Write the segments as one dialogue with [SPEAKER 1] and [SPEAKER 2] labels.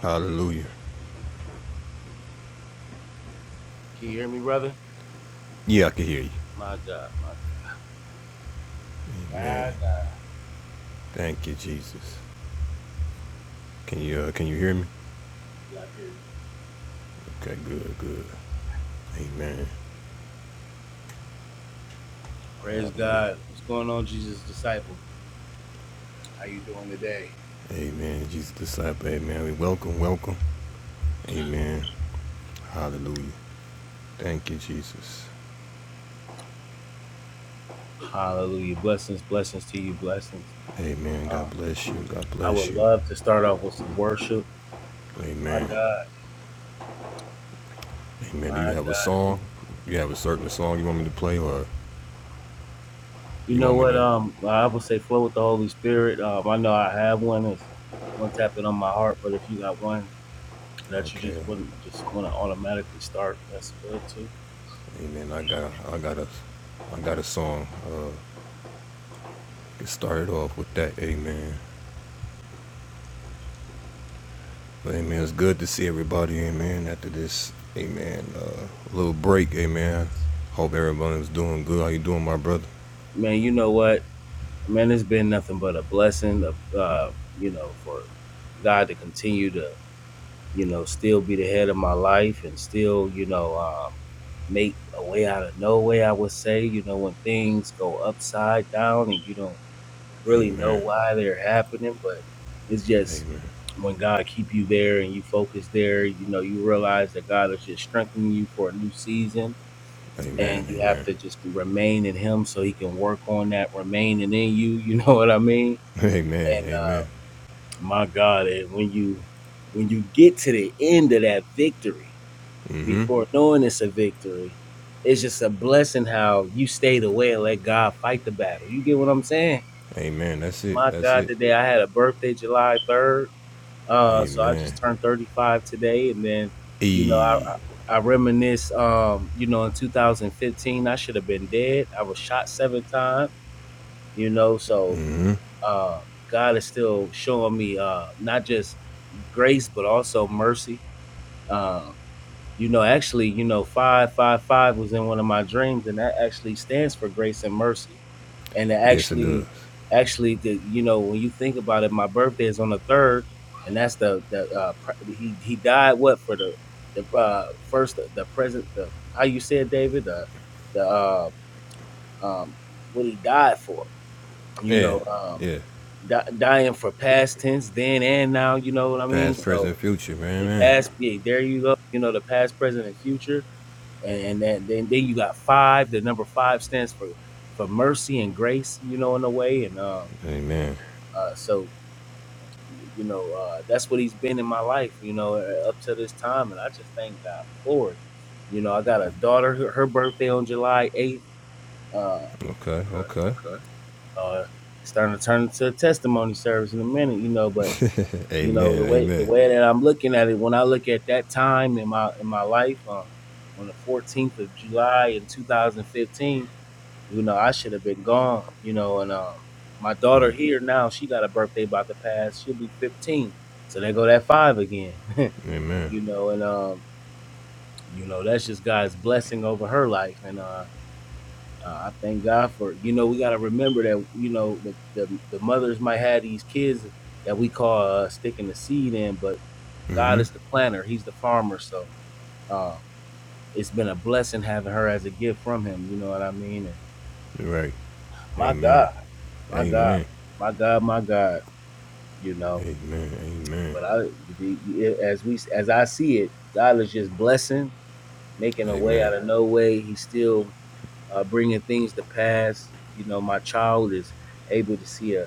[SPEAKER 1] Hallelujah.
[SPEAKER 2] Can you hear me, brother?
[SPEAKER 1] Yeah, I can hear you.
[SPEAKER 2] My God, my God. My
[SPEAKER 1] Amen.
[SPEAKER 2] God,
[SPEAKER 1] Thank you, Jesus. Can you uh, can you hear me? Okay, good, good. Amen.
[SPEAKER 2] Praise
[SPEAKER 1] Hallelujah.
[SPEAKER 2] God. What's going on, Jesus disciple? how you doing today?
[SPEAKER 1] Amen. Jesus disciple. Amen. We welcome, welcome. Amen. Hallelujah. Thank you, Jesus.
[SPEAKER 2] Hallelujah. Blessings, blessings to you, blessings.
[SPEAKER 1] Amen. God
[SPEAKER 2] Uh,
[SPEAKER 1] bless you. God
[SPEAKER 2] I would
[SPEAKER 1] bless you.
[SPEAKER 2] love to start off with some worship. My
[SPEAKER 1] Amen.
[SPEAKER 2] God,
[SPEAKER 1] Amen. Do you
[SPEAKER 2] my
[SPEAKER 1] have a
[SPEAKER 2] God. If we-
[SPEAKER 1] song? You have a certain song you want me to play, or
[SPEAKER 2] You
[SPEAKER 1] you
[SPEAKER 2] know
[SPEAKER 1] want me
[SPEAKER 2] what?
[SPEAKER 1] to?
[SPEAKER 2] Um, I would say flow with the Holy Spirit. Um, I know I have one. It's one tapping on my heart, but if you got one that you
[SPEAKER 1] Okay.
[SPEAKER 2] just wouldn't just want to automatically start, that's good too.
[SPEAKER 1] Amen. I got. I got a. I got a song. Uh, it started off with that. Amen. But, amen. It's good to see everybody, amen, after this, amen, uh, little break, amen. Hope everybody's doing good. How you doing, my brother?
[SPEAKER 2] Man, you know what? man, it's been nothing but a blessing of uh, you know, for God to continue to, you know, still be the head of my life and still, you know, um, make a way out of no way, I would say, you know, when things go upside down and you don't really know
[SPEAKER 1] Amen.
[SPEAKER 2] why they're happening, but it's just
[SPEAKER 1] Amen.
[SPEAKER 2] when God keep you there and you focus there, you know, you realize that God is just strengthening you for a new season
[SPEAKER 1] Amen.
[SPEAKER 2] and you have
[SPEAKER 1] Amen.
[SPEAKER 2] to just remain in him so he can work on that remaining in you, you know what I mean?
[SPEAKER 1] Amen.
[SPEAKER 2] And uh,
[SPEAKER 1] Amen.
[SPEAKER 2] my God, and when you when you get to the end of that victory,
[SPEAKER 1] Mm-hmm.
[SPEAKER 2] before knowing it's a victory, it's just a blessing how you stayed away and let God fight the battle. You get what I'm saying?
[SPEAKER 1] Amen. That's it.
[SPEAKER 2] My
[SPEAKER 1] That's
[SPEAKER 2] God,
[SPEAKER 1] it.
[SPEAKER 2] today I had a birthday, July 3rd. Uh, so I
[SPEAKER 1] Amen.
[SPEAKER 2] just turned 35 today, and then you know
[SPEAKER 1] E.
[SPEAKER 2] I. I I reminisce, um, you know, in 2015, I should have been dead. I was shot seven times, you know, so
[SPEAKER 1] hmm
[SPEAKER 2] um, God is still showing me uh, not just grace, but also mercy. Uh, you know, actually, you know, five five five was in one of my dreams, and that actually stands for grace and mercy. And it
[SPEAKER 1] Yes, it does.
[SPEAKER 2] actually, actually, the, you know, when you think about it, my birthday is on the third, and that's the the uh, pr- he he died what for the the uh, first the present the how you said David the the uh, um, what he died for. You
[SPEAKER 1] Yeah.
[SPEAKER 2] know, um,
[SPEAKER 1] Yeah.
[SPEAKER 2] di- dying for past tense then and now. You know what I mean?
[SPEAKER 1] Past,
[SPEAKER 2] So
[SPEAKER 1] present, future, man,
[SPEAKER 2] they
[SPEAKER 1] man.
[SPEAKER 2] past, yeah, there you go. You know, the past, present, and future. And, and then, then then you got five. The number five stands for for mercy and grace, you know, in a way. And um
[SPEAKER 1] Amen.
[SPEAKER 2] uh so you know, uh that's what he's been in my life, you know, uh, up to this time. And I just thank God for it. You know, I got a daughter, her, her birthday on July eighth. Uh
[SPEAKER 1] Okay. Okay.
[SPEAKER 2] uh starting to turn into a testimony service in a minute, you know, but You know the
[SPEAKER 1] Amen.
[SPEAKER 2] way the
[SPEAKER 1] Amen.
[SPEAKER 2] way that I'm looking at it. When I look at that time in my in my life, um, on the 14th of July in 2015, you know I should have been gone. You know, and um, my daughter
[SPEAKER 1] Mm,
[SPEAKER 2] here now, she got a birthday about to pass. She'll be 15, so they go that five again.
[SPEAKER 1] amen.
[SPEAKER 2] you know, and um, you know that's just God's blessing over her life, and uh, uh, I thank God for you know we got to remember that you know the, the the mothers might have these kids that we call uh, sticking the seed in, but God is the
[SPEAKER 1] Mm-hmm.
[SPEAKER 2] planner. He's the farmer. So uh, it's been a blessing having her as a gift from him. You know what I mean? And
[SPEAKER 1] Right.
[SPEAKER 2] my
[SPEAKER 1] Amen.
[SPEAKER 2] God, my God,
[SPEAKER 1] Amen.
[SPEAKER 2] my God, my God. You know,
[SPEAKER 1] Amen. Amen.
[SPEAKER 2] but I, the, the- as we, as I see it, God is just blessing, making a way
[SPEAKER 1] Amen.
[SPEAKER 2] out of no way. He's still uh, bringing things to pass. You know, my child is able to see a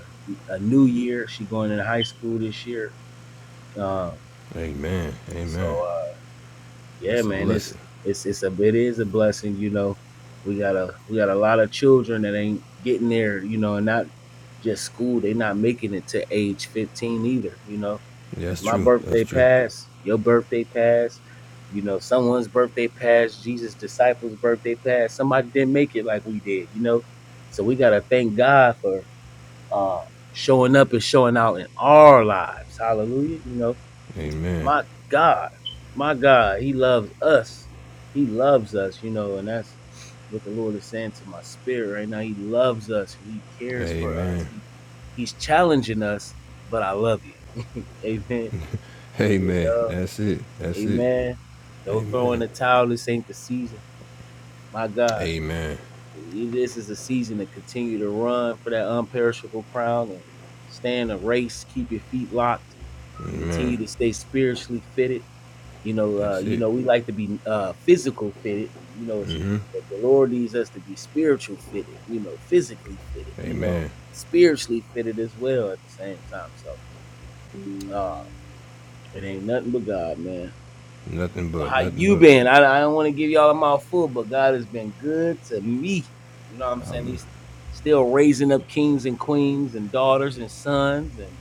[SPEAKER 2] a new year. She going into high school this year. Um,
[SPEAKER 1] Amen. Amen.
[SPEAKER 2] so. uh, Yeah,
[SPEAKER 1] That's a
[SPEAKER 2] man, it's
[SPEAKER 1] blessing.
[SPEAKER 2] it's it's a it is a blessing, you know. We got a we got a lot of children that ain't getting there, you know, and not just school, they not making it to age 15 either, you know.
[SPEAKER 1] Yeah,
[SPEAKER 2] As
[SPEAKER 1] That's
[SPEAKER 2] my
[SPEAKER 1] true. That's
[SPEAKER 2] birthday
[SPEAKER 1] true.
[SPEAKER 2] passed, your birthday passed, you know, someone's birthday passed, Jesus' disciples' birthday passed, somebody didn't make it like we did, you know. So we gotta thank God for uh showing up and showing out in our lives. Hallelujah, you know
[SPEAKER 1] Amen.
[SPEAKER 2] my God, my God, He loves us. He loves us, you know, and that's what the Lord is saying to my spirit right now. He loves us. He cares for us.
[SPEAKER 1] Amen.
[SPEAKER 2] He, he's challenging us, but I love you. Amen. You
[SPEAKER 1] Amen.
[SPEAKER 2] know?
[SPEAKER 1] That's it. That's it.
[SPEAKER 2] Amen. Don't throw in
[SPEAKER 1] Amen.
[SPEAKER 2] the towel. This ain't the season. My God,
[SPEAKER 1] Amen.
[SPEAKER 2] this is the season to continue to run for that unperishable crown and stay in the race. Keep your feet locked. Continue to stay spiritually fitted You know, uh,
[SPEAKER 1] That's
[SPEAKER 2] you
[SPEAKER 1] it.
[SPEAKER 2] know, we like to be uh, physical fitted. You know, it's-
[SPEAKER 1] Mm-hmm.
[SPEAKER 2] but the Lord needs us to be spiritual fitted. You know, physically fitted. You know,
[SPEAKER 1] Amen.
[SPEAKER 2] spiritually fitted as well at the same time. So uh, it ain't nothing but God, man.
[SPEAKER 1] Nothing but.
[SPEAKER 2] How
[SPEAKER 1] Nothing
[SPEAKER 2] you
[SPEAKER 1] but.
[SPEAKER 2] been? I, I don't want to give y'all a mouthful, but God has been good to me. You know what I'm saying? He's still raising up kings and queens and daughters and sons and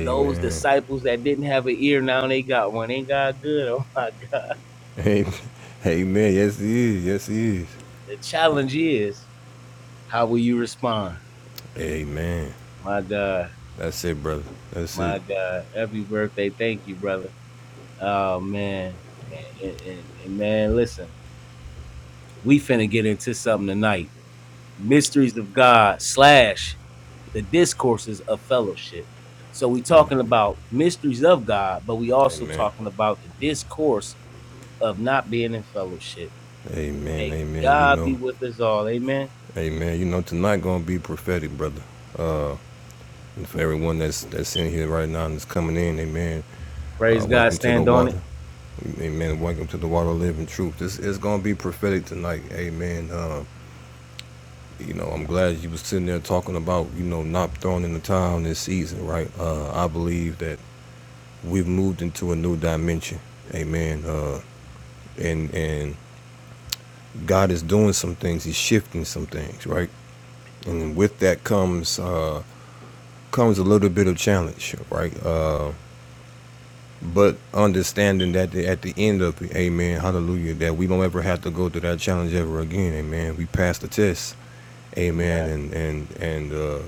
[SPEAKER 2] those disciples that didn't have an ear now they got one. Ain't God good? Oh my God.
[SPEAKER 1] Amen. Amen. Yes, he is. Yes, he is.
[SPEAKER 2] The challenge is How will you respond?
[SPEAKER 1] Amen.
[SPEAKER 2] My God,
[SPEAKER 1] That's it, brother. That's it.
[SPEAKER 2] my God, happy birthday! Thank you, brother. Oh man, man, and, and, and man, listen, we finna get into something tonight. Mysteries of God slash the discourses of fellowship. So we
[SPEAKER 1] You know.
[SPEAKER 2] talking about mysteries of God, but we also
[SPEAKER 1] Amen.
[SPEAKER 2] talking about the discourse of not being in fellowship.
[SPEAKER 1] Amen.
[SPEAKER 2] May
[SPEAKER 1] Amen. You
[SPEAKER 2] God be
[SPEAKER 1] know.
[SPEAKER 2] with us all. Amen.
[SPEAKER 1] Amen. You know tonight gonna be prophetic, brother. Uh, And for everyone that's that's in here right now and that's coming in, amen.
[SPEAKER 2] Praise
[SPEAKER 1] Uh,
[SPEAKER 2] God.
[SPEAKER 1] welcome to the
[SPEAKER 2] Stand on it.
[SPEAKER 1] water, amen. Welcome to the water of living truth. This is gonna be prophetic tonight, amen. Um, you know, I'm glad you was sitting there talking about you know not throwing in the towel this season, right? Uh, I believe that we've moved into a new dimension, amen. Uh, and and God is doing some things. He's shifting some things, right? And with that comes uh, comes a little bit of challenge, right? Uh, But understanding that the, at the end of it, amen, hallelujah, that we don't ever have to go through that challenge ever again, amen. We passed the test,
[SPEAKER 2] Amen.
[SPEAKER 1] amen, and and and uh,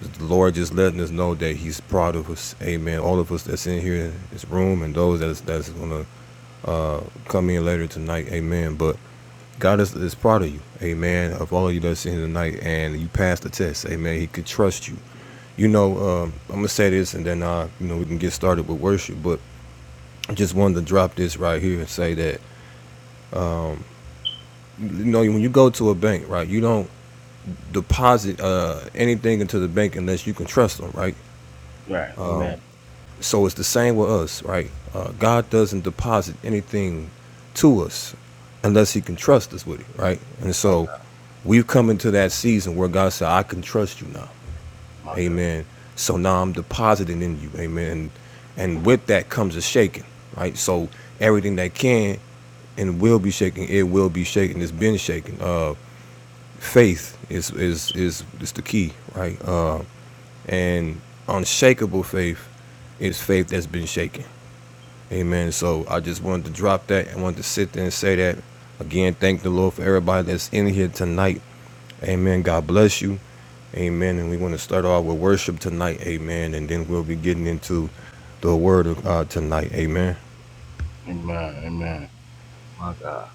[SPEAKER 1] the Lord just letting us know that He's proud of us, amen. All of us that's in here, in this room, and those that's that's gonna uh, come in later tonight, amen. But God is, is proud of you, amen, of all of you that's in here tonight, and you passed the test, amen. He could trust you. You know, um, I'm gonna say this, and then uh, you know we can get started with worship, but just wanted to drop this right here and say that you know when you go to a bank, right, you don't deposit uh, anything into the bank unless you can trust them, right?
[SPEAKER 2] Right. Amen.
[SPEAKER 1] So it's the same with us, right? Uh, God doesn't deposit anything to us unless He can trust us with it, right? And
[SPEAKER 2] My God.
[SPEAKER 1] so we've come into that season where God said, "I can trust you now,"
[SPEAKER 2] My God.
[SPEAKER 1] Amen. So now I'm depositing in you, Amen. And with that comes a shaking, right? So everything they can and will be shaking. It will be shaking. It's been shaking. Uh, faith is is is is the key, right? Uh, and unshakable faith is faith that's been shaken. Amen. So I just wanted to drop that. I wanted to sit there and say that again. Thank the Lord for everybody that's in here tonight. Amen. God bless you. Amen. And we want to start off with worship tonight. Amen. And then we'll be getting into the word uh, tonight. Amen.
[SPEAKER 2] Amen. Amen. My God.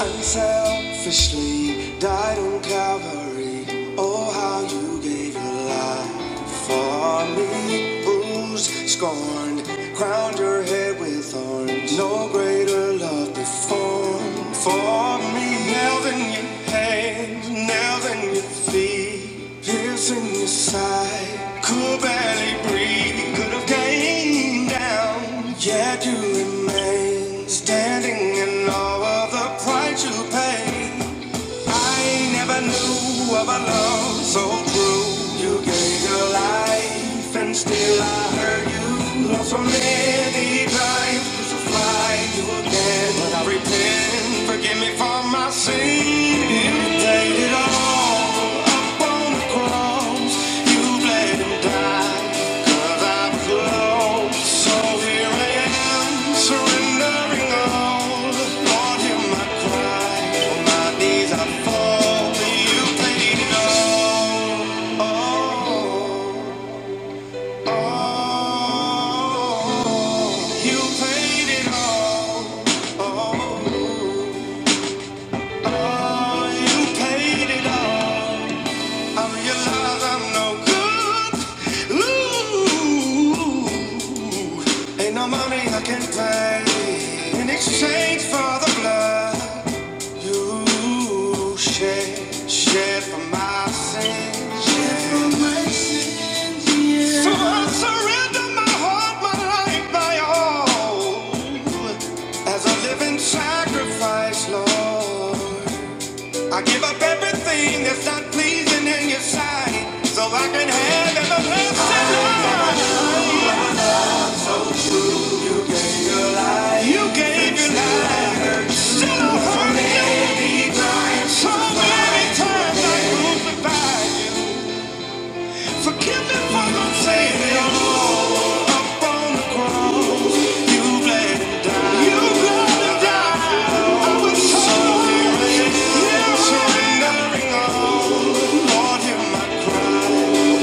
[SPEAKER 1] Unselfishly died on Calvary. Oh, how you gave your life for me. Bruised, scorned, crowned your head with thorns. No greater love before for me. Nails in your hands, nails in your feet, pierce in your side. Could barely breathe, could have came down, yet you remain standing in all of the price you paid. I never knew of a love so true. You gave your life, and still I heard you. Lost so many times, so fly you again. But I repent, forgive me for my sin. You paid it all. You paid it all. I'm I'm no good. Ooh, ain't no money I can pay in exchange for the blood you shed, Shed for my sins. So I surrender my heart, my life, my all, as a living sacrifice, Lord. I give up everything that's not pleasing in your sight so I can have everlasting life. You gave your life. Still I'm hurting you. So many times I crucified you. Forgive me for the Savior. Up on the cross, you bled and died. You bled and died. I was so lonely. You I'm surrendering all. Lord, hear my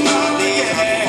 [SPEAKER 1] body. Yeah.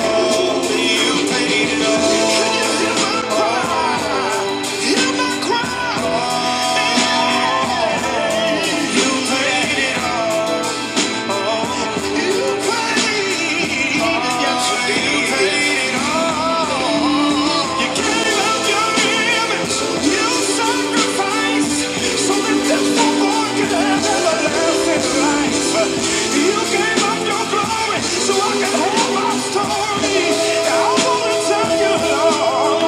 [SPEAKER 1] So I can have my story. I wanna tell you, Lord.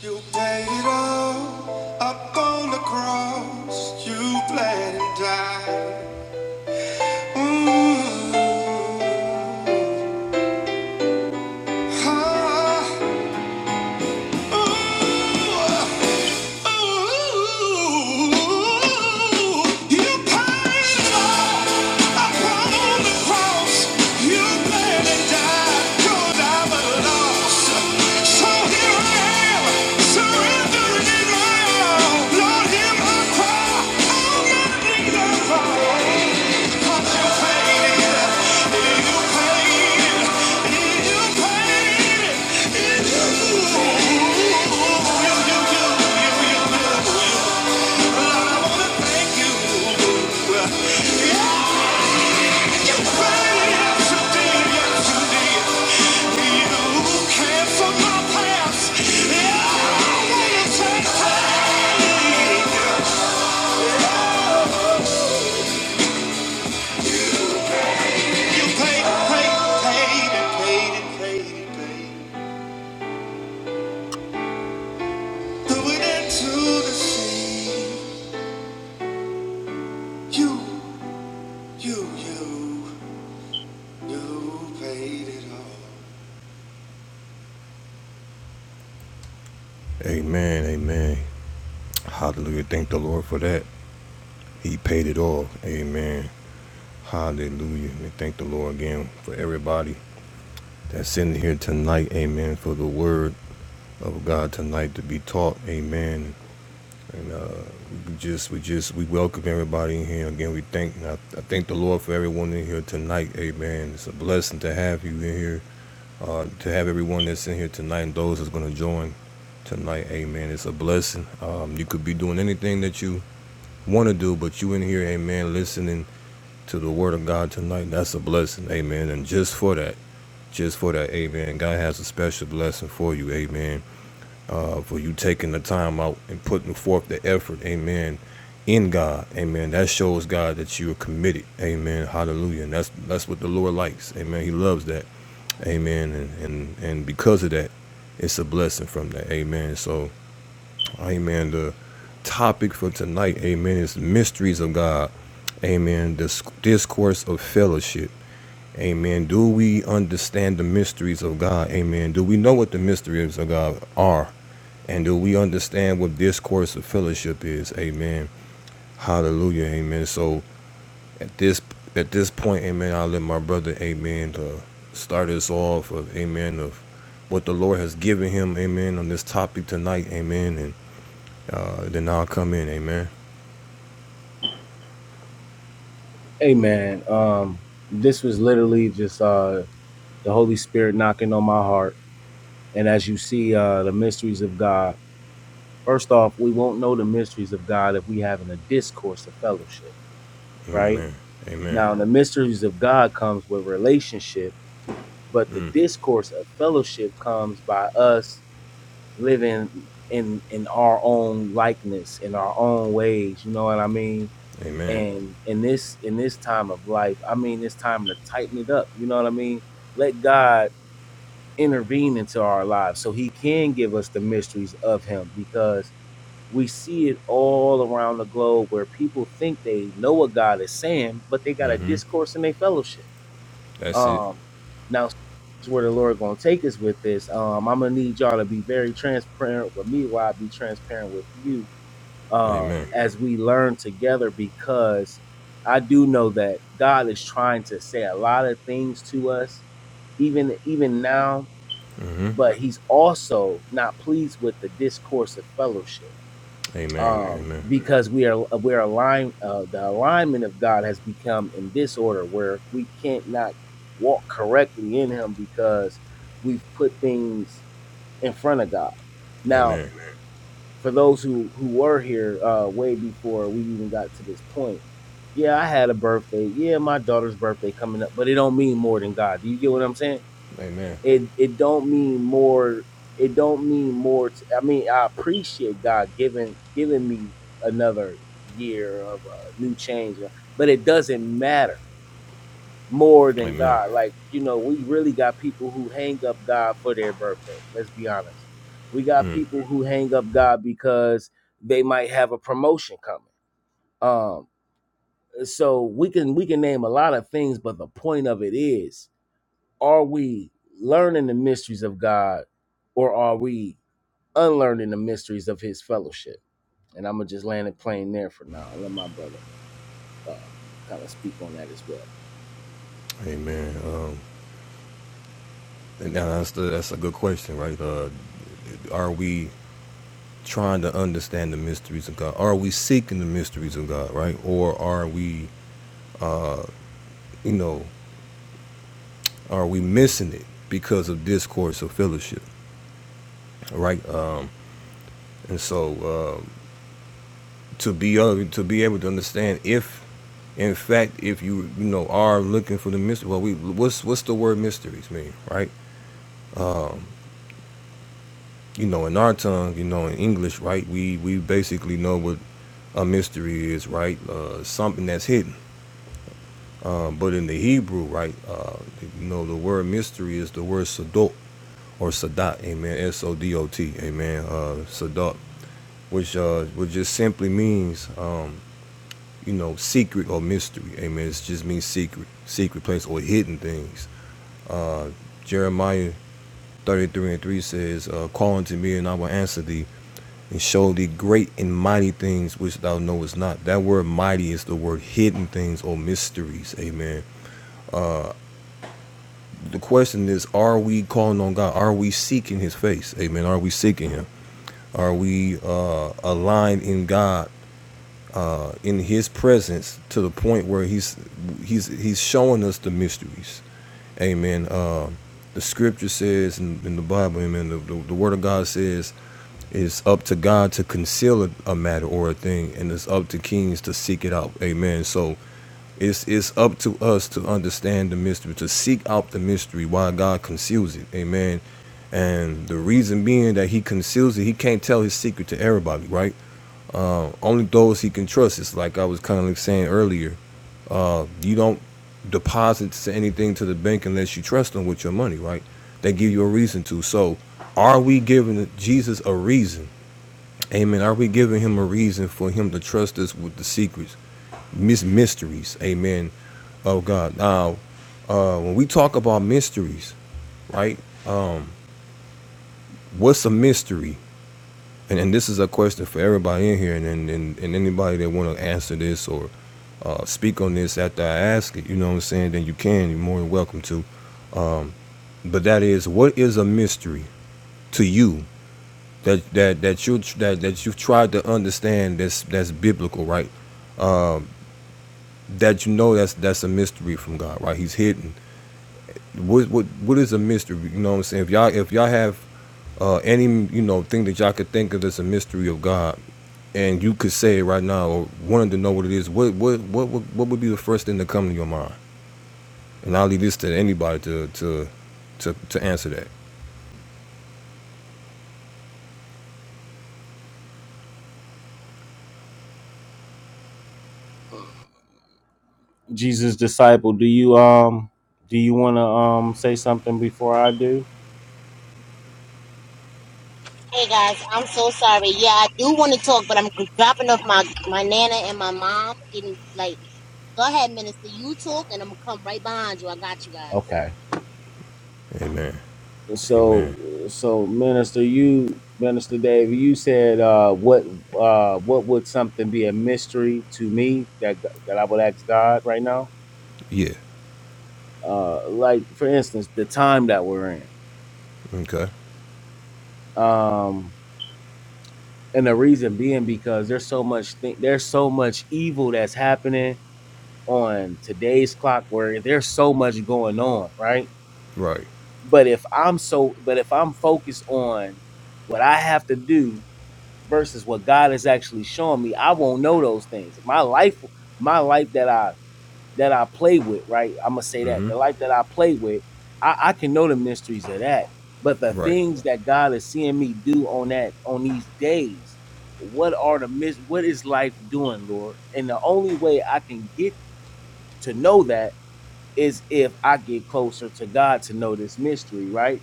[SPEAKER 1] You paid it all up on the cross. You bled and died. Mm. Ah. Yeah. Amen, amen. Hallelujah. Thank the Lord for that. He paid it all. Amen. Hallelujah. We thank the Lord again for everybody that's in here tonight. Amen. For the word of God tonight to be taught. Amen. And uh, we just, we just, we welcome everybody in here. Again, we thank, I, I thank the Lord for everyone in here tonight. Amen. It's a blessing to have you in here, uh, to have everyone that's in here tonight and those that's going to join tonight. Amen. It's a blessing. Um, you could be doing anything that you want to do, but you in here, amen, listening to the word of God tonight. That's a blessing. Amen. And just for that, just for that, amen. God has a special blessing for you. Amen. Uh, for you taking the time out and putting forth the effort. Amen. In God. Amen. That shows God that you are committed. Amen. Hallelujah. And that's that's what the Lord likes. Amen. He loves that. Amen. And and, and because of that, it's a blessing from that. Amen. So, amen. The topic for tonight, amen, is mysteries of God. Amen. This discourse of fellowship. Amen. Do we understand the mysteries of God? Amen. Do we know what the mysteries of God are? And do we understand what discourse of fellowship is? Amen. Hallelujah. Amen. So at this at this point, amen, I'll let my brother, amen, to start us off of amen of what the Lord has given him, amen, on this topic tonight, amen. And uh, then I'll come in, amen.
[SPEAKER 2] Hey man, um, this was literally just uh, the Holy Spirit knocking on my heart. And as you see, uh, the mysteries of God. First off, we won't know the mysteries of God if we having a discourse of fellowship, right?
[SPEAKER 1] Amen. Amen.
[SPEAKER 2] Now, the mysteries of God comes with relationship, but the discourse of fellowship comes by us living in in our own likeness, in our own ways. You know what I mean?
[SPEAKER 1] Amen.
[SPEAKER 2] and in this in this time of life i mean it's time to tighten it up you know what i mean let god intervene into our lives so he can give us the mysteries of him because we see it all around the globe where people think they know what god is saying but they got a
[SPEAKER 1] hmm
[SPEAKER 2] discourse in their fellowship
[SPEAKER 1] That's it.
[SPEAKER 2] um now that's where the lord gonna take us with this um i'm gonna need y'all to be very transparent with me while i be transparent with you uh,
[SPEAKER 1] Amen.
[SPEAKER 2] as we learn together because I do know that God is trying to say a lot of things to us even even now,
[SPEAKER 1] hmm
[SPEAKER 2] but He's also not pleased with the discourse of fellowship.
[SPEAKER 1] Amen.
[SPEAKER 2] Um,
[SPEAKER 1] Amen.
[SPEAKER 2] because we are we're aligned uh, the alignment of God has become in disorder where we can't not walk correctly in him because we've put things in front of God. now
[SPEAKER 1] Amen.
[SPEAKER 2] for those who who were here uh way before we even got to this point yeah i had a birthday yeah my daughter's birthday coming up but it don't mean more than god do you get what i'm saying
[SPEAKER 1] Amen.
[SPEAKER 2] it it don't mean more it don't mean more to, i mean i appreciate god giving giving me another year of a uh, new change but it doesn't matter more than
[SPEAKER 1] Amen.
[SPEAKER 2] God. Like, you know, we really got people who hang up God for their birthday. Let's be honest. We got people who hang up God because they might have a promotion coming. Um, so we can we can name a lot of things, but the point of it is, are we learning the mysteries of God or are we unlearning the mysteries of his fellowship? And I'm gonna just land it plain there for now and let my brother uh kind of speak on that as well.
[SPEAKER 1] Amen. Um, and now that's the, that's a good question, right? Uh, are we trying to understand the mysteries of God? Are we seeking the mysteries of God, right? Or are we, you know, are we missing it because of discourse or fellowship, right? Uh, and so um to be able to be able to understand if, in fact, if you you know are looking for the mystery, well, we what's what's the word mysteries mean, right? you know, in our tongue, you know, in English, right? We we basically know what a mystery is, right? Uh, something that's hidden. Um, but in the Hebrew, right? Uh, you know, the word mystery is the word sadot or sadat, amen. S O D O T, amen. Uh, sadat, which uh, which just simply means, um, you know, secret or mystery, amen. It just means secret, secret place or hidden things. Uh, Jeremiah 33 and 3 says, uh, Call unto me and I will answer thee and show thee great and mighty things which thou knowest not. That word mighty is the word hidden things or mysteries. Amen. The question is, are we calling on God? Are we seeking his face? Amen. Are we seeking him? Are we uh, aligned in God? Uh, in his presence to the point where he's he's he's showing us the mysteries Amen. Uh, the scripture says in, in the Bible, amen, the, the, the word of God says it's up to God to conceal a, a matter or a thing, and it's up to kings to seek it out. Amen. So it's it's up to us to understand the mystery, to seek out the mystery why God conceals it. Amen. And the reason being that he conceals it, he can't tell his secret to everybody, right? Only those he can trust. It's like I was kind of like saying earlier. Uh, you don't deposit anything to the bank unless you trust them with your money, right? They give you a reason to. So, are we giving Jesus a reason? Amen. Are we giving him a reason for him to trust us with the secrets, mis- mysteries? Amen. Oh God. Now, uh, when we talk about mysteries, right? What's a mystery? And, and this is a question for everybody in here, and and, and, and anybody that want to answer this or uh, speak on this after I ask it. You know what I'm saying? Then you can. You're more than welcome to. But that is what is a mystery to you that that that you that that you've tried to understand that's that's biblical, right? That you know that's that's a mystery from God, right? He's hidden. What what what is a mystery? You know what I'm saying? If y'all if y'all have uh, any you know thing that y'all could think of that's a mystery of God, and you could say it right now or wanted to know what it is, what what what would, what would be the first thing to come to your mind? And I'll leave this to anybody to to to to answer that.
[SPEAKER 2] Jesus disciple, do you um do you want to um say something before I do?
[SPEAKER 3] Hey guys, I'm so sorry. Yeah, I do want to talk, but I'm dropping off my my nana and my mom. Getting like, go ahead, minister. You talk, and I'm gonna come right behind you. I got you guys.
[SPEAKER 2] Okay.
[SPEAKER 1] Amen.
[SPEAKER 2] So
[SPEAKER 1] Amen.
[SPEAKER 2] so minister, you minister Dave, you said uh what uh what would something be a mystery to me that that I would ask God right now?
[SPEAKER 1] Yeah.
[SPEAKER 2] Uh like for instance, the time that we're in.
[SPEAKER 1] Okay.
[SPEAKER 2] Um and the reason being because there's so much thing there's so much evil that's happening on today's clock where there's so much going on, right?
[SPEAKER 1] Right.
[SPEAKER 2] But if I'm so, but if I'm focused on what I have to do versus what God is actually showing me, I won't know those things. My life, my life that I that I play with, right? I'm gonna say that the life that I play with, I, I can know the mysteries of that. But the
[SPEAKER 1] Right.
[SPEAKER 2] things that God is seeing me do on that on these days, what are the mis- what is life doing, Lord? And the only way I can get to know that is if I get closer to God to know this mystery, right?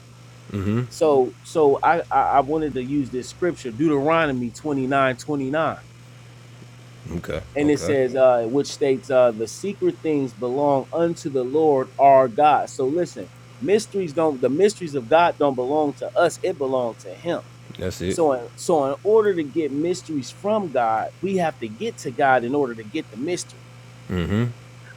[SPEAKER 1] Mm-hmm.
[SPEAKER 2] So so I, I I wanted to use this scripture, Deuteronomy 29 29,
[SPEAKER 1] Okay.
[SPEAKER 2] And it
[SPEAKER 1] Okay.
[SPEAKER 2] says, uh, which states, uh, the secret things belong unto the Lord our God. So listen, mysteries don't the mysteries of God don't belong to us, it belongs to him.
[SPEAKER 1] That's it.
[SPEAKER 2] So in, so in order to get mysteries from God, we have to get to God in order to get the mystery.
[SPEAKER 1] Mm-hmm.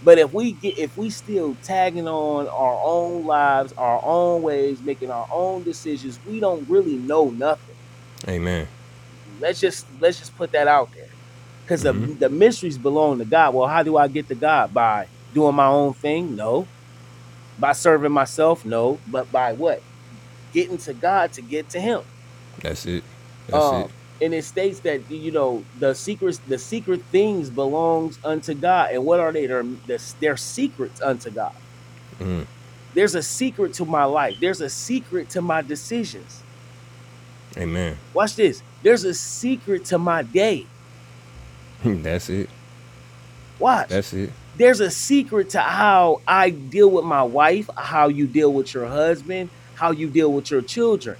[SPEAKER 2] But if we get if we still tagging on our own lives, our own ways, making our own decisions, we don't really know nothing
[SPEAKER 1] Amen.
[SPEAKER 2] Let's just let's just put that out there because the
[SPEAKER 1] Mm-hmm.
[SPEAKER 2] the mysteries belong to God. Well, how do I get to God by doing my own thing? No, by serving myself? No, but by what? Getting to God to get to Him.
[SPEAKER 1] That's it. That's it.
[SPEAKER 2] Um, and it states that you know the secrets, the secret things belongs unto God. And what are they? They're, they're they're secrets unto God. There's a secret to my life. There's a secret to my decisions.
[SPEAKER 1] Amen.
[SPEAKER 2] Watch this. There's a secret to my day
[SPEAKER 1] That's it.
[SPEAKER 2] Watch.
[SPEAKER 1] That's it.
[SPEAKER 2] There's a secret to how I deal with my wife, how you deal with your husband, how you deal with your children.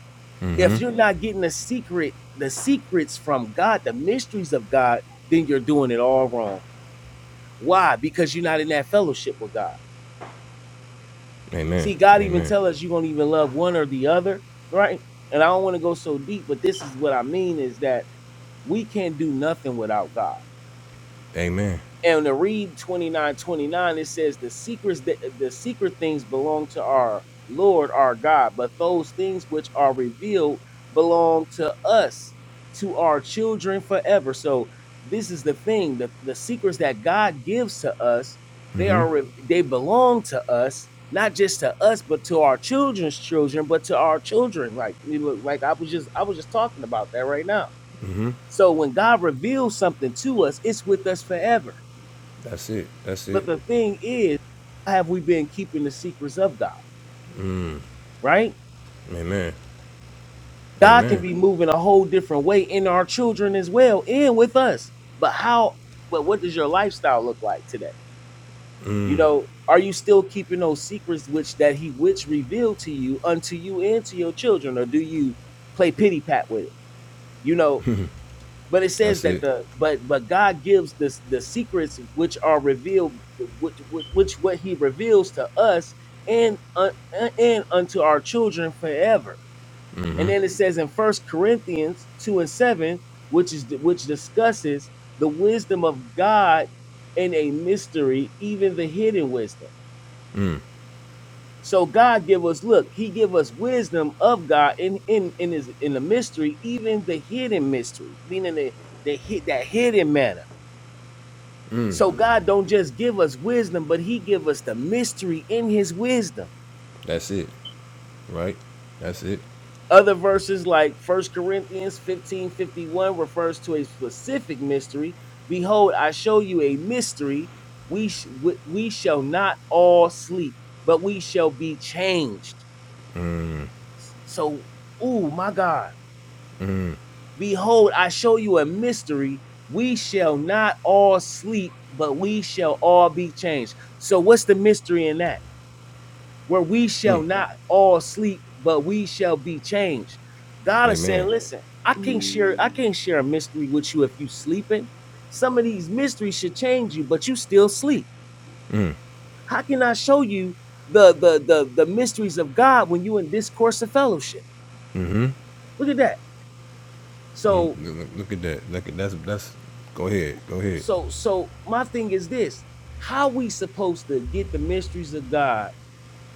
[SPEAKER 2] If you're not getting the secret, the secrets from God, the mysteries of God, then you're doing it all wrong. Why? Because you're not in that fellowship with God.
[SPEAKER 1] Amen.
[SPEAKER 2] See, God even
[SPEAKER 1] Amen.
[SPEAKER 2] tell us you're gonna even love one or the other, right? And I don't want to go so deep, but this is what I mean is that we can't do nothing without God
[SPEAKER 1] Amen.
[SPEAKER 2] And to read 29 29, it says the secrets that the secret things belong to our Lord our God, but those things which are revealed belong to us, to our children forever. So this is the thing. The, the secrets that God gives to us, they
[SPEAKER 1] Mm-hmm.
[SPEAKER 2] are re- they belong to us, not just to us, but to our children's children, but to our children. Like we look like I was just I was just talking about that right now.
[SPEAKER 1] Mm-hmm.
[SPEAKER 2] So when God reveals something to us, it's with us forever
[SPEAKER 1] That's it. That's it.
[SPEAKER 2] but the thing is, have we been keeping the secrets of God, right?
[SPEAKER 1] Amen.
[SPEAKER 2] God can
[SPEAKER 1] Amen.
[SPEAKER 2] be moving a whole different way in our children as well and with us. But how, but what does your lifestyle look like today? You know, are you still keeping those secrets which that he which revealed to you unto you and to your children? Or do you play pity pat with it? You know, but it says
[SPEAKER 1] That's
[SPEAKER 2] that
[SPEAKER 1] it.
[SPEAKER 2] the but but god gives this the secrets which are revealed which which, which what he reveals to us and uh, and unto our children forever and then it says in first corinthians 2 and 7 which is which discusses the wisdom of god in a mystery even the hidden wisdom so god give us look he give us wisdom of god in in in his in the mystery even the hidden mystery meaning the, the hid- that hidden manner So God don't just give us wisdom, but he give us the mystery in his wisdom.
[SPEAKER 1] That's it. Right? That's it.
[SPEAKER 2] Other verses like First Corinthians 15 51, refers to a specific mystery. Behold, I show you a mystery. We, sh- we we shall not all sleep, but we shall be changed. So, oh my God. Behold, I show you a mystery. We shall not all sleep, but we shall all be changed. So what's the mystery in that? where we shall not all sleep, but we shall be changed. God is saying,
[SPEAKER 1] Amen.
[SPEAKER 2] listen, I can't share, I can't share a mystery with you if you sleeping. Some of these mysteries should change you, but you still sleep. How can I show you the the the, the mysteries of God when you in this course of fellowship? Look at that.
[SPEAKER 1] Mm,
[SPEAKER 2] So
[SPEAKER 1] Look look at that. Look at that's that's go ahead. Go ahead.
[SPEAKER 2] so so my thing is this: how we supposed to get the mysteries of God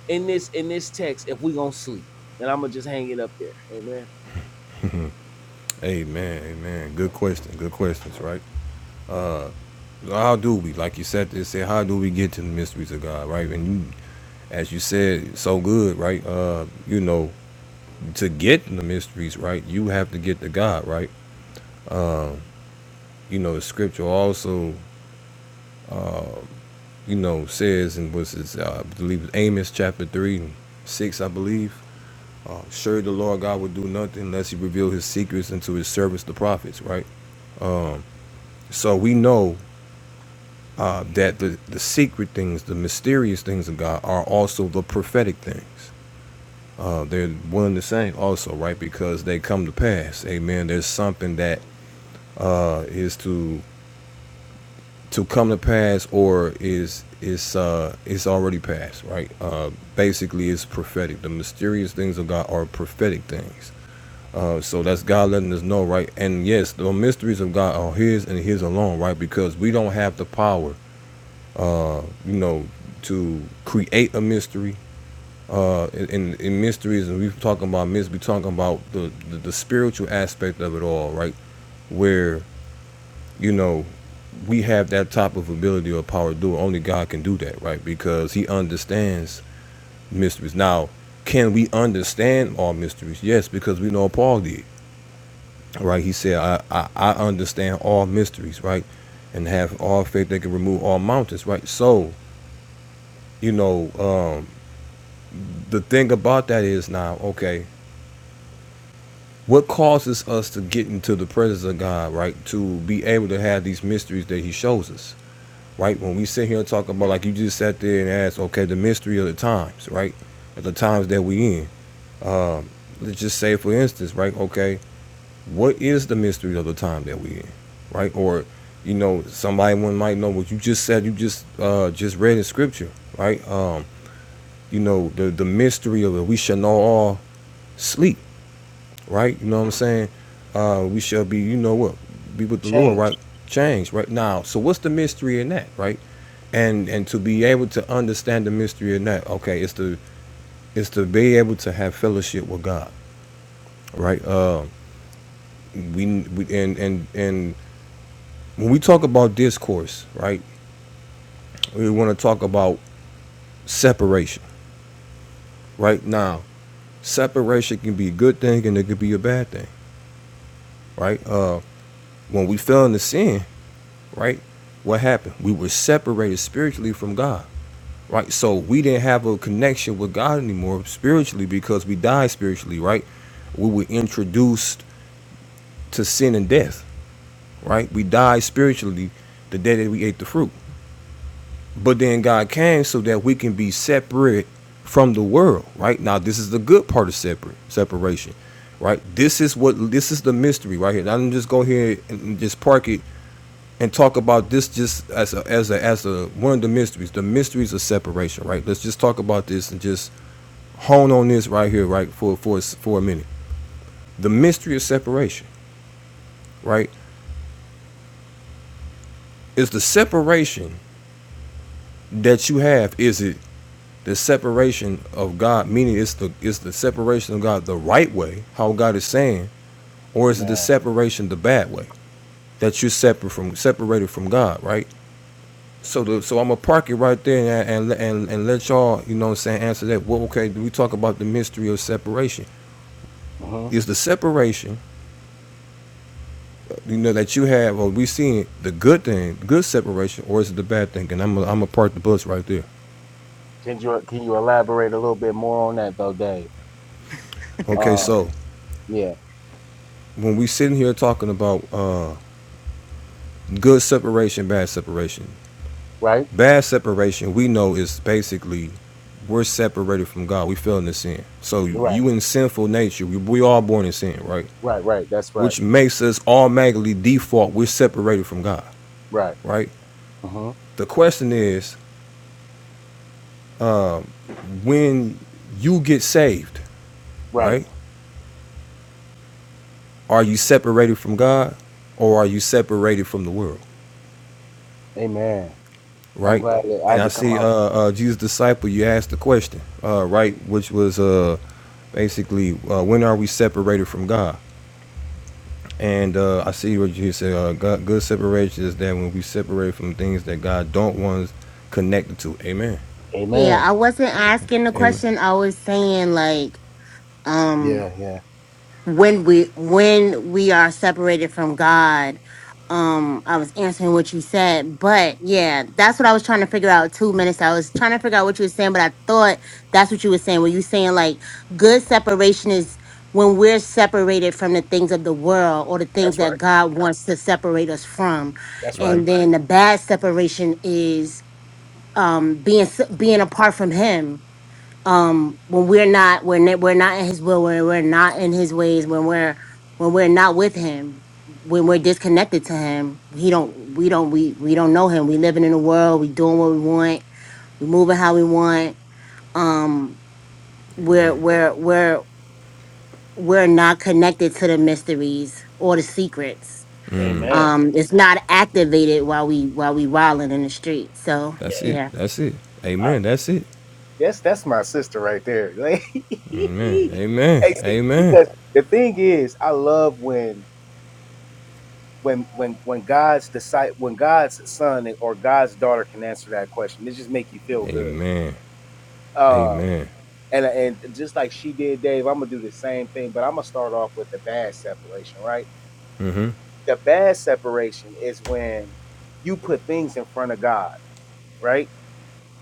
[SPEAKER 2] in this in this text if we gonna sleep? And I'm gonna just hang it up there. Amen.
[SPEAKER 1] Amen. Amen. Good question. Good questions, right? How do we, like you said, it said, how do we get to the mysteries of God, right? And you, as you said, so good, right? Uh, you know, to get in the mysteries, right, you have to get to God, right? You know, the scripture also, you know, says, and was it, uh, I believe it's Amos chapter 3 and 6, I believe, uh, sure the Lord God would do nothing unless he revealed his secrets unto his servants, the prophets, right? So we know uh, that the, the secret things, the mysterious things of God are also the prophetic things uh, they're one and the same also right because they come to pass amen there's something that uh, is to to come to pass or is is uh is already passed, right uh basically it's prophetic the mysterious things of god are prophetic things uh so that's god letting us know right and yes the mysteries of god are his and his alone right because we don't have the power uh you know to create a mystery uh, in, in, mysteries, and we talking about myths, we talking about the, the, the spiritual aspect of it all, right? Where, you know, we have that type of ability or power to do it. Only God can do that, right? Because he understands mysteries. Now, can we understand all mysteries? Yes, because we know Paul did, right? He said, I, I, I understand all mysteries, right? And have all faith that can remove all mountains, right? So, you know, um, the thing about that is now, okay, What causes us to get into the presence of God, right? To be able to have these mysteries that He shows us, right? When we sit here and talk about, like you just sat there and asked, okay, the mystery of the times, right? Of the times that we in. Let's just say, for instance, right? Okay, what is the mystery of the time that we in, right? Or, you know, somebody one might know what you just said. You just uh just read in Scripture, right? Um, you know, the the mystery of it. We shall know all sleep right? You know what I'm saying? Uh, we shall be, you know what, be with the Lord,
[SPEAKER 2] Change.
[SPEAKER 1] right? change right? Now, so what's the mystery in that, right? And and to be able to understand the mystery in that, okay, it's to it's to be able to have fellowship with God, right? Uh, we, we and and and when we talk about discourse, right? We want to talk about separation, right? Now, separation can be a good thing and it could be a bad thing, right? Uh, when we fell into sin, right? What happened? We were separated spiritually from God, right? So we didn't have a connection with God anymore spiritually because we died spiritually, right? We were introduced to sin and death, right? We died spiritually the day that we ate the fruit. But then God came so that we can be separate from the world, right? Now this is the good part of separate separation, right? This is what this is the mystery right here. Now I'm just go here and just park it and talk about this just as a, as a, as a one of the mysteries, the mysteries of separation, right? Let's just talk about this and just hone on this right here, right, for for for a minute. The mystery of separation, right? Is the separation that you have is it the separation of God, meaning it's the it's the separation of God the right way, how God is saying, or is it the
[SPEAKER 2] Amen.
[SPEAKER 1] separation the bad way that you're separate from separated from God, right? So the, so I'm gonna park it right there and, and and and let y'all, you know what I'm saying, answer that. Well, okay, do we talk about the mystery of separation?
[SPEAKER 2] hmm
[SPEAKER 1] Is the separation, you know, that you have, or we seeing it, the good thing, good separation, or is it the bad thing? And I'm gonna I'm gonna park the bus right there.
[SPEAKER 2] Can you can you elaborate a little bit more on that though, Dave?
[SPEAKER 1] Okay,
[SPEAKER 2] Uh,
[SPEAKER 1] so
[SPEAKER 2] yeah,
[SPEAKER 1] when we sitting here talking about uh, good separation, bad separation,
[SPEAKER 2] right,
[SPEAKER 1] bad separation, we know is basically we're separated from God. We fell into sin. So
[SPEAKER 2] right,
[SPEAKER 1] you in sinful nature. We, we all born in sin, right?
[SPEAKER 2] right, right. That's right,
[SPEAKER 1] which makes us automatically default we're separated from God,
[SPEAKER 2] right,
[SPEAKER 1] right?
[SPEAKER 2] hmm
[SPEAKER 1] The question is when you get saved,
[SPEAKER 2] right.
[SPEAKER 1] right? Are you separated from God or are you separated from the world,
[SPEAKER 2] Amen. I'm
[SPEAKER 1] right?
[SPEAKER 2] glad that I
[SPEAKER 1] And
[SPEAKER 2] had
[SPEAKER 1] I
[SPEAKER 2] to come
[SPEAKER 1] see uh,
[SPEAKER 2] out.
[SPEAKER 1] uh, Jesus' disciple, you asked the question, uh, right? Which was uh, basically, uh, when are we separated from God? And uh, I see what you said. Uh, God, good separation is that when we separate from things that God don't want us connected to. Amen.
[SPEAKER 3] Yeah,
[SPEAKER 2] Amen.
[SPEAKER 3] I wasn't asking the
[SPEAKER 1] Amen.
[SPEAKER 3] question. I was saying like, um,
[SPEAKER 2] Yeah, yeah.
[SPEAKER 3] when we when we are separated from God. Um, I was answering what you said, but yeah, that's what I was trying to figure out two minutes. I was trying to figure out what you were saying, but I thought that's what you were saying. Were you saying like good separation is when we're separated from the things of the world or the things that God wants to separate us from,
[SPEAKER 1] Mm-hmm.
[SPEAKER 3] and then the bad separation is um being s- being apart from Him um when we're not when we're we're not in his will when we're not in his ways when we're when we're not with him when we're disconnected to him he don't we don't we we don't know him we living in the world we doing what we want we moving how we want um we're we're we're we're not connected to the mysteries or the secrets
[SPEAKER 2] Amen.
[SPEAKER 3] um it's not activated while we while we wilding in the street so
[SPEAKER 1] That's it.
[SPEAKER 3] yeah
[SPEAKER 1] That's it.
[SPEAKER 2] I,
[SPEAKER 1] Amen. That's it.
[SPEAKER 2] that's that's my sister right there.
[SPEAKER 1] Amen. Amen.
[SPEAKER 2] Like, hey, see,
[SPEAKER 1] Amen.
[SPEAKER 2] because the thing is, I love when when when when God's decide when God's son or God's daughter can answer that question. It just make you feel good.
[SPEAKER 1] Amen.
[SPEAKER 2] Um,
[SPEAKER 1] Amen.
[SPEAKER 2] and and just like she did, Dave, I'm gonna do the same thing, but I'm gonna start off with the bad separation, right?
[SPEAKER 1] Mm-hmm.
[SPEAKER 2] The bad separation is when you put things in front of God, right?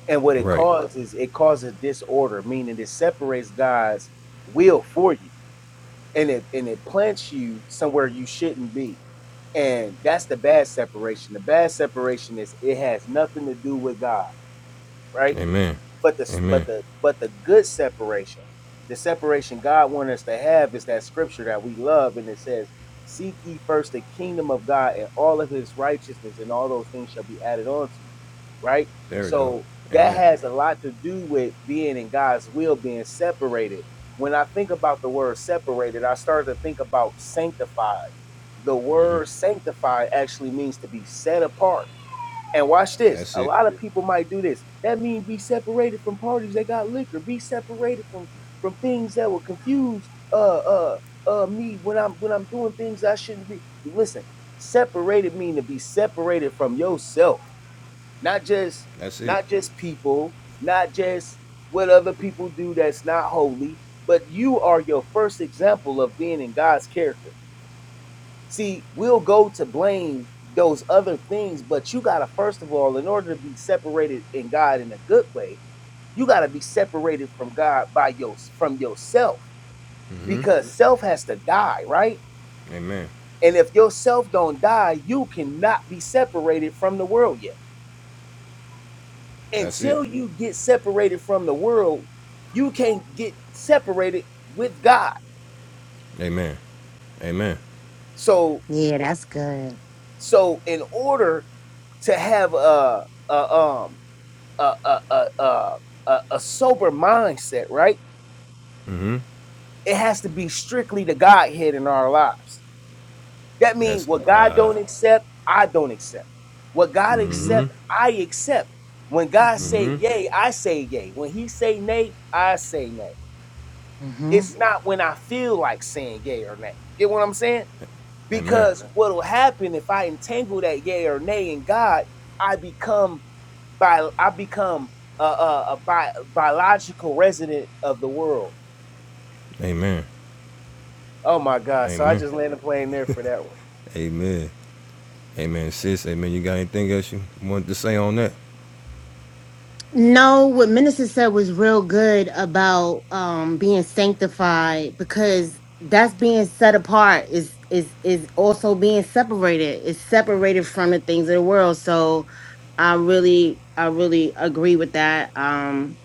[SPEAKER 2] And what it
[SPEAKER 1] Right.
[SPEAKER 2] causes, it causes disorder, meaning it separates God's will for you, and it and it plants you somewhere you shouldn't be, and that's the bad separation. The bad separation is it has nothing to do with God, right?
[SPEAKER 1] Amen.
[SPEAKER 2] But the but
[SPEAKER 1] Amen.
[SPEAKER 2] the but the good separation, the separation God wants us to have is that scripture that we love, and it says, "Seek ye first the kingdom of God and all of His righteousness, and all those things shall be added on to you." Right.
[SPEAKER 1] There we go.
[SPEAKER 2] So that
[SPEAKER 1] Amen.
[SPEAKER 2] has a lot to do with being in God's will, being separated. When I think about the word separated, I start to think about sanctified. The word sanctified actually means to be set apart and watch this.
[SPEAKER 1] That's
[SPEAKER 2] A
[SPEAKER 1] it.
[SPEAKER 2] lot of people might do this. That means be separated from parties that got liquor. Be separated from from things that will confuse uh uh uh me when I'm when I'm doing things I shouldn't be. Listen, separated mean to be separated from yourself, not just
[SPEAKER 1] That's it.
[SPEAKER 2] not just people, not just what other people do that's not holy, but you are your first example of being in God's character. See, we'll go to blame those other things, but you got to, first of all, in order to be separated in God in a good way, you got to be separated from God by your from yourself
[SPEAKER 1] Mm-hmm.
[SPEAKER 2] because self has to die, right?
[SPEAKER 1] Amen.
[SPEAKER 2] And if yourself don't die, you cannot be separated from the world yet.
[SPEAKER 1] That's it.
[SPEAKER 2] Until you get separated from the world, you can't get separated with God.
[SPEAKER 1] Amen. Amen.
[SPEAKER 2] So,
[SPEAKER 3] yeah that's good
[SPEAKER 2] so in order to have a, a um a a a a, a, sober mindset, right?
[SPEAKER 1] Mm-hmm.
[SPEAKER 2] It has to be strictly the Godhead in our lives. That means
[SPEAKER 1] That's
[SPEAKER 2] what God
[SPEAKER 1] uh
[SPEAKER 2] don't accept, I don't accept. What God
[SPEAKER 1] mm-hmm.
[SPEAKER 3] mhm
[SPEAKER 2] accept, I accept. When God
[SPEAKER 3] mhm
[SPEAKER 2] say
[SPEAKER 1] Mm-hmm.
[SPEAKER 2] yay, I say yay. When He say nay, I say nay.
[SPEAKER 3] mhm
[SPEAKER 2] It's not when I feel like saying yay or nay. Get what I'm saying?
[SPEAKER 1] Amen.
[SPEAKER 2] Because what will happen if I entangle that yay or nay in God, I become by I become a, a, a bi- biological resident of the world.
[SPEAKER 1] Amen.
[SPEAKER 2] Oh my God! So I
[SPEAKER 1] Amen.
[SPEAKER 2] just land a plane there for that
[SPEAKER 1] Amen. Amen. Sis, amen. You got anything else you want to say on that?
[SPEAKER 3] No, what Minister said was real good about um being sanctified because that's being set apart is is is also being separated. It's separated from the things of the world. So I really I really agree with that. Um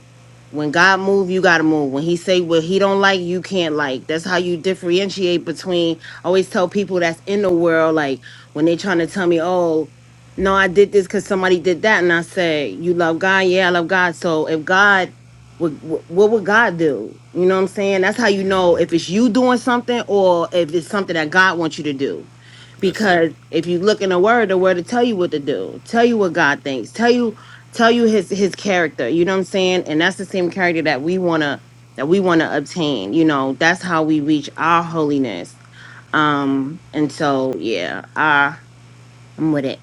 [SPEAKER 3] when God move, you gotta move. When He say what He don't like, you can't like. That's how you differentiate between. I always tell people that's in the world, like when they trying to tell me, "Oh, no, I did this because somebody did that," and I say, "You love God, yeah, I love God." So if God, would, wh- what would God do? You know what I'm saying? That's how you know if it's you doing something or if it's something that God wants you to do.
[SPEAKER 1] That's it.
[SPEAKER 3] Because if you look in the Word, the Word will tell you what to do, tell you what God thinks, tell you tell you his his character you know what i'm saying and that's the same character that we want to that we want to obtain you know that's how we reach our holiness um and so yeah uh i'm with it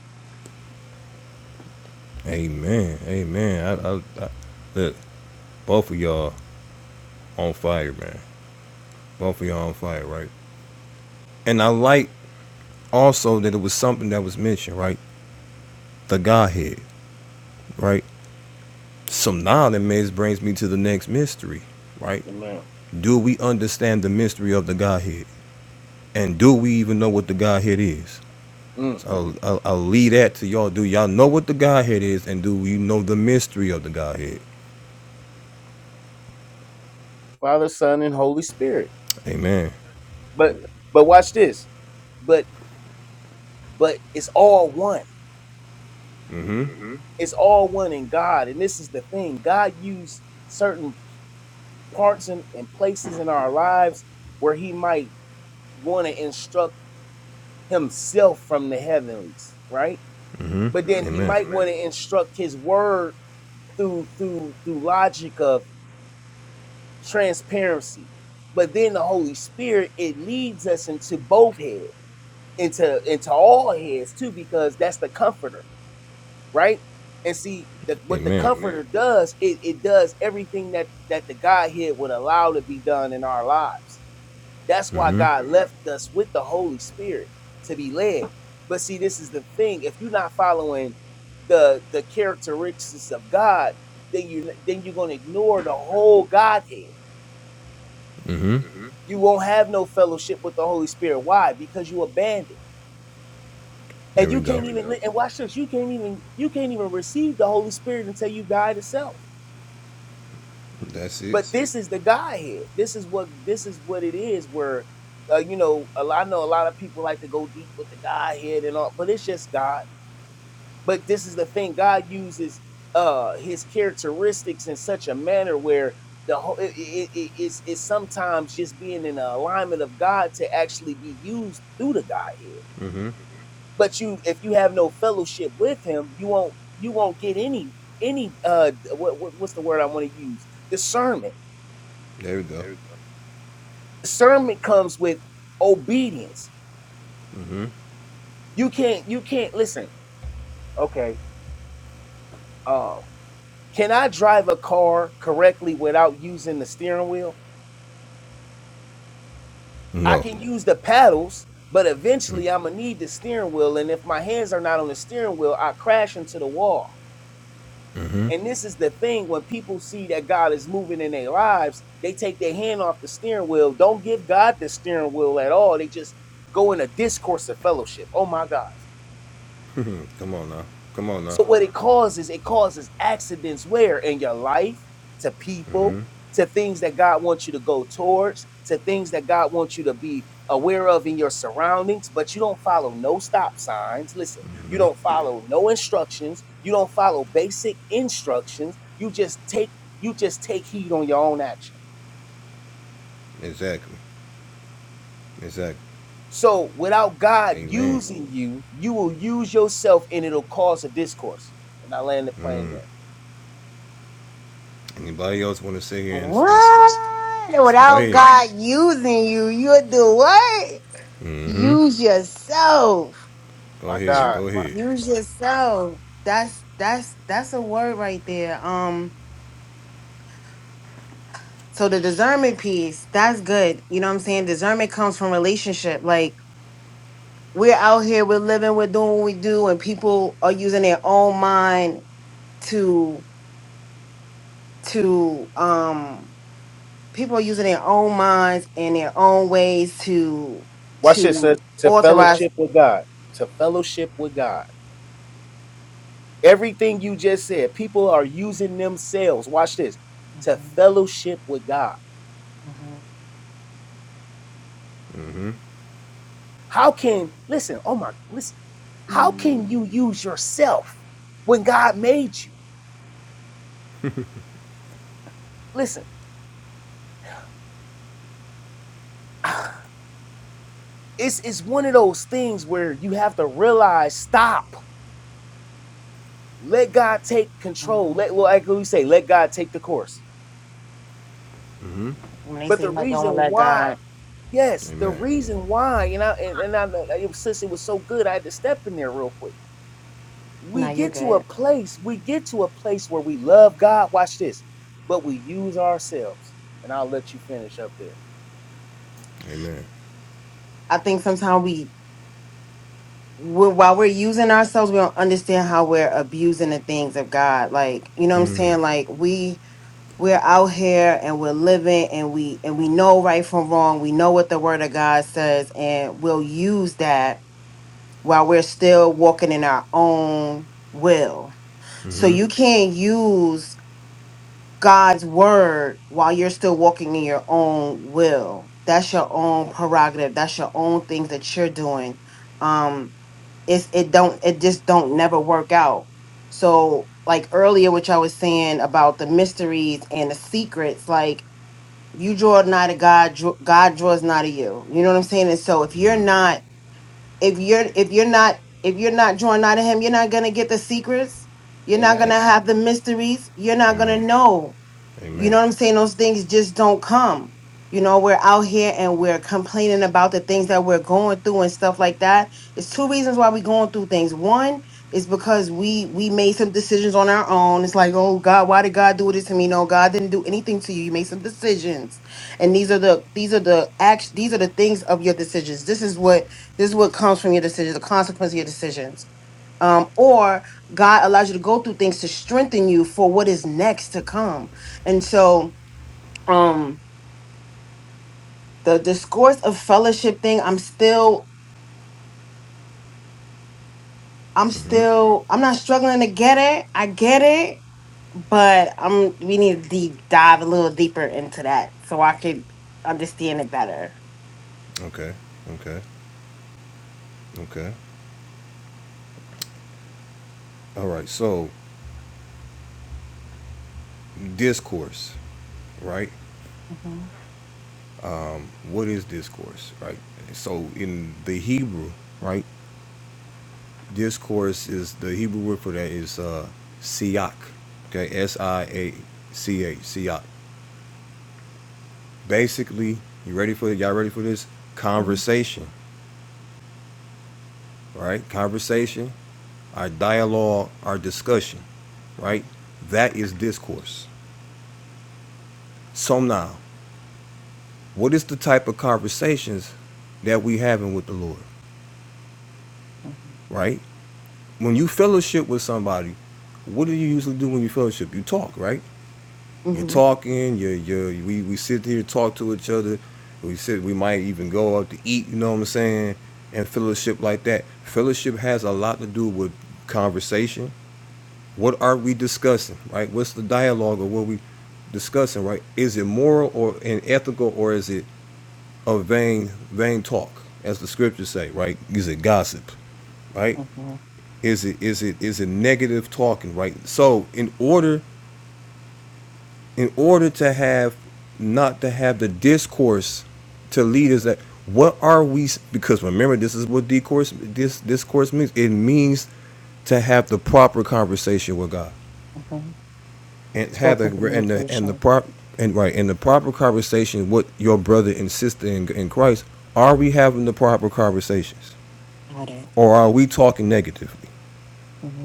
[SPEAKER 1] Amen. Amen. I, I, I look. Both of y'all on fire, man. Both of y'all on fire, right? And I like also that it was something that was mentioned, right? The Godhead, right? So now that mis- brings me to the next mystery, right? Do we understand the mystery of the Godhead? And do we even know what the Godhead is?
[SPEAKER 2] one. Mm.
[SPEAKER 1] So I'll, I'll, I'll leave that to y'all. Do y'all know what the Godhead is? And do we know the mystery of the Godhead?
[SPEAKER 2] Father, Son, and Holy Spirit.
[SPEAKER 1] Amen.
[SPEAKER 2] But but watch this. But but it's all one. It's all one in God, and this is the thing. God used certain parts and, and places in our lives where He might want to instruct himself from the heavenlies, right? But then he
[SPEAKER 1] Amen.
[SPEAKER 2] might want to instruct his word through through through logic of transparency. But then the Holy Spirit it leads us into both heads, into into all heads too, because that's the comforter, right? And see the, what the
[SPEAKER 1] Amen.
[SPEAKER 2] comforter does, it, it does everything that that the Godhead would allow to be done in our lives. That's why
[SPEAKER 1] Mm-hmm.
[SPEAKER 2] God left us with the Holy Spirit to be led. But see, this is the thing: if you're not following the the characteristics of God, then you then you're gonna ignore the whole Godhead.
[SPEAKER 1] Mm-hmm.
[SPEAKER 2] You won't have no fellowship with the Holy Spirit. Why? Because you abandoned, and
[SPEAKER 1] There we
[SPEAKER 2] you can't.
[SPEAKER 1] go.
[SPEAKER 2] And watch this: you can't even you can't even receive the Holy Spirit until you die to self.
[SPEAKER 1] That's it.
[SPEAKER 2] This is the Godhead. This is what this is what it is. Where uh, you know, a lot- I know a lot of people like to go deep with the Godhead and all, but it's just God But this is the thing God uses uh his characteristics in such a manner where the whole it, it, it- it's, it's sometimes just being in a alignment of God to actually be used through the Godhead.
[SPEAKER 1] Mm-hmm.
[SPEAKER 2] But you if you have no fellowship with him, you won't you won't get any any uh what, what what's the word I want to use? Discernment.
[SPEAKER 1] There we go.
[SPEAKER 2] Discernment comes with obedience.
[SPEAKER 1] Mm-hmm.
[SPEAKER 2] You can't you can't listen. Okay. Uh can I drive a car correctly without using the steering wheel? I
[SPEAKER 1] No.
[SPEAKER 2] can use the paddles, but eventually I'm gonna need the steering wheel. And if my hands are not on the steering wheel, I crash into the wall.
[SPEAKER 1] Mm-hmm.
[SPEAKER 2] And this is the thing when people see that God is moving in their lives, they take their hand off the steering wheel. Don't give God the steering wheel at all. They just go in a discourse of fellowship. Oh my God.
[SPEAKER 1] Come on now. Come on now.
[SPEAKER 2] So what it causes, it causes accidents where in your life, to people,
[SPEAKER 1] Mm-hmm.
[SPEAKER 2] to things that God wants you to go towards, to things that God wants you to be aware of in your surroundings, but you don't follow no stop signs. Listen, you don't follow no instructions, you don't follow basic instructions. You just take you just take heed on your own action.
[SPEAKER 1] Exactly. Exactly.
[SPEAKER 2] So without God
[SPEAKER 1] Amen.
[SPEAKER 2] using you, you will use yourself and it'll cause a discourse. And I land the plane there.
[SPEAKER 1] Anybody else want to sit here and, and s-
[SPEAKER 3] What?
[SPEAKER 1] s- go
[SPEAKER 3] Without
[SPEAKER 1] ahead?
[SPEAKER 3] God using you, you'll do what?
[SPEAKER 1] Mm-hmm.
[SPEAKER 3] Use yourself.
[SPEAKER 1] Go ahead.
[SPEAKER 3] Dr-
[SPEAKER 1] Go ahead.
[SPEAKER 3] Use yourself. That's that's that's a word right there. Um so the discernment piece, that's good. You know what I'm saying? Discernment comes from relationship. Like we're out here, we're living, we're doing what we do, and people are using their own mind to to um people are using their own minds and their own ways to
[SPEAKER 2] Watch this. uh,
[SPEAKER 3] to
[SPEAKER 2] To
[SPEAKER 3] authorize
[SPEAKER 2] fellowship with God. To fellowship with God. Everything you just said, people are using themselves. Watch this. To
[SPEAKER 3] Mhm,
[SPEAKER 2] fellowship with God.
[SPEAKER 3] mhm,
[SPEAKER 1] Mm-hmm.
[SPEAKER 2] How can listen? Oh my, listen. How can you use yourself when God made you? Listen, it's it's one of those things where you have to realize, stop. Let God take control.
[SPEAKER 3] mhm.
[SPEAKER 2] Let well, like we say, let God take the course.
[SPEAKER 1] Mm-hmm.
[SPEAKER 3] when they
[SPEAKER 2] But
[SPEAKER 3] say
[SPEAKER 2] the
[SPEAKER 3] let go
[SPEAKER 2] reason
[SPEAKER 3] and let
[SPEAKER 2] why
[SPEAKER 3] God.
[SPEAKER 2] Yes, the
[SPEAKER 1] Amen.
[SPEAKER 2] reason why, you know, and, and I know like, it was, since it was so good, I had to step in there real quick.
[SPEAKER 3] Nah,
[SPEAKER 2] We
[SPEAKER 3] you're
[SPEAKER 2] get to a
[SPEAKER 3] good.
[SPEAKER 2] place, we get to a place where we love God. Watch this, but we use ourselves. And I'll let you finish up there.
[SPEAKER 1] Amen.
[SPEAKER 3] I think sometimes we we while we're using ourselves, we don't understand how we're abusing the things of God. Like, you know what I'm saying? Like we we're out here and we're living and we and we know right from wrong we know what the word of god says and we'll use that while we're still walking in our own will so
[SPEAKER 1] Mm-hmm.
[SPEAKER 3] you can't use god's word while you're still walking in your own will that's your own prerogative that's your own things that you're doing um it's it don't it just don't never work out so like earlier which i was saying about the mysteries and the secrets like you draw nigh to God, dr- God draws nigh to you. You know what I'm saying? And so if you're not if you're if you're not if you're not drawn out of him you're not gonna get the secrets you're not gonna
[SPEAKER 1] A-
[SPEAKER 3] have the mysteries you're not gonna
[SPEAKER 1] Amen.
[SPEAKER 3] know you
[SPEAKER 1] Amen.
[SPEAKER 3] know what i'm saying those things just don't come you know we're out here and we're complaining about the things that we're going through and stuff like that it's two reasons why we're going through things one is because we we made some decisions on our own it's like oh god why did god do this to me no god didn't do anything to you you made some decisions and these are the these are the act these are the things of your decisions this is what this is what comes from your decisions, the consequence of your decisions. Um, or God allows you to go through things to strengthen you for what is next to come. And so um the discourse of fellowship thing, I'm still, I'm
[SPEAKER 1] Mm-hmm.
[SPEAKER 3] still, I'm not struggling to get it. I get it, but I'm we need to deep dive a little deeper into that so I could understand it better.
[SPEAKER 1] Okay. Okay. Okay. All right. So discourse, right?
[SPEAKER 3] hmm
[SPEAKER 1] What is discourse, right? So in the Hebrew, right? discourse is the Hebrew word for that is uh, siach. Okay, S I A C H, siach. Basically, you ready for it? Y'all ready for this?
[SPEAKER 3] hmm
[SPEAKER 1] Conversation, right? Conversation, our dialogue, our discussion, right? That is discourse. So now, what is the type of conversations that we having with the Lord, right? When you fellowship with somebody, what do you usually do when you fellowship? You talk, right? You're
[SPEAKER 3] hmm
[SPEAKER 1] talking. You're you we we sit here talk to each other. We sit. We might even go out to eat. You know what I'm saying? And fellowship like that. Fellowship has a lot to do with conversation. What are we discussing? Right? What's the dialogue or what we discussing? Right? Is it moral or unethical, or is it a vain vain talk, as the scriptures say? Right? Is it gossip? Right?
[SPEAKER 3] hmm
[SPEAKER 1] Is it is it is it negative talking? Right? So in order in order to have not to have the discourse to leaders that what are we because remember this is what discourse this discourse means it means to have the proper conversation with God
[SPEAKER 3] hmm
[SPEAKER 1] and have the
[SPEAKER 3] Spoken
[SPEAKER 1] and the and the
[SPEAKER 3] communication.
[SPEAKER 1] prop and right and the proper conversation with your brother and sister in, in Christ are we having the proper conversations
[SPEAKER 3] Got it.
[SPEAKER 1] or are we talking negatively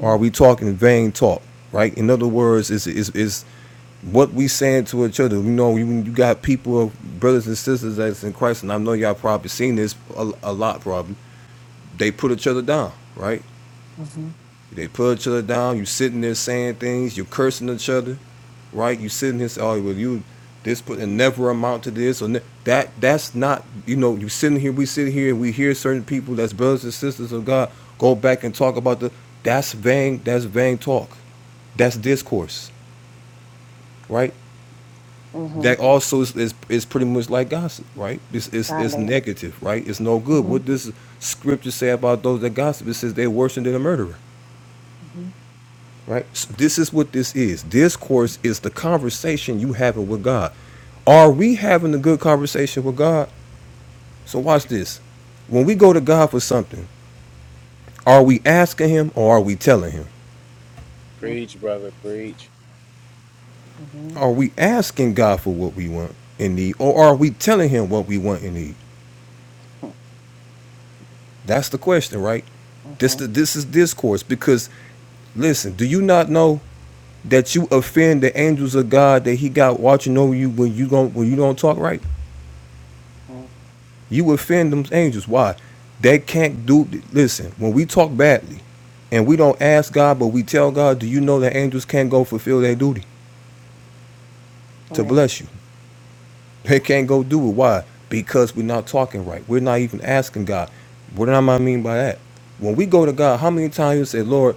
[SPEAKER 1] or are we talking vain talk right in other words is is is what we saying to our children. You know, you, you got people, brothers and sisters that's in Christ, and I know y'all probably seen this a, a lot. Probably they put each other down, right? They put each other down. You sitting there saying things, you cursing each other, right? You sitting here saying, "Oh, well, you this put and never amount to this or ne-. that." That's not, you know, you sitting here, we sit here, and we hear certain people that's brothers and sisters of God go back and talk about the. That's vain. That's vain talk. That's discourse, right?
[SPEAKER 3] Mm-hmm.
[SPEAKER 1] that also is, is, is pretty much like gossip, right? It's, it's, it's
[SPEAKER 3] Dialogue.
[SPEAKER 1] negative, right? It's no good.
[SPEAKER 3] Mm-hmm.
[SPEAKER 1] What does scripture say about those that gossip? It says they're worse than a murderer,
[SPEAKER 3] Mm-hmm.
[SPEAKER 1] right? So this is what this is. Discourse is the conversation you having with God. Are we having a good conversation with God? So watch this. When we go to God for something, are we asking him or are we telling him?
[SPEAKER 3] Mm-hmm.
[SPEAKER 1] Are we asking God for what we want and need or are we telling him what we want and need? That's the question, right? This
[SPEAKER 3] Mm-hmm.
[SPEAKER 1] this is discourse because Listen, do you not know that you offend the angels of God that He got watching over you when you don't when you don't talk right?
[SPEAKER 3] Mm-hmm.
[SPEAKER 1] You offend them angels. Why? They can't do. Listen, when we talk badly, and we don't ask God, but we tell God, do you know that angels can't go fulfill their duty to
[SPEAKER 3] Right.
[SPEAKER 1] bless you? They can't go do it. Why? Because we're not talking right. We're not even asking God. What do I mean by that? When we go to God, how many times you say, Lord?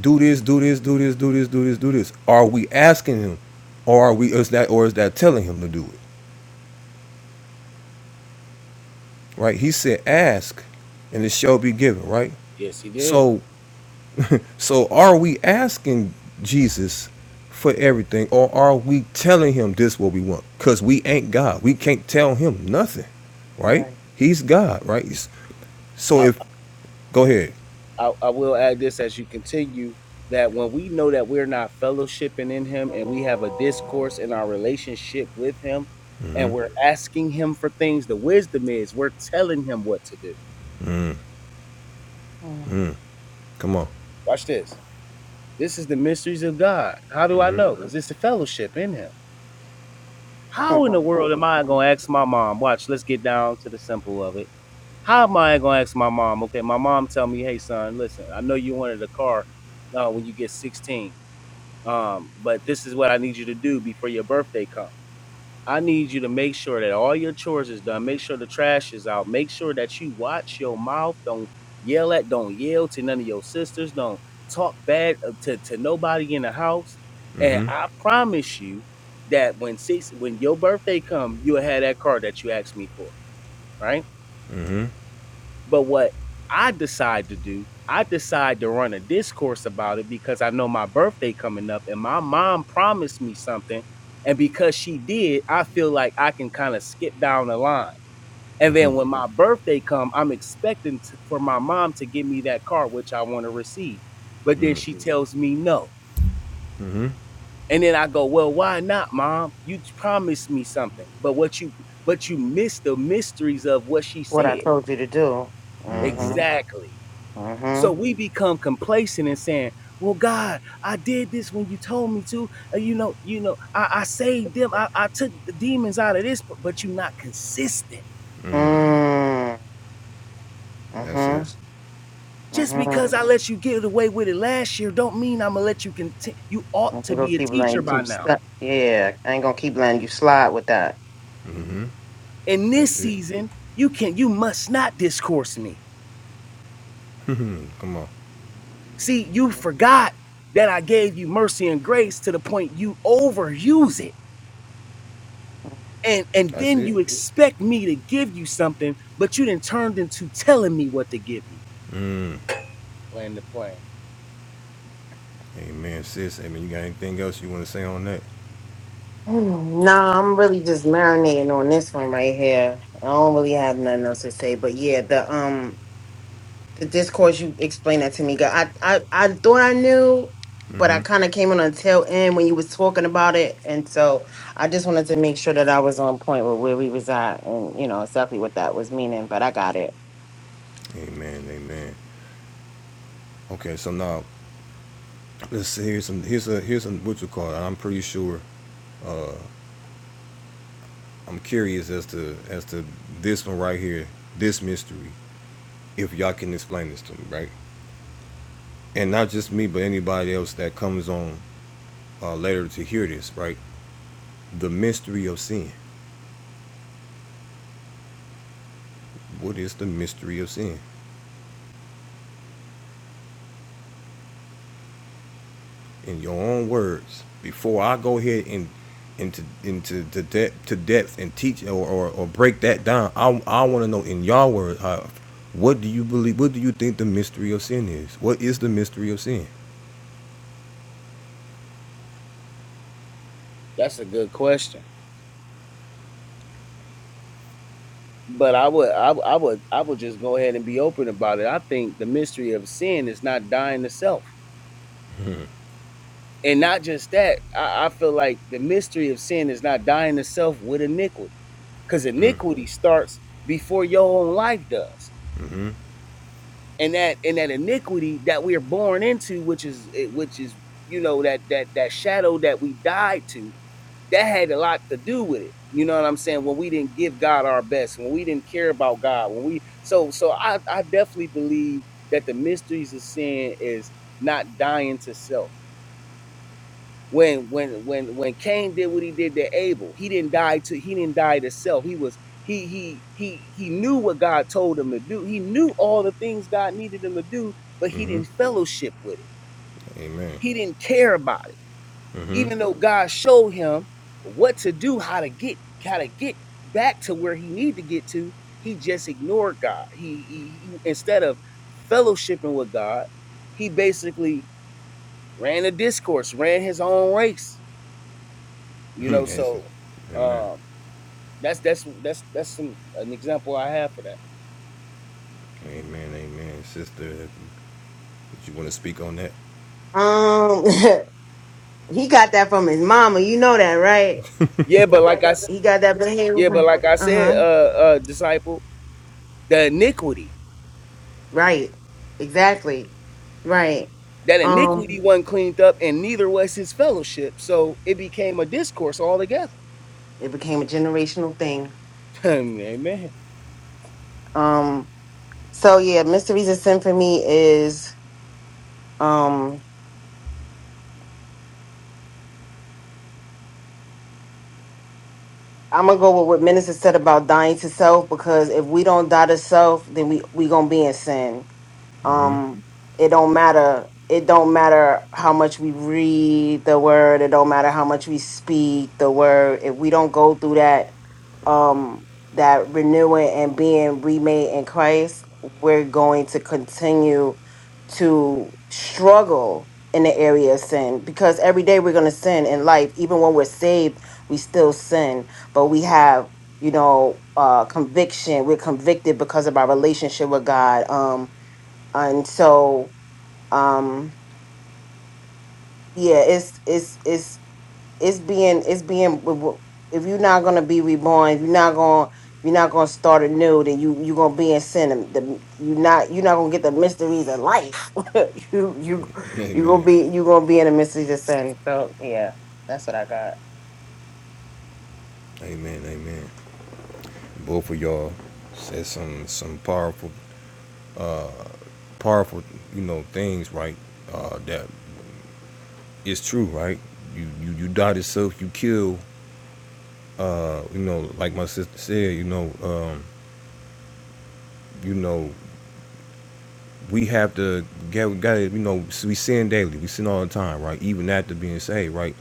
[SPEAKER 1] do this, do this, do this, do this, do this, do this. Are we asking him, or are we is that or is that telling him to do it? Right? He said, "Ask, and it shall be given." Right?
[SPEAKER 2] Yes, he did.
[SPEAKER 1] So, so are we asking Jesus for everything, or are we telling him this what we want? Cause we ain't God. We can't tell him nothing. Right?
[SPEAKER 3] Right.
[SPEAKER 1] He's God. Right? He's- So
[SPEAKER 2] I,
[SPEAKER 1] if go ahead,
[SPEAKER 2] I, I will add this as you continue that when we know that we're not fellowshipping in Him and we have a discourse in our relationship with Him and we're asking Him for things, the wisdom is we're telling Him what to do.
[SPEAKER 3] Mm-hmm.
[SPEAKER 1] come on.
[SPEAKER 2] Watch this This is the mysteries of God. How do I know? Because it's a fellowship in Him. How in the
[SPEAKER 3] Mm-hmm.
[SPEAKER 2] world am I going to ask my mom? Watch, let's get down to the simple of it. How am I going to ask my mom? Okay, my mom tell me, hey, son, listen, I know you wanted a car uh, when you get 16, um, but this is what I need you to do before your birthday comes. I need you to make sure that all your chores is done. Make sure the trash is out. Make sure that you watch your mouth. Don't yell at, don't yell to none of your sisters. Don't talk bad uh, to, to nobody in the house. And
[SPEAKER 1] Mm-hmm.
[SPEAKER 2] I promise you that when six when your birthday come, you'll have that car that you asked me for. Right?
[SPEAKER 1] Mm-hmm.
[SPEAKER 2] But what I decide to do, I decide to run a discourse about it because I know my birthday coming up and my mom promised me something. And because she did, I feel like I can kind of skip down the line. And then when my birthday come, I'm expecting to, for my mom to give me that car, which I want to receive. But then she tells me no.
[SPEAKER 1] Mm-hmm.
[SPEAKER 2] And then I go, well, why not, mom? You promised me something. But what you but you missed the mysteries of what she
[SPEAKER 3] What I
[SPEAKER 2] said.
[SPEAKER 3] told you to do.
[SPEAKER 1] Mm-hmm.
[SPEAKER 3] Mm-hmm.
[SPEAKER 2] Exactly. So
[SPEAKER 3] Mm-hmm.
[SPEAKER 2] we become complacent and saying, "Well, God, I did this when you told me to. Uh, you know, you know, I, I saved them. I, I took the demons out of this, but, but you're not consistent.
[SPEAKER 3] Mm-hmm.
[SPEAKER 1] That's it.
[SPEAKER 3] Mm-hmm.
[SPEAKER 2] Just
[SPEAKER 3] Mm-hmm.
[SPEAKER 2] because I let you get away with it last year, don't mean I'm gonna let you continue. You ought
[SPEAKER 3] I'm
[SPEAKER 2] to
[SPEAKER 3] gonna
[SPEAKER 2] be a
[SPEAKER 3] keep letting
[SPEAKER 2] teacher
[SPEAKER 3] you
[SPEAKER 2] by
[SPEAKER 3] keep
[SPEAKER 2] now.
[SPEAKER 3] stuck. Yeah, I ain't gonna keep letting you slide with that.
[SPEAKER 2] In this
[SPEAKER 1] That's it.
[SPEAKER 2] season, you can, you must not discourse me.
[SPEAKER 1] Come on.
[SPEAKER 2] See, you
[SPEAKER 3] Mhm.
[SPEAKER 2] forgot that I gave you mercy and grace to the point you overuse it and and
[SPEAKER 1] That's
[SPEAKER 2] then
[SPEAKER 1] it.
[SPEAKER 2] you expect me to give you something, but you didn't turned into telling me what to give you. Land the plane.
[SPEAKER 1] Amen, sis. Amen. You got anything else you want to say on that?
[SPEAKER 3] Mm, Nah, I'm really just marinating on this one right here. I don't really have nothing else to say, but yeah, the um the discourse you explained that to me, girl. I I I thought I knew, but I kind of came on the tail end when you was talking about it, and so I just wanted to make sure that I was on point with where we was at, and you know exactly what that was meaning. But I got it.
[SPEAKER 1] Amen. Amen. Okay, so now let's see, here's some here's a here's some what you call it. I'm pretty sure I'm curious as to as to this one right here, this mystery. If y'all can explain this to me, right? And not just me, but anybody else that comes on uh, later to hear this, right? The mystery of sin. What is the mystery of sin? in your own words before I go ahead and into into the depth to depth and teach or, or, or break that down. I I want to know in your words, how what do you believe? What do you think the mystery of sin is? What is the mystery of sin?
[SPEAKER 2] That's a good question. But I would, I, would- I would, I would just go ahead and be open about it. I think the mystery of sin is not dying to self, and not just that. I, I feel like the mystery of sin is not dying to self with iniquity, because iniquity starts before your own life does. and that and that iniquity that we are born into, which is eh, which is you know that that that shadow that we died to, that had a lot to do with it. You know what I'm saying? When we didn't give God our best, when we didn't care about God, when we so so I I definitely believe that the mysteries of sin is not dying to self when when when when Cain did what he did to Abel, he didn't die to he didn't die to self. He was he he he he knew what God told him to do. He knew all the things God needed him to do, but he
[SPEAKER 1] hmm
[SPEAKER 2] didn't fellowship with it.
[SPEAKER 1] Amen.
[SPEAKER 2] He didn't care about it,
[SPEAKER 1] hmm
[SPEAKER 2] even though God showed him what to do, how to get how to get back to where he needed to get to. He just ignored God. He, he he- instead of fellowshipping with God, he basically ran a discourse, ran his own race You know, so
[SPEAKER 1] Amen.
[SPEAKER 2] um, that's that's that's that's some an example I have for that.
[SPEAKER 1] Amen. Amen. Sister, would you want to speak on that?
[SPEAKER 3] Um, he got that from his mama. You know that, right?
[SPEAKER 2] Yeah, but like I,
[SPEAKER 3] He got that from
[SPEAKER 2] yeah, but
[SPEAKER 3] him.
[SPEAKER 2] like I
[SPEAKER 3] Uh
[SPEAKER 2] said,
[SPEAKER 3] huh.
[SPEAKER 2] uh, uh, disciple, the iniquity
[SPEAKER 3] Right. Exactly. Right.
[SPEAKER 2] that iniquity
[SPEAKER 3] Um,
[SPEAKER 2] wasn't cleaned up, and neither was his fellowship, so it became a discourse altogether.
[SPEAKER 3] it became a generational thing.
[SPEAKER 2] Amen.
[SPEAKER 3] Um, so yeah, mysteries and symphony is um I'm gonna go with what Minister said about dying to self because if we don't die to self, then we we gonna be in sin.
[SPEAKER 1] hmm
[SPEAKER 3] um it don't matter it don't matter how much we read the word it don't matter how much we speak the word if we don't go through that um that renewing and being remade in christ we're going to continue to struggle in the area of sin because every day we're going to sin in life even when we're saved we still sin but we have you know uh conviction we're convicted because of our relationship with god um and so um yeah it's it's it's it's being it's being w- w- if you're not gonna be reborn if you're not gonna if you're not gonna start anew then you you're gonna be in sin and the, you're not you're not gonna get the mysteries of life you you you gonna
[SPEAKER 1] Amen.
[SPEAKER 3] be you gonna be in the mysteries of sin so
[SPEAKER 1] Amen. Amen. Both of y'all said some some powerful powerful you know things right uh, that it's true, right? You you you die to self, you kill. Uh, you know, like my sister said, you know, um, you know, we have to get we gotta, you know, we sin daily, we sin all the time, right? Even after being saved, right?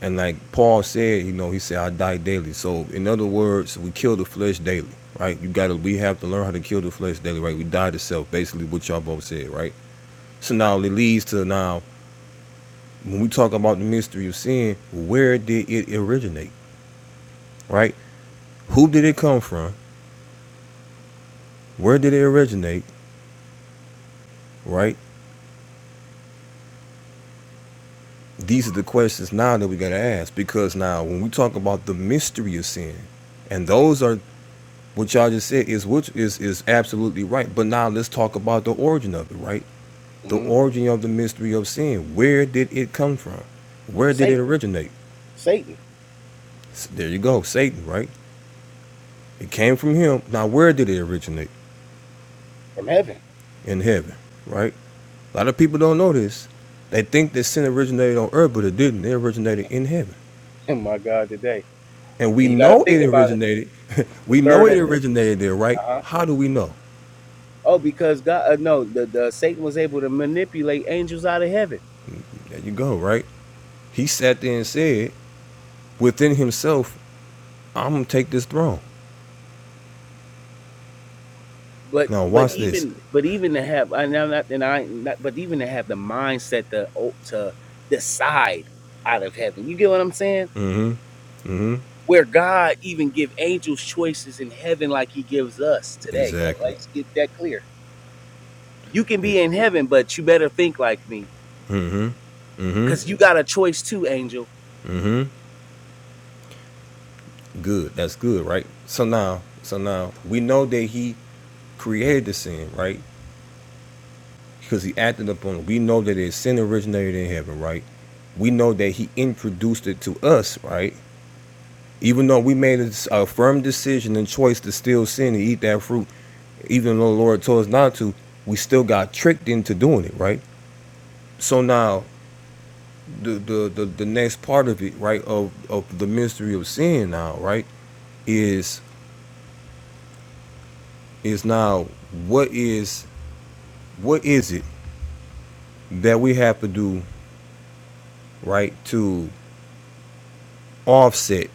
[SPEAKER 1] And like Paul said, you know, he said, I die daily. So in other words, we kill the flesh daily, right? You gotta we have to learn how to kill the flesh daily, right? We die to self, basically what y'all both said, right? So now it leads to now when we talk about the mystery of sin, where did it originate? Right? Who did it come from? Where did it originate? Right? These are the questions now that we gotta ask because now when we talk about the mystery of sin, and those are what y'all just said is which is is absolutely right. But now let's talk about the origin of it, right? The
[SPEAKER 2] hmm
[SPEAKER 1] origin of the mystery of sin. Where did it come from? Where did it
[SPEAKER 2] Satan,
[SPEAKER 1] originate?
[SPEAKER 2] Satan
[SPEAKER 1] S- There you go, Satan, right? It came from him. Now where did it originate?
[SPEAKER 2] from heaven.
[SPEAKER 1] In heaven, right? A lot of people don't know this. They think that sin originated on earth, but it didn't. It originated in heaven
[SPEAKER 2] my God, today,
[SPEAKER 1] and we
[SPEAKER 2] and you got to
[SPEAKER 1] know
[SPEAKER 2] think
[SPEAKER 1] it
[SPEAKER 2] about it.
[SPEAKER 1] originated.
[SPEAKER 2] The
[SPEAKER 1] we know
[SPEAKER 2] third, uh
[SPEAKER 1] it originated there, right?
[SPEAKER 2] huh.
[SPEAKER 1] How do we know?
[SPEAKER 2] Oh, because God, uh, no, the, the Satan was able to manipulate angels out of heaven.
[SPEAKER 1] There you go, right? He sat there and said within himself, "I'm gonna take this throne."
[SPEAKER 2] but
[SPEAKER 1] Now
[SPEAKER 2] but Right.
[SPEAKER 1] watch this.
[SPEAKER 2] even but even to have I'm not and I not, but even to have the mindset to o- to decide out of heaven. You get what I'm saying?
[SPEAKER 1] Mm-hmm. Mm-hmm.
[SPEAKER 2] Where God even give angels choices in heaven like he gives us today. Like
[SPEAKER 1] Exactly.
[SPEAKER 2] let's get that clear. You can
[SPEAKER 1] It,
[SPEAKER 2] be in heaven, but you better think like me.
[SPEAKER 1] mm-hmm.
[SPEAKER 2] Cause
[SPEAKER 1] Mm-hmm.
[SPEAKER 2] you got a choice too, angel.
[SPEAKER 1] Mm-hmm. Good. That's good, right? So now, so now we know that he created the sin, right? Because he acted upon it. We know that his sin originated in heaven, right? We know that he introduced it to us, right? Even though we made a a firm decision and choice to still sin and eat that fruit, even though the Lord told us not to, we still got tricked into doing it, right? So now the the the, the next part of it, right, of of the mystery of sin now, right, is is now what is what is it that we have to do, right, to offset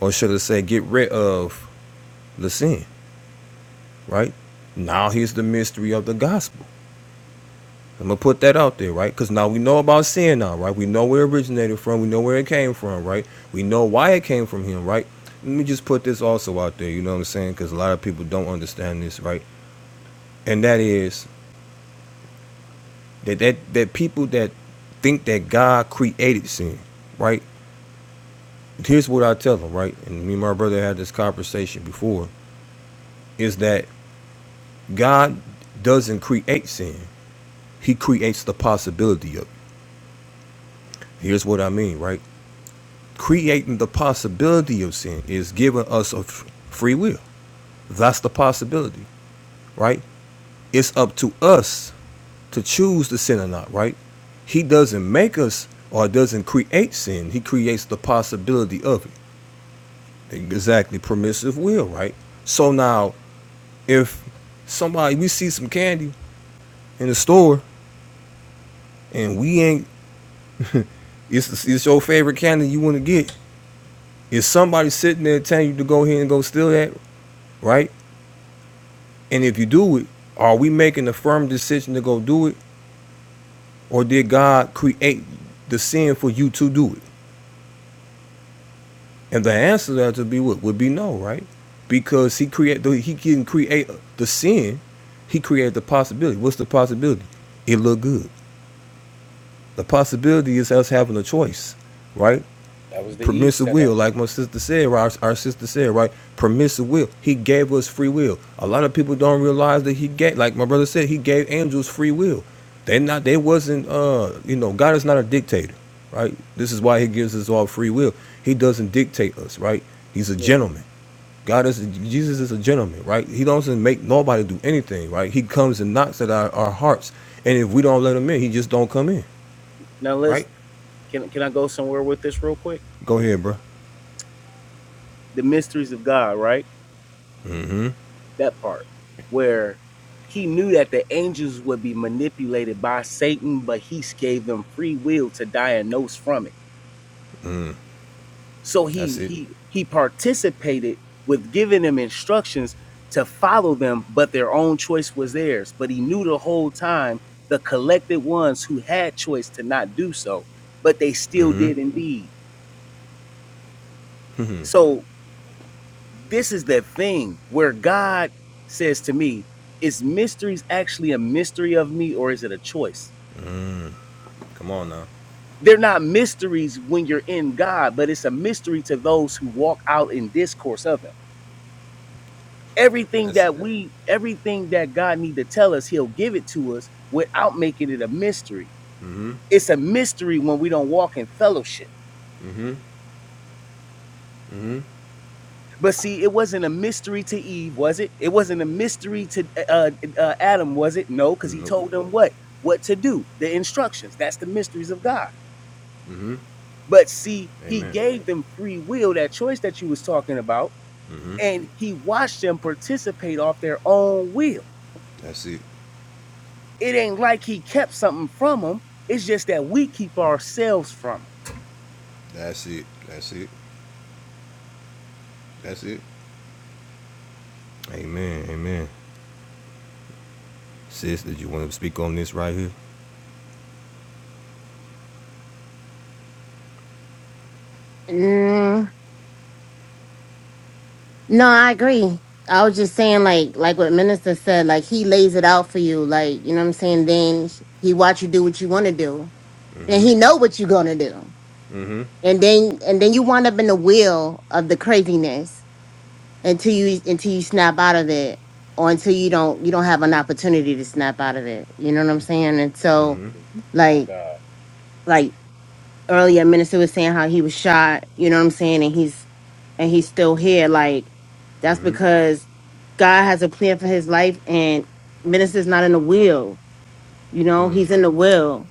[SPEAKER 1] or should I say get rid of the sin, right? Now here's the mystery of the gospel I'm gonna put that out there, right? Because now we know about sin now, right? We know where it originated from. We know where it came from, right? We know why it came from him, right? Let me just put this also out there. You know what I'm saying? Because a lot of people don't understand this, right? And that is that that that people that think that God created sin, right? Here's what I tell them, right? And me and my brother had this conversation before. Is that God doesn't create sin? He creates the possibility of. it. Here's what I mean, right? creating the possibility of sin is giving us a free will. That's the possibility, right? It's up to us to choose to sin or not, right? He doesn't make us or doesn't create sin. He creates the possibility of it. Exactly, permissive will, right? So now, if somebody we see some candy in the store and we ain't, it's it's your favorite candy you want to get. Is somebody sitting there telling you to go ahead and go steal that, right? And if you do it, are we making a firm decision to go do it, or did God create the sin for you to do it? And the answer to that would be what would be no, right? Because he create he didn't create the sin, he created the possibility. What's the possibility? It look good. The possibility is us having a choice, right?
[SPEAKER 2] That was the Eve
[SPEAKER 1] permissive will,
[SPEAKER 2] setup.
[SPEAKER 1] like my sister said, right? Our, our sister said, right? Permissive will. He gave us free will. A lot of people don't realize that he gave, like my brother said, he gave angels free will. They not, they wasn't, uh, you know, God is not a dictator, right? This is why he gives us all free will. He doesn't dictate us, right? He's a
[SPEAKER 2] Yeah.
[SPEAKER 1] gentleman. God is, Jesus is a gentleman, right? He doesn't make nobody do anything, right? He comes and knocks at our, our hearts. And if we don't let him in, he just don't come in,
[SPEAKER 2] Now let's
[SPEAKER 1] right?
[SPEAKER 2] can can I go somewhere with this real quick?
[SPEAKER 1] Go ahead, bro.
[SPEAKER 2] The mysteries of God, right? that part where he knew that the angels would be manipulated by Satan, but he gave them free will to diagnose from it. So
[SPEAKER 1] That's
[SPEAKER 2] he
[SPEAKER 1] it.
[SPEAKER 2] he he participated with giving them instructions to follow them, but their own choice was theirs. But he knew the whole time the collected ones who had choice to not do so, but they still
[SPEAKER 1] hmm
[SPEAKER 2] did indeed. So this is the thing where God says to me, is mysteries actually a mystery of me or is it a choice?
[SPEAKER 1] Come on now.
[SPEAKER 2] They're not mysteries when you're in God, but it's a mystery to those who walk out in discourse of him. Everything
[SPEAKER 1] That's
[SPEAKER 2] that we everything that God need to tell us, he'll give it to us without making it a mystery.
[SPEAKER 1] mm-hmm,
[SPEAKER 2] It's a mystery when we don't walk in fellowship
[SPEAKER 1] mm-hmm, mm-hmm,
[SPEAKER 2] But see, it wasn't a mystery to Eve, was it? It wasn't a mystery to uh, uh, Adam, was it? No, because
[SPEAKER 1] Mm,
[SPEAKER 2] he
[SPEAKER 1] nope,
[SPEAKER 2] told them what what to do, the instructions. That's the mysteries of God.
[SPEAKER 1] mm-hmm,
[SPEAKER 2] But see, he
[SPEAKER 1] amen,
[SPEAKER 2] gave them free will, that choice that you was talking about,
[SPEAKER 1] mm-hmm.
[SPEAKER 2] and he watched them participate off their own will.
[SPEAKER 1] That's it.
[SPEAKER 2] It ain't like he kept something from them. It's just that we keep ourselves from it.
[SPEAKER 1] That's it. That's it. That's it. Amen. Amen. Sis, did you want to speak on this right here?
[SPEAKER 3] Mm, no, I agree. I was just saying, like, like what Minister said, like he lays it out for you, like you know what I'm saying. Then he watch you do what you want to do, and
[SPEAKER 1] Mm-hmm.
[SPEAKER 3] he know what you're gonna do.
[SPEAKER 1] Mm-hmm.
[SPEAKER 3] and then and then you wind up in the wheel of the craziness until you until you snap out of it or until you don't you don't have an opportunity to snap out of it you know what i'm saying and so
[SPEAKER 1] Mm-hmm.
[SPEAKER 3] like like earlier minister was saying how he was shot you know what i'm saying and he's and he's still here like that's
[SPEAKER 1] Mm-hmm.
[SPEAKER 3] because god has a plan for his life and minister's not in the wheel you know he's in the will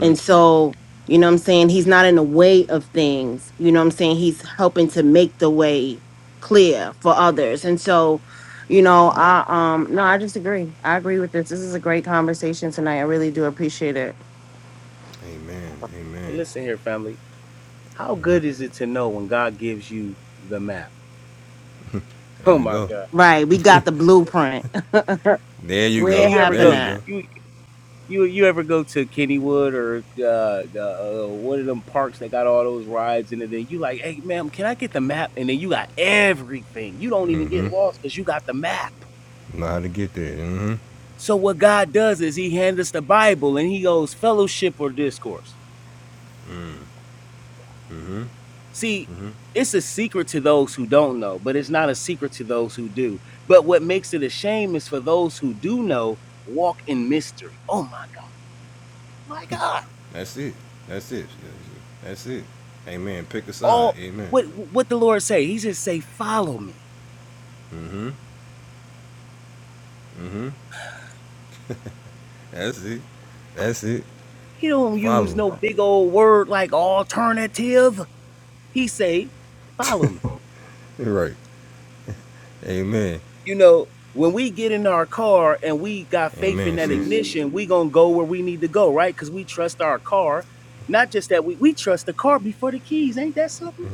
[SPEAKER 3] And so, you know what I'm saying? He's not in the way of things. You know what I'm saying? He's helping to make the way clear for others. And so, you know, I um no, I just agree. I agree with this. This is a great conversation tonight. I really do appreciate it.
[SPEAKER 1] Amen.
[SPEAKER 2] And hey,
[SPEAKER 1] Amen.
[SPEAKER 2] listen here, family. How good is it to know when God gives you the map?
[SPEAKER 1] There
[SPEAKER 2] Oh
[SPEAKER 1] we
[SPEAKER 2] my
[SPEAKER 1] go.
[SPEAKER 2] God.
[SPEAKER 3] Right. We got the blueprint.
[SPEAKER 1] There you
[SPEAKER 2] Hey,
[SPEAKER 3] Where it
[SPEAKER 1] go.
[SPEAKER 2] you ever
[SPEAKER 1] There
[SPEAKER 3] happened
[SPEAKER 2] go?
[SPEAKER 1] you
[SPEAKER 3] at.
[SPEAKER 1] go.
[SPEAKER 2] you? you you ever go to Kennywood or uh, uh, one of them parks that got all those rides and then you like, hey, ma'am, can I get the map? And then you got everything. You don't even get lost because you got the map.
[SPEAKER 1] You Know how to get there. Mm-hmm.
[SPEAKER 2] So what God does is He hands us the Bible and He goes fellowship or discourse.
[SPEAKER 1] Mm-hmm.
[SPEAKER 2] See,
[SPEAKER 1] Mm-hmm.
[SPEAKER 2] it's a secret to those who don't know, but it's not a secret to those who do. But what makes it a shame is for those who do know walk in mystery. Oh my God, my God!
[SPEAKER 1] That's it. That's it. That's it. Amen. Pick a side.
[SPEAKER 2] All
[SPEAKER 1] Amen.
[SPEAKER 2] what what the Lord say? He just say, follow me
[SPEAKER 1] Mm-hmm. Mm-hmm. That's it. That's it.
[SPEAKER 2] He don't use
[SPEAKER 1] Follow.
[SPEAKER 2] no big old word like alternative. He say, follow me.
[SPEAKER 1] Right. Amen.
[SPEAKER 2] You know, when we get in our car and we got faith in
[SPEAKER 1] Amen,
[SPEAKER 2] that
[SPEAKER 1] sis.
[SPEAKER 2] ignition, we gonna go where we need to go, right? Because we trust our car. Not just that we we trust the car before the keys. Ain't that something?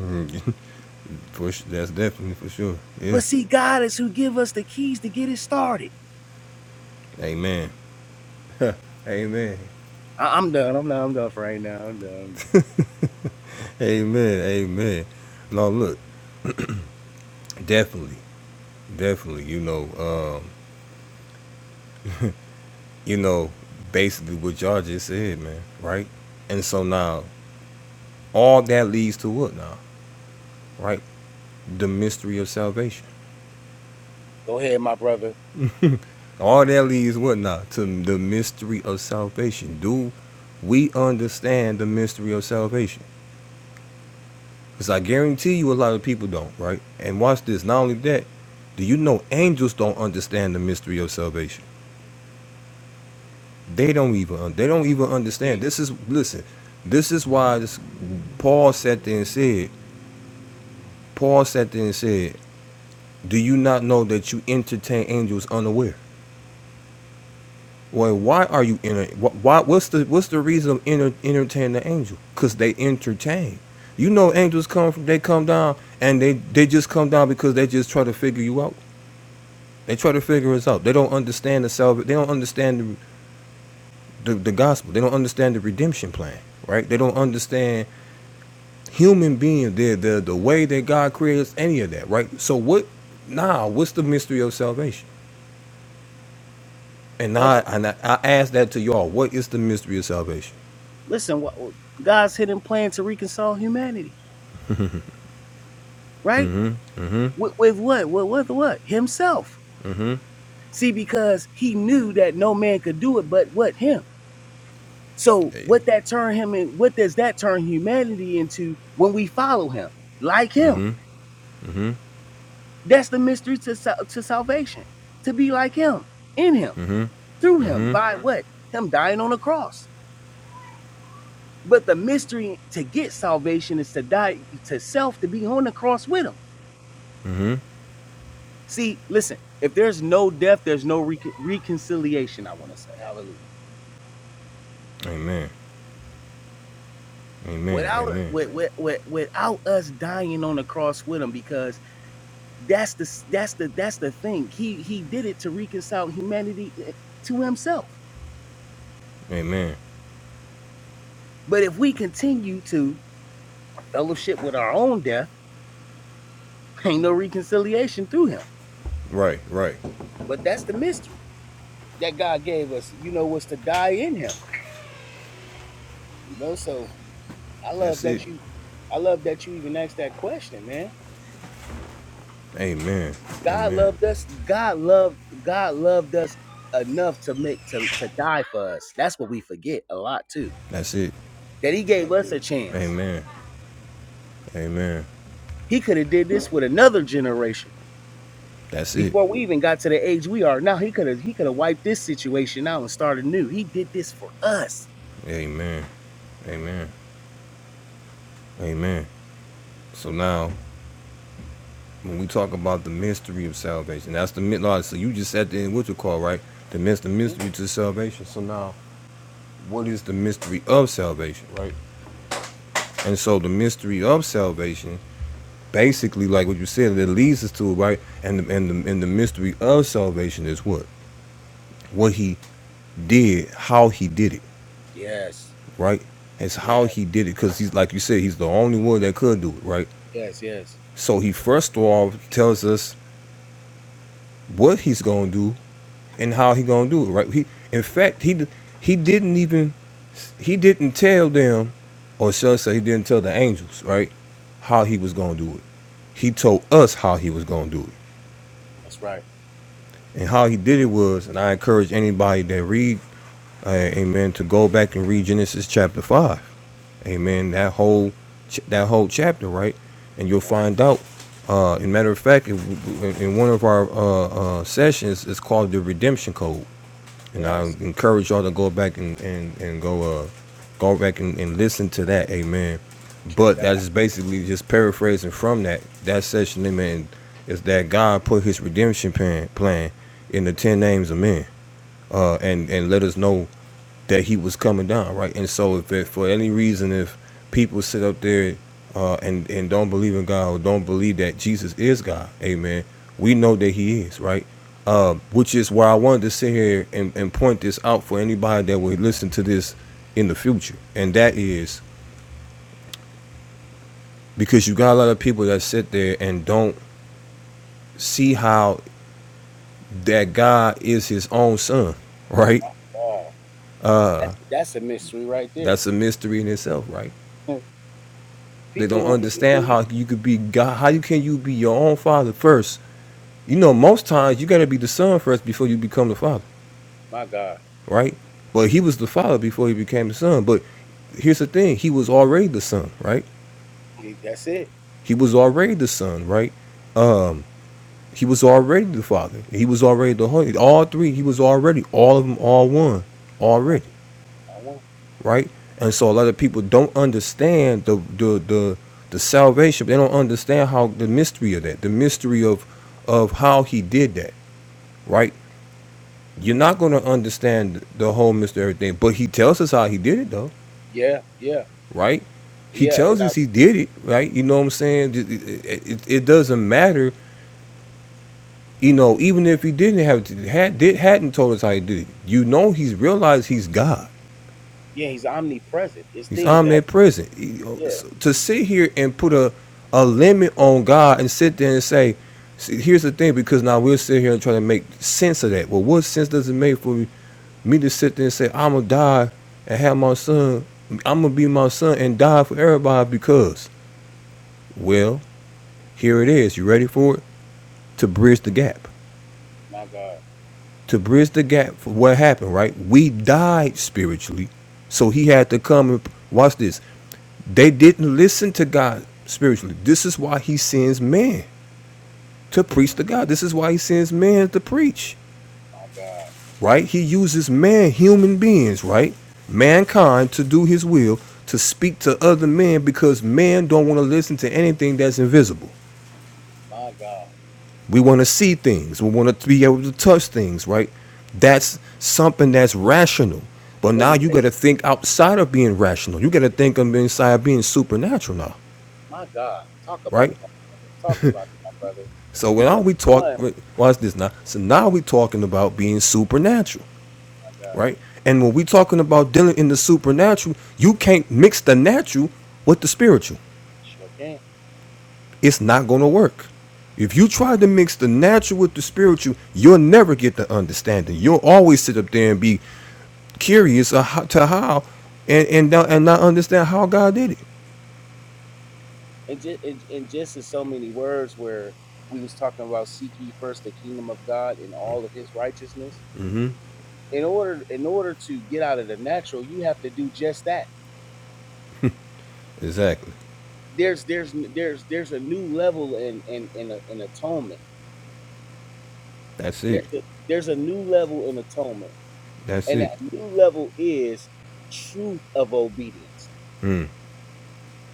[SPEAKER 1] For sure, that's definitely for sure. Yeah.
[SPEAKER 2] But see, God is who give us the keys to get it started.
[SPEAKER 1] Amen. Amen.
[SPEAKER 2] I, am done. I'm done. I'm done for right now. I'm done. I'm done.
[SPEAKER 1] Amen. Amen. No, look, definitely, definitely. You know, uh, you know, basically what y'all just said, man. Right. And so now, all that leads to what now? Right. The mystery of salvation.
[SPEAKER 2] Go ahead, my brother.
[SPEAKER 1] All that leads what now to the mystery of salvation. Do we understand the mystery of salvation? Because I guarantee you a lot of people don't, right? And watch this. Not only that, do you know angels don't understand the mystery of salvation? They don't even they don't even understand. This is listen, this is why this, Paul sat there and said, Paul sat there and said, Do you not know that you entertain angels unaware? Well, why are you in wh why what's the what's the reason of enter, entertaining the angel? Because they entertain. You know angels come from they come down and they, they just come down because they just try to figure you out. They try to figure us out. They don't understand the salvation. They don't understand the, the, the gospel. They don't understand the redemption plan, right? They don't understand human being, the, the, the way that God creates any of that, right? So what, nah, what's the mystery of salvation? And
[SPEAKER 2] Watch,
[SPEAKER 1] I, and I, I ask that to y'all. What is the mystery of salvation?
[SPEAKER 2] listen, wha- God's hidden plan to reconcile humanity, right?
[SPEAKER 1] Mm-hmm, mm-hmm,
[SPEAKER 2] with, with what? With, with what? Himself.
[SPEAKER 1] mm-hmm.
[SPEAKER 2] See, because he knew that no man could do it but what him. So
[SPEAKER 1] Hey.
[SPEAKER 2] what that turn him in what does that turn humanity into when we follow him? Like him.
[SPEAKER 1] Mm-hmm, mm-hmm,
[SPEAKER 2] That's the mystery to sal- to salvation. To be like him, in him,
[SPEAKER 1] mm-hmm,
[SPEAKER 2] through him,
[SPEAKER 1] mm-hmm,
[SPEAKER 2] by what? Him dying on the cross. But the mystery to get salvation is to die to self to be on the cross with him.
[SPEAKER 1] mm-hmm.
[SPEAKER 2] See, listen, if there's no death, there's no recon reconciliation, I want to say. Hallelujah
[SPEAKER 1] Amen, amen,
[SPEAKER 2] without
[SPEAKER 1] amen,
[SPEAKER 2] with, with, with, without us dying on the cross with him because that's the that's the that's the thing he he did it to reconcile humanity eh, to himself
[SPEAKER 1] amen.
[SPEAKER 2] but if we continue to fellowship with our own death ain't no reconciliation through him
[SPEAKER 1] Right, right.
[SPEAKER 2] but that's the mystery that god gave us you know was to die in him you know so i love
[SPEAKER 1] That's it.
[SPEAKER 2] that you i love that you even asked that question man
[SPEAKER 1] Amen,
[SPEAKER 2] God
[SPEAKER 1] amen.
[SPEAKER 2] loved us. God loved God loved us enough to make to, to die for us. That's what we forget a lot too.
[SPEAKER 1] That's it.
[SPEAKER 2] That he gave us a chance.
[SPEAKER 1] Amen. Amen.
[SPEAKER 2] He could have did this with another generation.
[SPEAKER 1] That's it.
[SPEAKER 2] Before we even got to the age we are now, he could have he could have wiped this situation out and started new. He did this for us.
[SPEAKER 1] Amen. Amen. Amen. So now, when we talk about the mystery of salvation, that's the mid. no, So you just said the what you call right? The mys- the
[SPEAKER 2] Mm.
[SPEAKER 1] mystery to salvation. So now, what is the mystery of salvation, right? And so the mystery of salvation, basically, like what you said, it leads us to it, right. And the, and the and the mystery of salvation is what what he did, how he did it.
[SPEAKER 2] Yes.
[SPEAKER 1] right? It's
[SPEAKER 2] Yeah.
[SPEAKER 1] how he did it because he's like you said, he's the only one that could do it, right?
[SPEAKER 2] Yes, yes.
[SPEAKER 1] So he first of all tells us what he's gonna do and how he gonna do it, right? He, in fact, he he didn't even he didn't tell them, or shall I say, he didn't tell the angels, right? How he was gonna do it. He told us how he was gonna do it, and how he did it was. And I encourage anybody that read, uh, Amen, to go back and read Genesis chapter five Amen. That whole ch- that whole chapter, right? And you'll find out. Uh, in matter of fact, in in one of our uh, uh, sessions, it's called the Redemption Code, and I encourage y'all to go back and and, and go uh, go back and, and listen to that. Amen. But that is basically just paraphrasing from that that session. Amen. Is that God put His redemption plan plan in the ten names of men, uh, and and let us know that he was coming down, right? And so, if it, for any reason, if people sit up there uh, and and don't believe in God or don't believe that Jesus is God, Amen. We know that He is, right? Um, which is why I wanted to sit here and, and point this out for anybody that would listen to this in the future, and that is because you got a lot of people that sit there and don't see how that God is His own Son, right?
[SPEAKER 2] My God. That's that's a mystery right there.
[SPEAKER 1] That's a mystery in itself, right?
[SPEAKER 2] Mm.
[SPEAKER 1] They
[SPEAKER 2] People
[SPEAKER 1] don't
[SPEAKER 2] don't even
[SPEAKER 1] understand
[SPEAKER 2] believe.
[SPEAKER 1] how you could be God. How you can you be your own father first? You know, most times you got to be the son first before you become the father,
[SPEAKER 2] My God.
[SPEAKER 1] right? But he was the father before he became the son. But here's the thing: he was already the son, right?
[SPEAKER 2] That's it.
[SPEAKER 1] He was already the son, right? Um, he was already the father. He was already the holy. All three. He was already all of them, all one,
[SPEAKER 2] Uh,
[SPEAKER 1] already.
[SPEAKER 2] uh,
[SPEAKER 1] right? And so a lot of people don't understand the the the, the salvation. They don't understand how the mystery of that, the mystery of of how he did that, right? You're not going to understand the whole mystery of everything, but he tells us how he did it though,
[SPEAKER 2] Yeah, yeah.
[SPEAKER 1] right? He
[SPEAKER 2] Yeah, and
[SPEAKER 1] tells
[SPEAKER 2] I
[SPEAKER 1] us he did it, right? You know what I'm saying? It, it, it- it doesn't matter, you know. Even if he didn't have had did hadn't told us how he did it, you know, he's realized he's God.
[SPEAKER 2] Yeah, he's omnipresent. It's
[SPEAKER 1] He's
[SPEAKER 2] things that,
[SPEAKER 1] omnipresent. He-
[SPEAKER 2] yeah,
[SPEAKER 1] so to sit here and put a, a limit on God and sit there and say, see, here's the thing, because now we'll sit here and try to make sense of that. Well, what sense does it make for me to sit there and say, I'm going to die and have my son, I'm going to be my son and die for everybody because, well, here it is. You ready for it? To bridge the gap.
[SPEAKER 2] my God.
[SPEAKER 1] To bridge the gap for what happened, right? We died spiritually. So he had to come and watch this. They didn't listen to God spiritually. This is why he sends man to preach to God. This is why he sends man to preach, right? He uses man, human beings, right? Mankind to do his will, to speak to other men because man don't want to listen to anything that's invisible. We want to see things. We want to be able to touch things, right? That's something that's rational. But
[SPEAKER 2] What
[SPEAKER 1] now
[SPEAKER 2] we
[SPEAKER 1] you
[SPEAKER 2] say,
[SPEAKER 1] got to think outside of being rational. You got to
[SPEAKER 2] yeah,
[SPEAKER 1] think of inside of being supernatural now,
[SPEAKER 2] my God. Talk about
[SPEAKER 1] right?
[SPEAKER 2] it, my, talk about it, my brother.
[SPEAKER 1] So
[SPEAKER 2] Because
[SPEAKER 1] now we talk.
[SPEAKER 2] one,
[SPEAKER 1] Watch this now. So now we are talking about being supernatural, right? And when we are talking about dealing in the supernatural, you can't mix the natural with the spiritual.
[SPEAKER 2] man,
[SPEAKER 1] It's not gonna work. If you try to mix the natural with the spiritual, you'll never get the understanding. You'll always sit up there and be curious of how, to how, and and and not understand how God did it.
[SPEAKER 2] and just and, and just in so many words, where we was talking about seek ye first the kingdom of God and all of His righteousness. In order, in order to get out of the natural, you have to do just that.
[SPEAKER 1] Exactly.
[SPEAKER 2] There's there's there's there's a new level in in in, a, in atonement.
[SPEAKER 1] That's it.
[SPEAKER 2] There's a, there's a new level in atonement,
[SPEAKER 1] That's
[SPEAKER 2] and
[SPEAKER 1] it.
[SPEAKER 2] that new level is truth of obedience
[SPEAKER 1] Mm.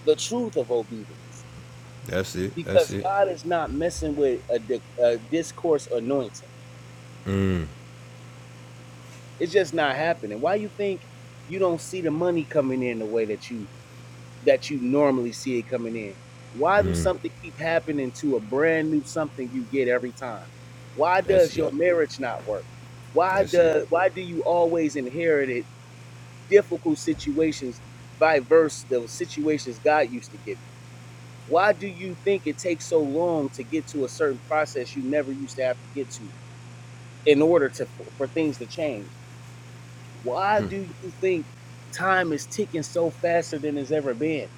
[SPEAKER 2] the truth of obedience
[SPEAKER 1] That's it. That's
[SPEAKER 2] because
[SPEAKER 1] it.
[SPEAKER 2] God is not messing with a, di- a discourse anointing.
[SPEAKER 1] Mm.
[SPEAKER 2] It's just not happening. Why you think you don't see the money coming in the way that you that you normally see it coming in? Why do something keep happening to a brand new something you get every time? Why
[SPEAKER 1] That's
[SPEAKER 2] does
[SPEAKER 1] it.
[SPEAKER 2] your marriage not work? Why
[SPEAKER 1] That's it.
[SPEAKER 2] does why do you always inherit it difficult situations by verse the situations God used to give you? Why do you think it takes so long to get to a certain process you never used to have to get to in order to for, for things to change? Why do you think time is ticking so faster than it's ever been?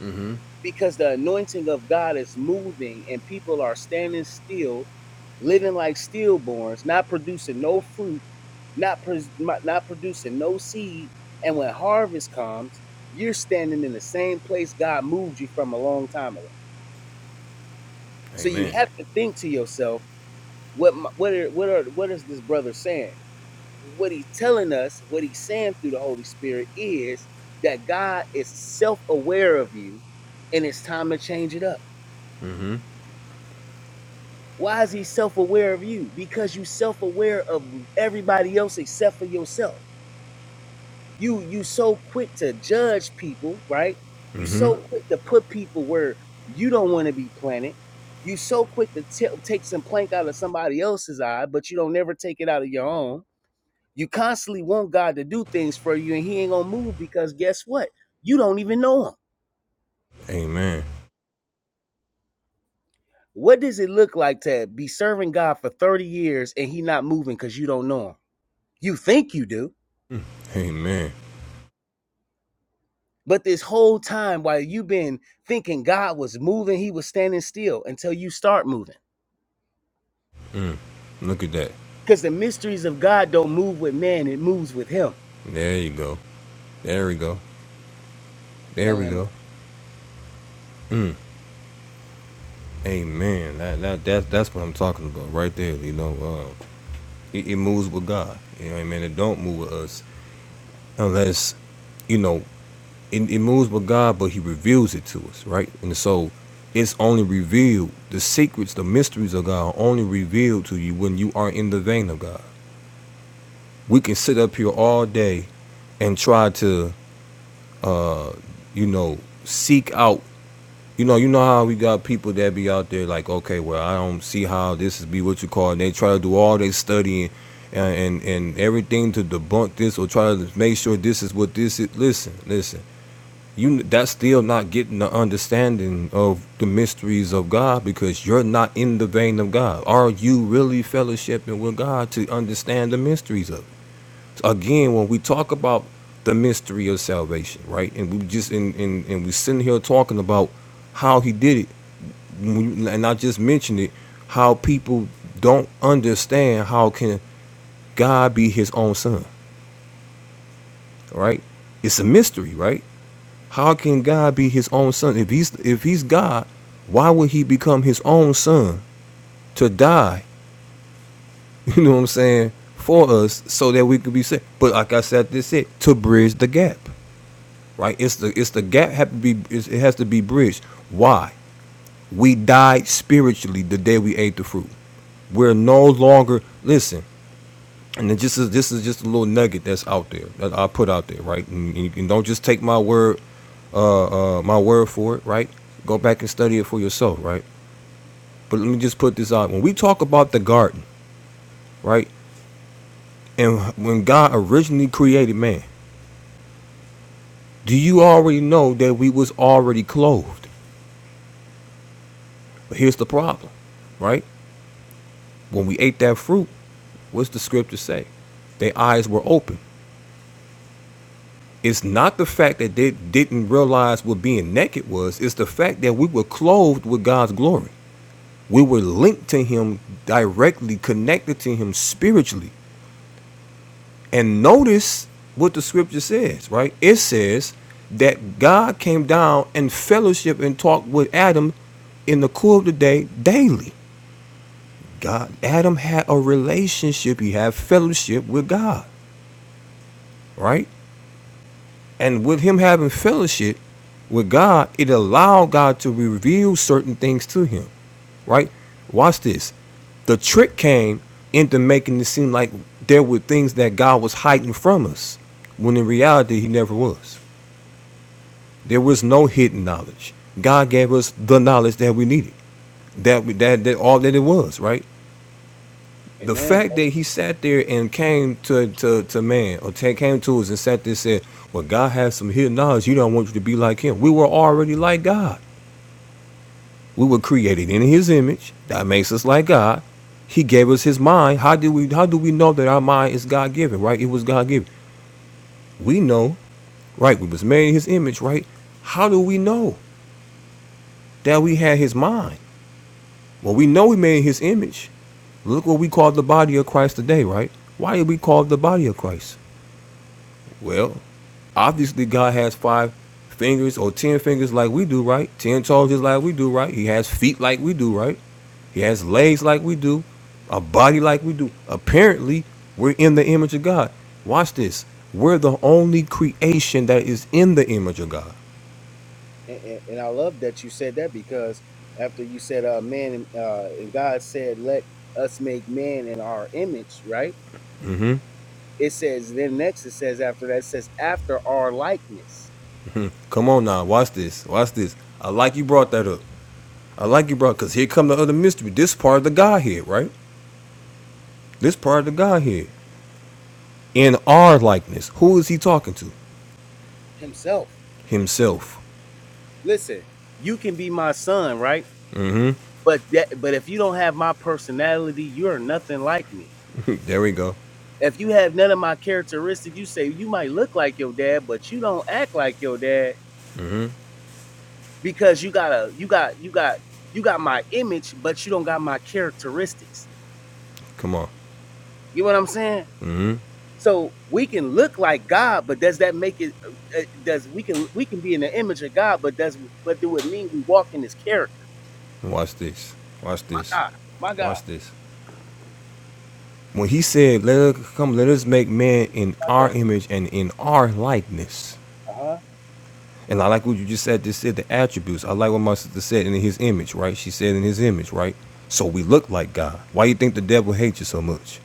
[SPEAKER 1] Mm-hmm.
[SPEAKER 2] Because the anointing of God is moving and people are standing still, living like stillborns, not producing no fruit, not pres not producing no seed, and when harvest comes, you're standing in the same place God moved you from a long time ago. So you
[SPEAKER 1] Amen.
[SPEAKER 2] have to think to yourself What my, what are, what are what is this brother saying? What he's telling us, what he's saying through the Holy Spirit is that God is self-aware of you, and it's time to change it up.
[SPEAKER 1] Mm-hmm.
[SPEAKER 2] Why is he self-aware of you? Because you self-aware of everybody else except for yourself. You you so quick to judge people, right? You
[SPEAKER 1] Mm-hmm.
[SPEAKER 2] so quick to put people where you don't want to be planted. You so quick to t- take some plank out of somebody else's eye, but you don't never take it out of your own You constantly want God to do things for you, and He ain't gonna move because guess what? You don't even know Him.
[SPEAKER 1] Amen.
[SPEAKER 2] What does it look like to be serving God for 30 years and He not moving because you don't know Him? You think you do,
[SPEAKER 1] Mm. Amen.
[SPEAKER 2] but this whole time while you've been thinking God was moving, He was standing still until you start moving.
[SPEAKER 1] Mm. Look at that.
[SPEAKER 2] Because the mysteries of God don't move with man, it moves with Him.
[SPEAKER 1] There you go. There we go.
[SPEAKER 2] Now,
[SPEAKER 1] There we
[SPEAKER 2] let me-
[SPEAKER 1] go. Mm. Amen. That, that that that's what I'm talking about right there. You know, um, it, it moves with God. You know what I mean? It don't move with us unless you know it, it moves with God, but He reveals it to us, right? And so it's only revealed. The secrets, the mysteries of God are only revealed to you when you are in the vein of God. We can sit up here all day and try to uh, you know, seek out. You know, you know how we got people that be out there like, okay, well, I don't see how this is be what you call, and they try to do all their studying and, and and everything to debunk this or try to make sure this is what this is. Listen, listen, you that's still not getting the understanding of the mysteries of God because you're not in the vein of God. Are you really fellowshipping with God to understand the mysteries of it? again when we talk about the mystery of salvation right and we just and and, and we sitting here talking about how he did it when and i just mentioned it how people don't understand how can god be his own son right it's a mystery right how can god be his own son if he's if he's god why would he become his own son to die you know what i'm saying for us so that we could be saved but like i said this it to bridge the gap right? It's the it's the gap have to be it's, it has to be bridged. Why? We died spiritually the day we ate the fruit. We're no longer listen. And it just is, this is just a little nugget that's out there that I put out there, right? And, and, and don't just take my word uh, uh, my word for it, right? Go back and study it for yourself, right? But let me just put this out. When we talk about the garden, right? And when God originally created man, do you already know that we was already clothed? But here's the problem, right? When we ate that fruit, What's the scripture say? Their eyes were open. It's not the fact that they didn't realize what being naked was, it's the fact that we were clothed with God's glory. We were linked to Him directly, connected to Him spiritually. And notice what the scripture says, right? It says that God came down and fellowship and talked with Adam in the cool of the day daily. God, Adam had a relationship. He had fellowship with God, right? And with him having fellowship, With God, it allowed God to reveal certain things to him, right? Watch this. The trick came into making it seem like there were things that God was hiding from us, when in reality, he never was. There was no hidden knowledge. God gave us the knowledge that we needed, that, we, that, that all that it was, right? The
[SPEAKER 2] Amen,
[SPEAKER 1] fact that he sat there and came to, to, to man, or ta- came to us and sat there and said, Well, God has some hidden knowledge. You don't want you to be like him. We were already like God. We were created in His image. That makes us like God. He gave us His mind. How do we? How do we know that our mind is God given? Right? It was God given. We know, right? We was made in His image, right? How do we know that we had His mind? Well, we know we made in His image. Look what we call the body of Christ today, right? Why did we call the body of Christ? Well, obviously God has five fingers or ten fingers like we do, right? Ten toes just like we do, right? He has feet like we do, right? He has legs like we do, a body like we do. Apparently, we're in the image of God. Watch this. We're the only creation that is in the image of God.
[SPEAKER 2] and, and, and I love that you said that because after you said, uh, man, uh, and God said, let us make man in our image, right?
[SPEAKER 1] hmm
[SPEAKER 2] It says, then next it says, after that, it says, after our likeness
[SPEAKER 1] Come on now, watch this. Watch this. I like you brought that up. I like you brought because here come the other mystery. This part of the Godhead, right? This part of the Godhead in our likeness. Who is he talking to?
[SPEAKER 2] himself.
[SPEAKER 1] Himself.
[SPEAKER 2] Listen, you can be my son, right? But that, but if you don't have my personality, you're nothing like me.
[SPEAKER 1] there we go.
[SPEAKER 2] If you have none of my characteristics, you say you might look like your dad, but you don't act like your dad because you got a, you got you got you got my image but you don't got my characteristics
[SPEAKER 1] Come on,
[SPEAKER 2] you know what i'm saying so we can look like god but does that make it uh, uh, does we can we can be in the image of god but does but do it mean you walk in his character
[SPEAKER 1] watch this. Watch
[SPEAKER 2] my
[SPEAKER 1] this.
[SPEAKER 2] god my god
[SPEAKER 1] Watch this. When he said, "Let us come, let us make man in our image and in our likeness," and I like what you just said. Just said the attributes. I like what my sister said in his image, right? She said in his image, right? So we look like God. Why you think the devil hates you so much?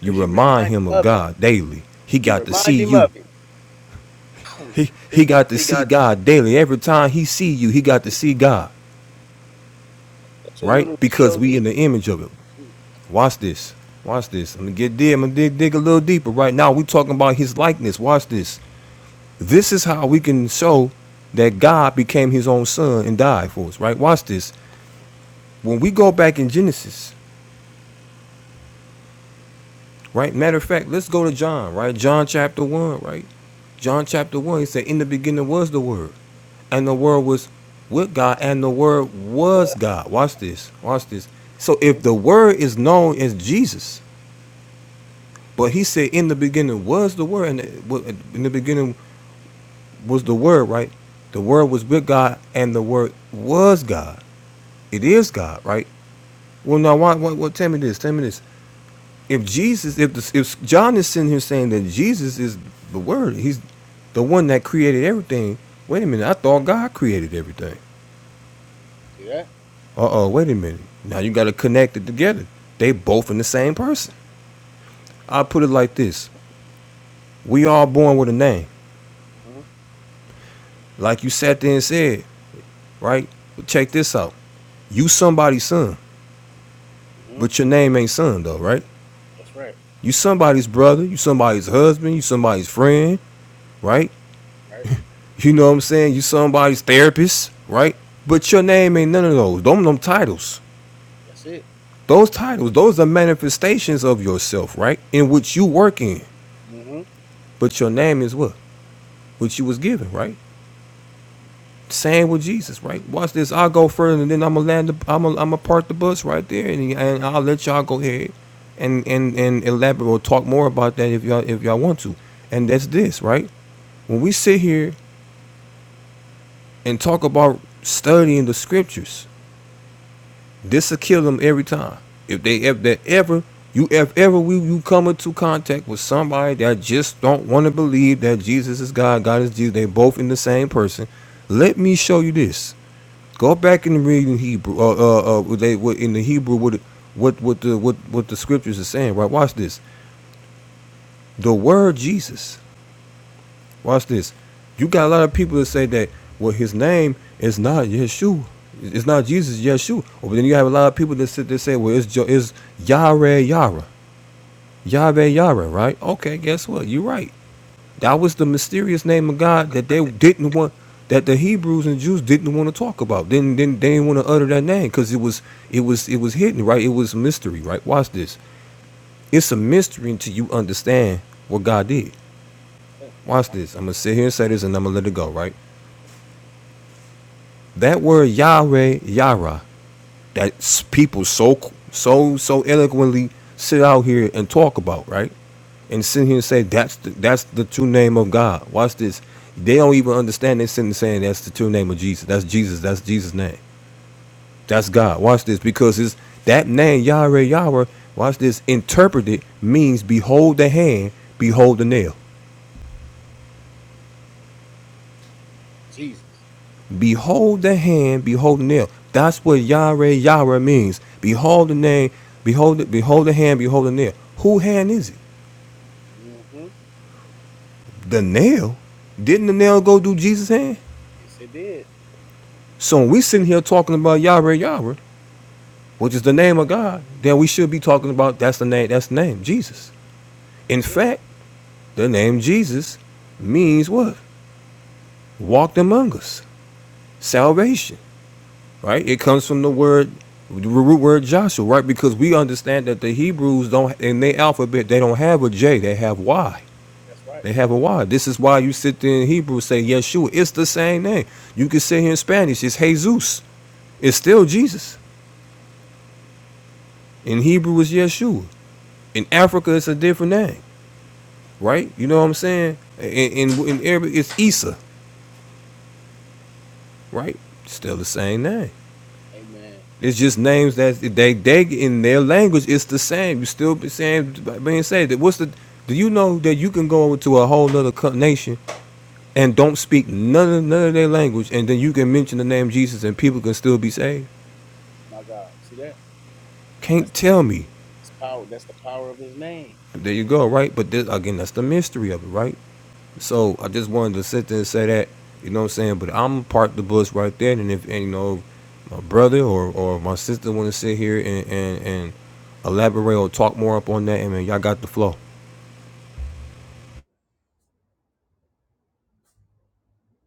[SPEAKER 1] You
[SPEAKER 2] because you
[SPEAKER 1] remind
[SPEAKER 2] remind him
[SPEAKER 1] him of
[SPEAKER 2] of it
[SPEAKER 1] God daily. He
[SPEAKER 2] you
[SPEAKER 1] got to
[SPEAKER 2] remind
[SPEAKER 1] see
[SPEAKER 2] him
[SPEAKER 1] you.
[SPEAKER 2] of it
[SPEAKER 1] He
[SPEAKER 2] He
[SPEAKER 1] he got to
[SPEAKER 2] he
[SPEAKER 1] see
[SPEAKER 2] got
[SPEAKER 1] God daily. Every time he see you, he got to see God,
[SPEAKER 2] it's a
[SPEAKER 1] right?
[SPEAKER 2] little
[SPEAKER 1] Because
[SPEAKER 2] god
[SPEAKER 1] we in the image of him. Watch this. Watch this. I'm gonna get deep. I'm gonna dig, dig a little deeper. Right now, we talking about his likeness. Watch this. This is how we can show that God became his own son and died for us, right? Watch this. When we go back in Genesis, right? Matter of fact, let's go to John, right? John chapter 1, right? John chapter 1, he said, In the beginning was the Word, and the Word was with God, and the Word was
[SPEAKER 2] what
[SPEAKER 1] God. Watch this. Watch this. So
[SPEAKER 2] hmm
[SPEAKER 1] if the Word is known as Jesus, but he said, In the beginning was the Word, and in the beginning was the Word, right? The Word was with God, and the Word was God. It is God, right? Well, now, why, why, well, tell me this. Tell me this. If Jesus, if the, if John is sitting here saying that Jesus is the Word, he's the one that created everything. Wait a minute. I thought God created everything. Uh oh. Wait a minute. Now you got to connect it together. They both in the same person. I put it like this: We all born with a name,
[SPEAKER 2] hmm
[SPEAKER 1] like you sat there and said, right? But check this out. You somebody's son,
[SPEAKER 2] hmm
[SPEAKER 1] but your name ain't son though, right?
[SPEAKER 2] that's right
[SPEAKER 1] You somebody's brother. You somebody's husband. You somebody's friend, right?
[SPEAKER 2] right
[SPEAKER 1] You know what I'm saying? You somebody's therapist, right? But your name ain't none of those. Them them titles.
[SPEAKER 2] that's it
[SPEAKER 1] Those titles, those are manifestations of yourself, right? In which you work in.
[SPEAKER 2] hmm
[SPEAKER 1] But your name is what? Which you was given, right? Same with Jesus, right? Watch this. I'll go further and then I'ma land the I'ma am going to park the bus right there and, and I'll let y'all go ahead and, and and elaborate or talk more about that if y'all if y'all want to. And that's this, right? When we sit here and talk about studying the scriptures, This will kill them every time. If they if that ever you if ever we you come into contact with somebody that just don't want to believe that Jesus is God, God is Jesus, they both in the same person. Let me show you this. Go back and read in Hebrew. Uh, uh, uh what they what in the Hebrew what what what the what what the scriptures are saying. Right? Watch this. The word Jesus. Watch this. You got a lot of people that say that well, his name is not Yeshua. It's not Jesus, Yeshua. Or But then you have a lot of people that sit there say, well, it's jo- it's Yahweh Yara, Yahweh Yara, right? Okay, guess what? You're right. That was the mysterious name of God that they didn't want, that the Hebrews and Jews didn't want to talk about. Didn't didn't they didn't want to utter that name because it was it was it was hidden, right? It was a mystery, right? Watch this. It's a mystery until you understand what God did. Watch this. I'm gonna sit here and say this, and I'm gonna let it go, right? That word Yahweh, Yara, that people so so so eloquently sit out here and talk about, right? And sit here and say that's the, that's the true name of God. Watch this. They don't even understand. They are sitting saying that's the true name of Jesus. That's Jesus. That's Jesus' name. That's God. Watch this because it's that name Yahweh, Yara. Watch this. Interpreted means behold the hand, behold the nail.
[SPEAKER 2] jesus
[SPEAKER 1] Behold the hand, behold the nail. That's what Yahweh Yahweh means. Behold the name, behold it. behold the hand, behold the nail. Who hand is it?
[SPEAKER 2] hmm
[SPEAKER 1] The nail? Didn't the nail go do Jesus' hand?
[SPEAKER 2] yes it did
[SPEAKER 1] So when we sitting here talking about Yahweh Yahweh, which is the name of God, then we should be talking about that's the name, that's the name, Jesus. In
[SPEAKER 2] that's it
[SPEAKER 1] fact, the name Jesus means what? Walked among us. Salvation. right? It comes from the word, the root word Joshua, right? Because we understand that the Hebrews don't, in their alphabet, they don't have a J, they have Y.
[SPEAKER 2] that's right
[SPEAKER 1] They have a Y. This is why you sit there in Hebrew and say Yeshua. It's the same name. You can say here in Spanish, it's Jesus. It's still Jesus. In Hebrew, it's Yeshua. In Africa, it's a different name, right? You know what I'm saying? In, in, in Arabic, it's Isa, right? Still the same name.
[SPEAKER 2] Amen.
[SPEAKER 1] It's just names that they they in their language it's the same. You still be saying being said that what's the do you know that you can go to a whole other nation and don't speak none of none of their language and then you can mention the name Jesus and people can still be saved?
[SPEAKER 2] My God. See that? That's,
[SPEAKER 1] Can't tell me.
[SPEAKER 2] that's power. That's the power of his name.
[SPEAKER 1] There you go, right? But this, again, that's the mystery of it, right?
[SPEAKER 2] Mhm.
[SPEAKER 1] So I just wanted to sit there and say that, you know what I'm saying? But I'm parked the bus right there, and if and, you know, my brother or, or my sister want to sit here and, and, and elaborate or talk more up on that, amen. Y'all got the flow.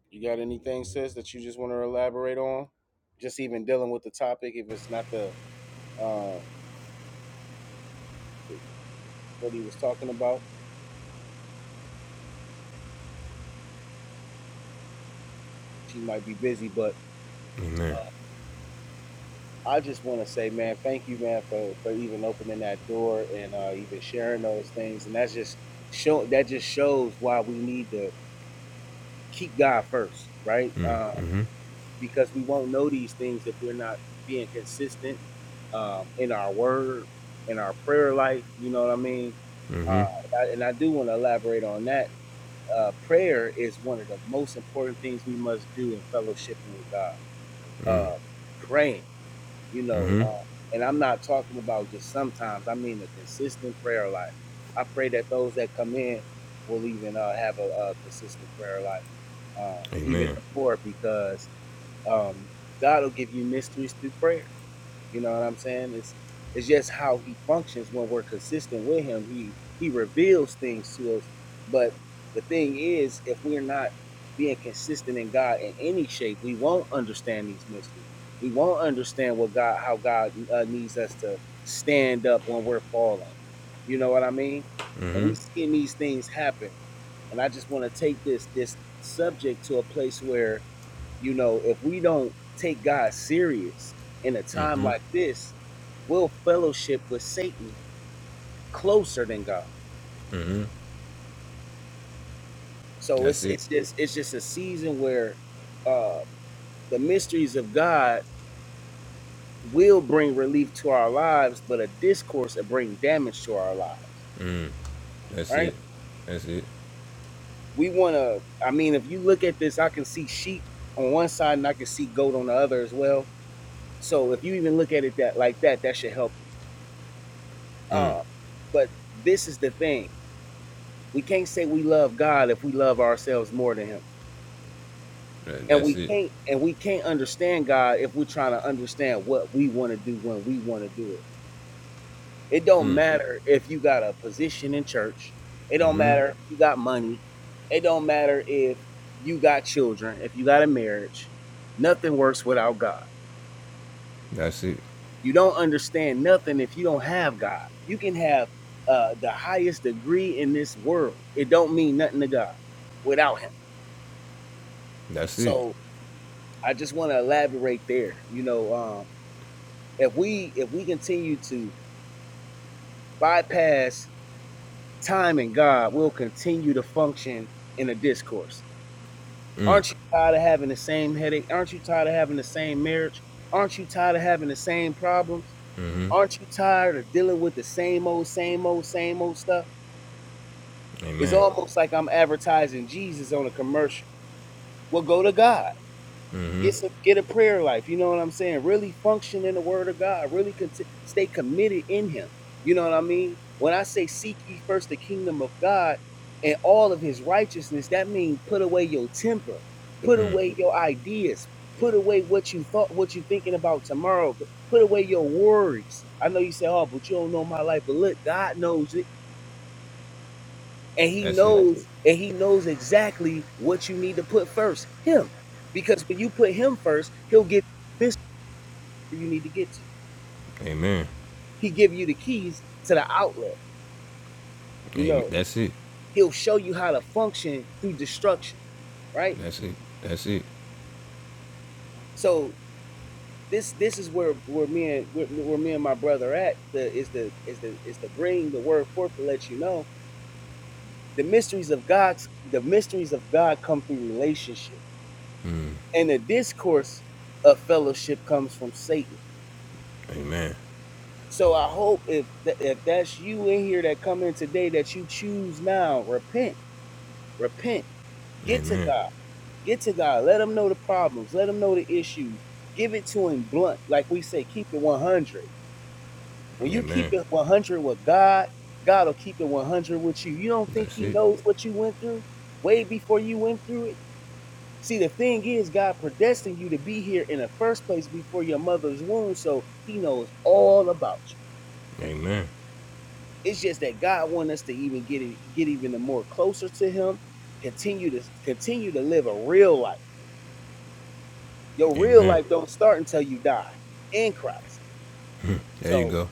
[SPEAKER 2] You got anything, sis, that you just want to elaborate on? Just even dealing with the topic, if it's not the uh, what he was talking about, she might be busy. But
[SPEAKER 1] Amen.
[SPEAKER 2] I just want to say, man, thank you, man, for, for even opening that door and uh, even sharing those things. And that's just show that just shows why we need to keep God first, right?
[SPEAKER 1] Mm,
[SPEAKER 2] Uh,
[SPEAKER 1] mm-hmm.
[SPEAKER 2] because we won't know these things if we're not being consistent um, in our word, in our prayer life. You know what I mean?
[SPEAKER 1] Mm-hmm.
[SPEAKER 2] Uh, and, I, do want to elaborate on that. Uh, prayer is one of the most important things we must do in fellowshipping with God.
[SPEAKER 1] Mm,
[SPEAKER 2] Uh, praying, you know,
[SPEAKER 1] mm-hmm.
[SPEAKER 2] uh, and I'm not talking about just sometimes. I mean a consistent prayer life. I pray that those that come in will even uh, have a, a consistent prayer life, uh, even
[SPEAKER 1] Amen.
[SPEAKER 2] the poor, because um, God will give you mysteries through prayer. You know what I'm saying? It's it's just how He functions when we're consistent with Him. He He reveals things to us. But the thing is, if we're not being consistent in God in any shape, we won't understand these mysteries. We won't understand what God, how God uh, needs us to stand up when we're falling. You know what I mean? And we
[SPEAKER 1] Mm-hmm.
[SPEAKER 2] seeing these things happen and I just want to take this this subject to a place where, you know, if we don't take God serious in a time
[SPEAKER 1] Mm-hmm.
[SPEAKER 2] like this, we'll fellowship with Satan closer than God.
[SPEAKER 1] Mm-hmm.
[SPEAKER 2] So
[SPEAKER 1] That's
[SPEAKER 2] it's
[SPEAKER 1] it.
[SPEAKER 2] it's just it's just a season where uh the mysteries of God will bring relief to our lives, but a discourse will bring damage to our lives,
[SPEAKER 1] That's
[SPEAKER 2] right?
[SPEAKER 1] it. That's it.
[SPEAKER 2] We want to. I mean, if you look at this, I can see sheep on one side and I can see goat on the other as well So if you even look at it that like that, that should help you.
[SPEAKER 1] Mm.
[SPEAKER 2] Uh, but this is the thing: we can't say we love God if we love ourselves more than Him, and
[SPEAKER 1] That's
[SPEAKER 2] we
[SPEAKER 1] it.
[SPEAKER 2] can't and we can't understand God if we're trying to understand what we want to do when we want to do it. It don't
[SPEAKER 1] Mm.
[SPEAKER 2] matter if you got a position in church. It don't
[SPEAKER 1] Mm-hmm.
[SPEAKER 2] matter if you got money. It don't matter if you got children. If you got a marriage, nothing works without God.
[SPEAKER 1] That's it.
[SPEAKER 2] You don't understand nothing if you don't have God. You can have uh, the highest degree in this world. It don't mean nothing to God without Him.
[SPEAKER 1] That's it.
[SPEAKER 2] So I just want to elaborate there. You know, um, if we if we continue to bypass time and God, we'll continue to function in a discourse.
[SPEAKER 1] Mm.
[SPEAKER 2] Aren't you tired of having the same headache? Aren't you tired of having the same marriage? Aren't you tired of having the same problems?
[SPEAKER 1] Mm-hmm.
[SPEAKER 2] Aren't you tired of dealing with the same old, same old, same old stuff? It's
[SPEAKER 1] Amen.
[SPEAKER 2] almost like I'm advertising Jesus on a commercial. Well, go to God.
[SPEAKER 1] Mm-hmm.
[SPEAKER 2] Get some, get a prayer life. You know what I'm saying? Really function in the Word of God. Really conti- stay committed in Him. You know what I mean? When I say seek ye first the kingdom of God and all of His righteousness, that means put away your temper, put
[SPEAKER 1] Mm.
[SPEAKER 2] away your ideas, put away what you thought, what you thinking about tomorrow. Put away your worries. I know you say, "Oh, but you don't know my life." But look, God knows it and he
[SPEAKER 1] That's it.
[SPEAKER 2] knows and he knows exactly what you need to put first him because when you put him first he'll give you this you need to get to
[SPEAKER 1] Amen.
[SPEAKER 2] he give you the keys to the outlet you
[SPEAKER 1] Amen.
[SPEAKER 2] know
[SPEAKER 1] That's it.
[SPEAKER 2] he'll show you how to function through destruction right
[SPEAKER 1] That's it. That's it.
[SPEAKER 2] so this this is where where me and where, where me and my brother at the is the is the is to bring the word forth to let you know the mysteries of god's the mysteries of god come through relationship and the discourse of fellowship comes from satan
[SPEAKER 1] Amen.
[SPEAKER 2] So I hope if that if that's you in here that come in today that you choose now, repent, repent, get to
[SPEAKER 1] Amen.
[SPEAKER 2] God, get to God. Let Him know the problems, let Him know the issues. Give it to Him blunt, like we say, keep it one hundred. When you keep
[SPEAKER 1] Amen.
[SPEAKER 2] it one hundred with God, God will keep it one hundred with you. You don't think
[SPEAKER 1] That's
[SPEAKER 2] He
[SPEAKER 1] it.
[SPEAKER 2] knows what you went through way before you went through it? See, the thing is, God predestined you to be here in the first place before your mother's womb, so He knows all about you.
[SPEAKER 1] Amen.
[SPEAKER 2] It's just that God wants us to even get it, get even more closer to Him. Continue to continue to live a real life. Your real
[SPEAKER 1] Amen.
[SPEAKER 2] life don't start until you die in Christ.
[SPEAKER 1] There you
[SPEAKER 2] So
[SPEAKER 1] go.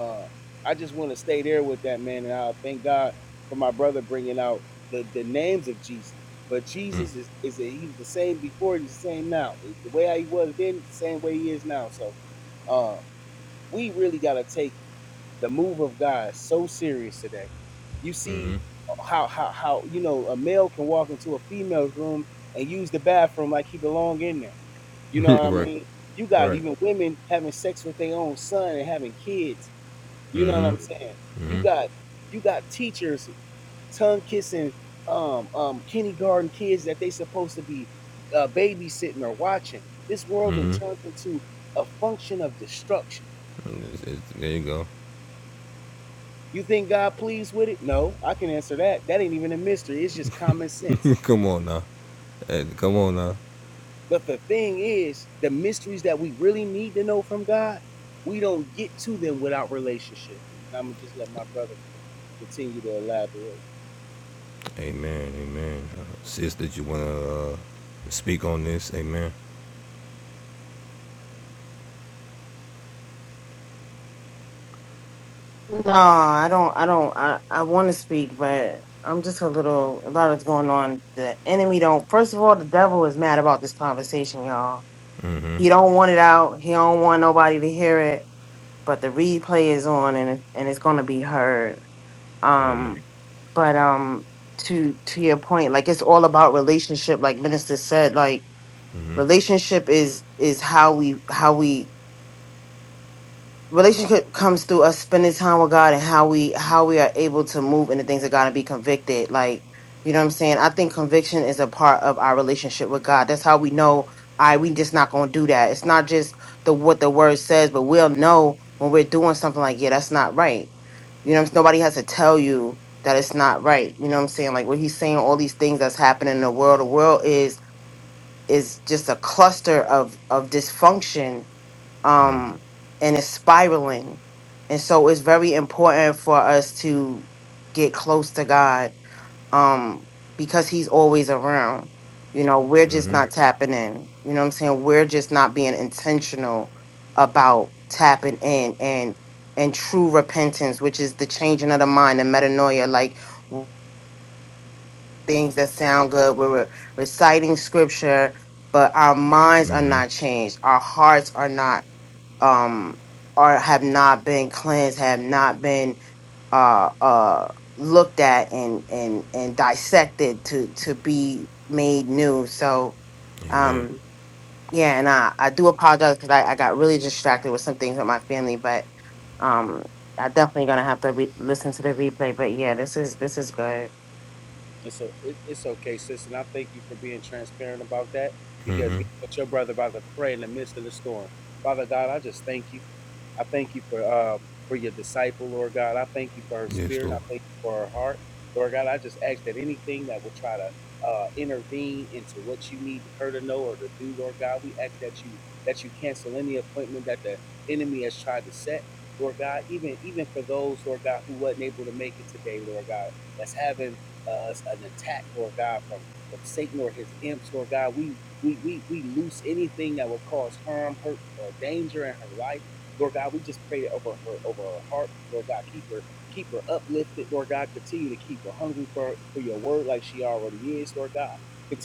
[SPEAKER 2] uh, I just want to stay there with that man, and I thank God for my brother bringing out the, the names of Jesus. But Jesus is is a, he was the same before, he's the same now. The way he was then, is the same way he is now. So uh, we really gotta take The move of God is so serious today. You see
[SPEAKER 1] Mm-hmm.
[SPEAKER 2] how how how you know a male can walk into a female's room and use the bathroom like he belong in there. You know what I
[SPEAKER 1] Right.
[SPEAKER 2] mean? You got
[SPEAKER 1] Right.
[SPEAKER 2] even women having sex with their own son and having kids. You know what
[SPEAKER 1] Mm-hmm.
[SPEAKER 2] saying? You
[SPEAKER 1] Mm-hmm.
[SPEAKER 2] got you got teachers tongue kissing um um kindergarten kids that they supposed to be uh, babysitting or watching. This world then
[SPEAKER 1] Mm-hmm.
[SPEAKER 2] turned into a function of destruction.
[SPEAKER 1] It's- it's- there you go.
[SPEAKER 2] You think God pleased with it? No, I can answer that. That ain't even a mystery. It's just common sense.
[SPEAKER 1] come on now. Hey, come on now.
[SPEAKER 2] But the thing is, the mysteries that we really need to know from God, we don't get to them without relationship. And I'm gonna just let my brother continue to elaborate.
[SPEAKER 1] Amen. Amen. Uh, Sis, that you want to uh, speak on this? Amen.
[SPEAKER 3] No, I don't. I don't. I, I want to speak, but I'm just a little. A lot is going on. The enemy don't. First of all, the devil is mad about this conversation, y'all. He don't want it out. He don't want nobody to hear it. But the replay is on, and it- and it's gonna be heard.
[SPEAKER 1] Amen.
[SPEAKER 3] Um, but um, to to your point, like it's all about relationship. Like Minister said, like relationship is is how we how we relationship comes through us spending time with God and how we how we are able to move into things of God and be convicted. Like, you know what I'm saying? I think conviction is a part of our relationship with God. That's how we know I we just not gonna do that. It's not just the what the word says, but we'll know when we're doing something like, yeah, that's not right. You know what I'm saying? Nobody has to tell you that it's not right. You know what I'm saying? Like when he's saying all these things that's happening in the world, the world is is just a cluster of of dysfunction um, and it's spiraling. And so it's very important for us to get close to God um, because He's always around. You know, we're just
[SPEAKER 1] Mm-hmm.
[SPEAKER 3] not tapping in. You know what I'm saying? We're just not being intentional about tapping in and and true repentance, which is the changing of the mind and metanoia. Like things that sound good. We're re- reciting scripture, but our minds are
[SPEAKER 1] Mm-hmm.
[SPEAKER 3] not changed. Our hearts are not um or have not been cleansed, have not been uh uh looked at and and and dissected to to be made new. So
[SPEAKER 1] Amen.
[SPEAKER 3] um yeah, and I I do apologize because I, I got really distracted with some things with my family, but um I definitely gonna have to re- listen to the replay. But yeah, this is this is good.
[SPEAKER 2] It's o it, it's okay, sis, and I thank you for being transparent about that because
[SPEAKER 1] Mm-hmm.
[SPEAKER 2] guess what your brother about to pray in the midst of the storm. Father God, I just thank you. I thank you for um for your disciple, Lord God. I thank you for her
[SPEAKER 1] Yes,
[SPEAKER 2] spirit.
[SPEAKER 1] Lord.
[SPEAKER 2] I thank you for her heart, Lord God. I just ask that anything that will try to uh, intervene into what you need her to know or to do, Lord God, we ask that you that you cancel any appointment that the enemy has tried to set, Lord God. Even even for those, Lord God, who wasn't able to make it today, Lord God that's having uh, an attack, Lord God, from from Satan or his imps, Lord God. We we we we loose anything that would cause harm, hurt, or danger in her life, Lord God. We just pray that over her over her heart, Lord God. Keep her keep her uplifted, Lord God. Continue to keep her hungry for for your word, like she already is, Lord God.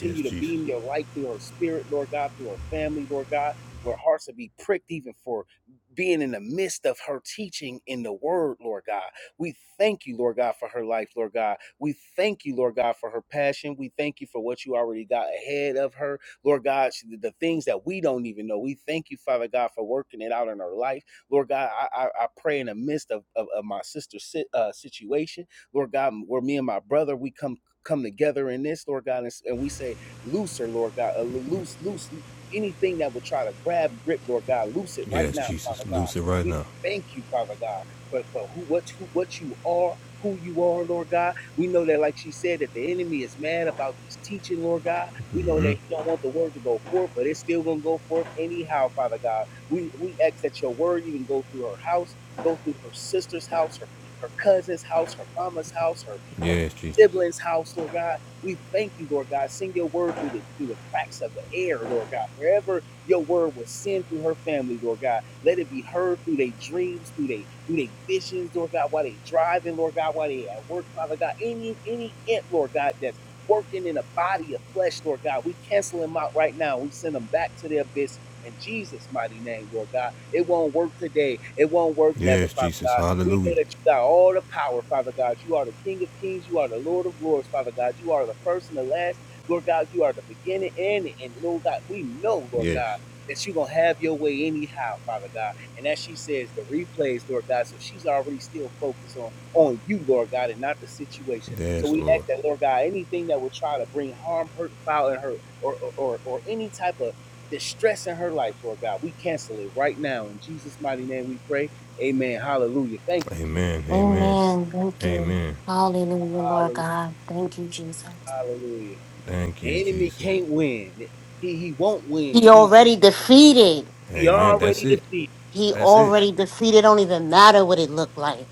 [SPEAKER 1] Yes,
[SPEAKER 2] to
[SPEAKER 1] Jesus.
[SPEAKER 2] beam your light through her spirit, Lord God, through her family, Lord God. Where hearts will be pricked, even for being in the midst of her teaching in the word, Lord God. We thank you, Lord God, for her life, Lord God. We thank you, Lord God, for her passion. We thank you for what you already got ahead of her, Lord God, she- the things that we don't even know. We thank you, Father God, for working it out in her life. Lord God, I, I, I pray in the midst of, of, of my sister's sit, uh, situation, Lord God, where me and my brother, we come come together in this, Lord God, and, s- and we say, looser, Lord God, uh, loose, loose, anything that would try to grab grip, Lord God, loose it right
[SPEAKER 1] Yes,
[SPEAKER 2] now, Father
[SPEAKER 1] Jesus.
[SPEAKER 2] God.
[SPEAKER 1] Loose it right
[SPEAKER 2] We
[SPEAKER 1] now.
[SPEAKER 2] thank you, Father God, for, for who, what, who, what you are who you are, Lord God. We know that, like she said, that the enemy is mad about this teaching, Lord God. We know that he don't want the word to go forth, but it's still gonna go forth anyhow, Father God. We we ask that your word even go through her house, go through her sister's house, her her cousin's house, her mama's house, her her
[SPEAKER 1] Yes, Jesus.
[SPEAKER 2] siblings' house, Lord God. We thank you, Lord God. Send your word through the through the cracks of the air, Lord God. Wherever your word will send through her family, Lord God. Let it be heard through their dreams, through their through their visions, Lord God, while they driving, Lord God, while they at work, Father God. Any any ant, Lord God, that's working in a body of flesh, Lord God. We cancel them out right now. We send them back to their abyss. In Jesus' mighty name, Lord God. It won't work today. It won't work never,
[SPEAKER 1] Yes,
[SPEAKER 2] Father
[SPEAKER 1] Jesus.
[SPEAKER 2] God. We know
[SPEAKER 1] Hallelujah.
[SPEAKER 2] that you got all the power, Father God. You are the King of Kings. You are the Lord of Lords, Father God. You are the first and the last. Lord God, you are the beginning and the end. Lord God, we know, Lord
[SPEAKER 1] Yes.
[SPEAKER 2] God, that you're going to have your way anyhow, Father God. And as she says, the replays, Lord God, so she's already still focused on, on you, Lord God, and not the situation. So
[SPEAKER 1] Yes,
[SPEAKER 2] we
[SPEAKER 1] Lord.
[SPEAKER 2] ask that, Lord God, anything that will try to bring harm, hurt, foul in her, or, or, or, or any type of distress in her life, Lord God, we cancel it right now. In Jesus' mighty name we pray. Amen. Hallelujah. Thank you, Jesus.
[SPEAKER 1] Amen. Amen.
[SPEAKER 3] Amen. Thank you.
[SPEAKER 1] Amen.
[SPEAKER 3] Hallelujah, Lord
[SPEAKER 2] Hallelujah.
[SPEAKER 3] God. Thank you, Jesus.
[SPEAKER 2] Hallelujah.
[SPEAKER 1] Thank you,
[SPEAKER 2] The enemy
[SPEAKER 1] Jesus.
[SPEAKER 2] can't win. He, he won't win.
[SPEAKER 3] He
[SPEAKER 2] He
[SPEAKER 3] already defeated.
[SPEAKER 2] He
[SPEAKER 1] Amen. That's
[SPEAKER 2] already
[SPEAKER 1] it.
[SPEAKER 2] defeated.
[SPEAKER 3] He
[SPEAKER 1] That's it.
[SPEAKER 3] already defeated. Don't even matter what it looked like.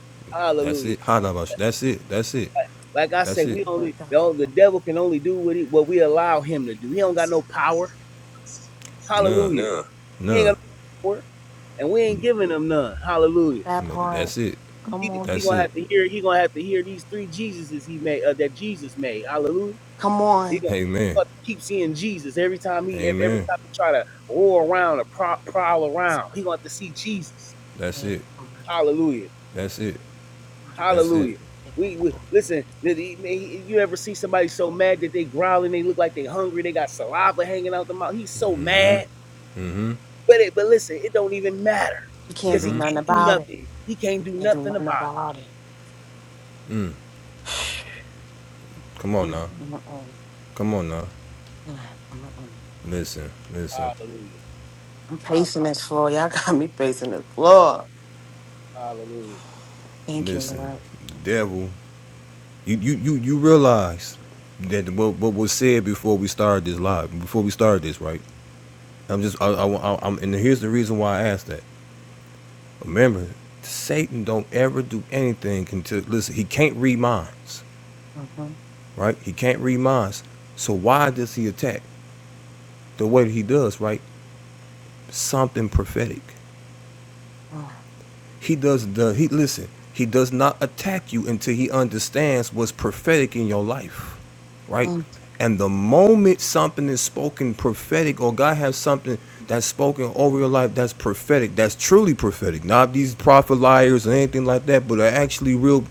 [SPEAKER 1] That's
[SPEAKER 2] Hallelujah.
[SPEAKER 1] it. Hadabash. That's it. That's it.
[SPEAKER 2] Like I
[SPEAKER 1] That's
[SPEAKER 2] said,
[SPEAKER 3] Thank
[SPEAKER 1] it.
[SPEAKER 2] we
[SPEAKER 3] you, Lord
[SPEAKER 2] only the,
[SPEAKER 3] God.
[SPEAKER 2] only- the devil can only do what he, what we allow him to do. He don't got no power.
[SPEAKER 1] Nah.
[SPEAKER 2] Hallelujah. He ain't
[SPEAKER 1] Nah.
[SPEAKER 2] got no power, and we ain't giving him none. Hallelujah.
[SPEAKER 3] That part.
[SPEAKER 1] That's it.
[SPEAKER 3] Come
[SPEAKER 2] He, he
[SPEAKER 1] That's
[SPEAKER 3] on.
[SPEAKER 2] gonna
[SPEAKER 1] it.
[SPEAKER 2] have to hear. He gonna have to hear these three Jesuses he made uh, that Jesus made. Hallelujah.
[SPEAKER 3] Come
[SPEAKER 2] He
[SPEAKER 3] on.
[SPEAKER 2] gonna
[SPEAKER 1] Amen.
[SPEAKER 2] fuck- keep seeing Jesus every time he every, every
[SPEAKER 1] Amen.
[SPEAKER 2] time he try to roar around or prow, prowl around. He gonna have to see Jesus.
[SPEAKER 1] That's
[SPEAKER 3] Yes,
[SPEAKER 1] it.
[SPEAKER 2] Hallelujah.
[SPEAKER 1] That's it. That's it.
[SPEAKER 2] Hallelujah.
[SPEAKER 3] you,
[SPEAKER 2] We, we listen. You ever see somebody so mad that they growling? They look like they hungry. They got saliva hanging out the mouth. He's so mad.
[SPEAKER 1] Mm-hmm.
[SPEAKER 2] But it, but listen, it don't even matter
[SPEAKER 3] can't
[SPEAKER 2] because
[SPEAKER 3] do
[SPEAKER 2] he
[SPEAKER 1] Mm-hmm.
[SPEAKER 3] nothing
[SPEAKER 2] can't do
[SPEAKER 3] about it.
[SPEAKER 2] nothing. He can't
[SPEAKER 3] You
[SPEAKER 2] do
[SPEAKER 3] Can't do
[SPEAKER 2] nothing
[SPEAKER 3] nothing
[SPEAKER 2] about
[SPEAKER 3] about it.
[SPEAKER 1] Come on
[SPEAKER 3] Mm,
[SPEAKER 1] now.
[SPEAKER 3] mm, mm, mm,
[SPEAKER 1] Come on now.
[SPEAKER 3] mm, mm. mm.
[SPEAKER 1] Listen. Listen.
[SPEAKER 2] it.
[SPEAKER 3] I'm
[SPEAKER 2] Hallelujah.
[SPEAKER 3] pacing this floor. Y'all got me pacing the floor.
[SPEAKER 2] Hallelujah.
[SPEAKER 3] Thank you,
[SPEAKER 1] Listen.
[SPEAKER 3] Lord.
[SPEAKER 1] The devil. You you you you realize that what what was said before we started this live, before we started this, right? I'm just I, I, I am and here's the reason why I asked that. Remember, Satan don't ever do anything until listen. He can't read minds,
[SPEAKER 3] Mm-hmm.
[SPEAKER 1] right? He can't read minds. So why does he attack the way that he does, right? Something prophetic.
[SPEAKER 3] Mm-hmm.
[SPEAKER 1] He does the he listen. He does not attack you until he understands what's prophetic in your life, right? And the moment something is spoken prophetic, or God has something that's spoken over your life that's prophetic, that's truly prophetic, not these prophet liars or anything like that, but are actually real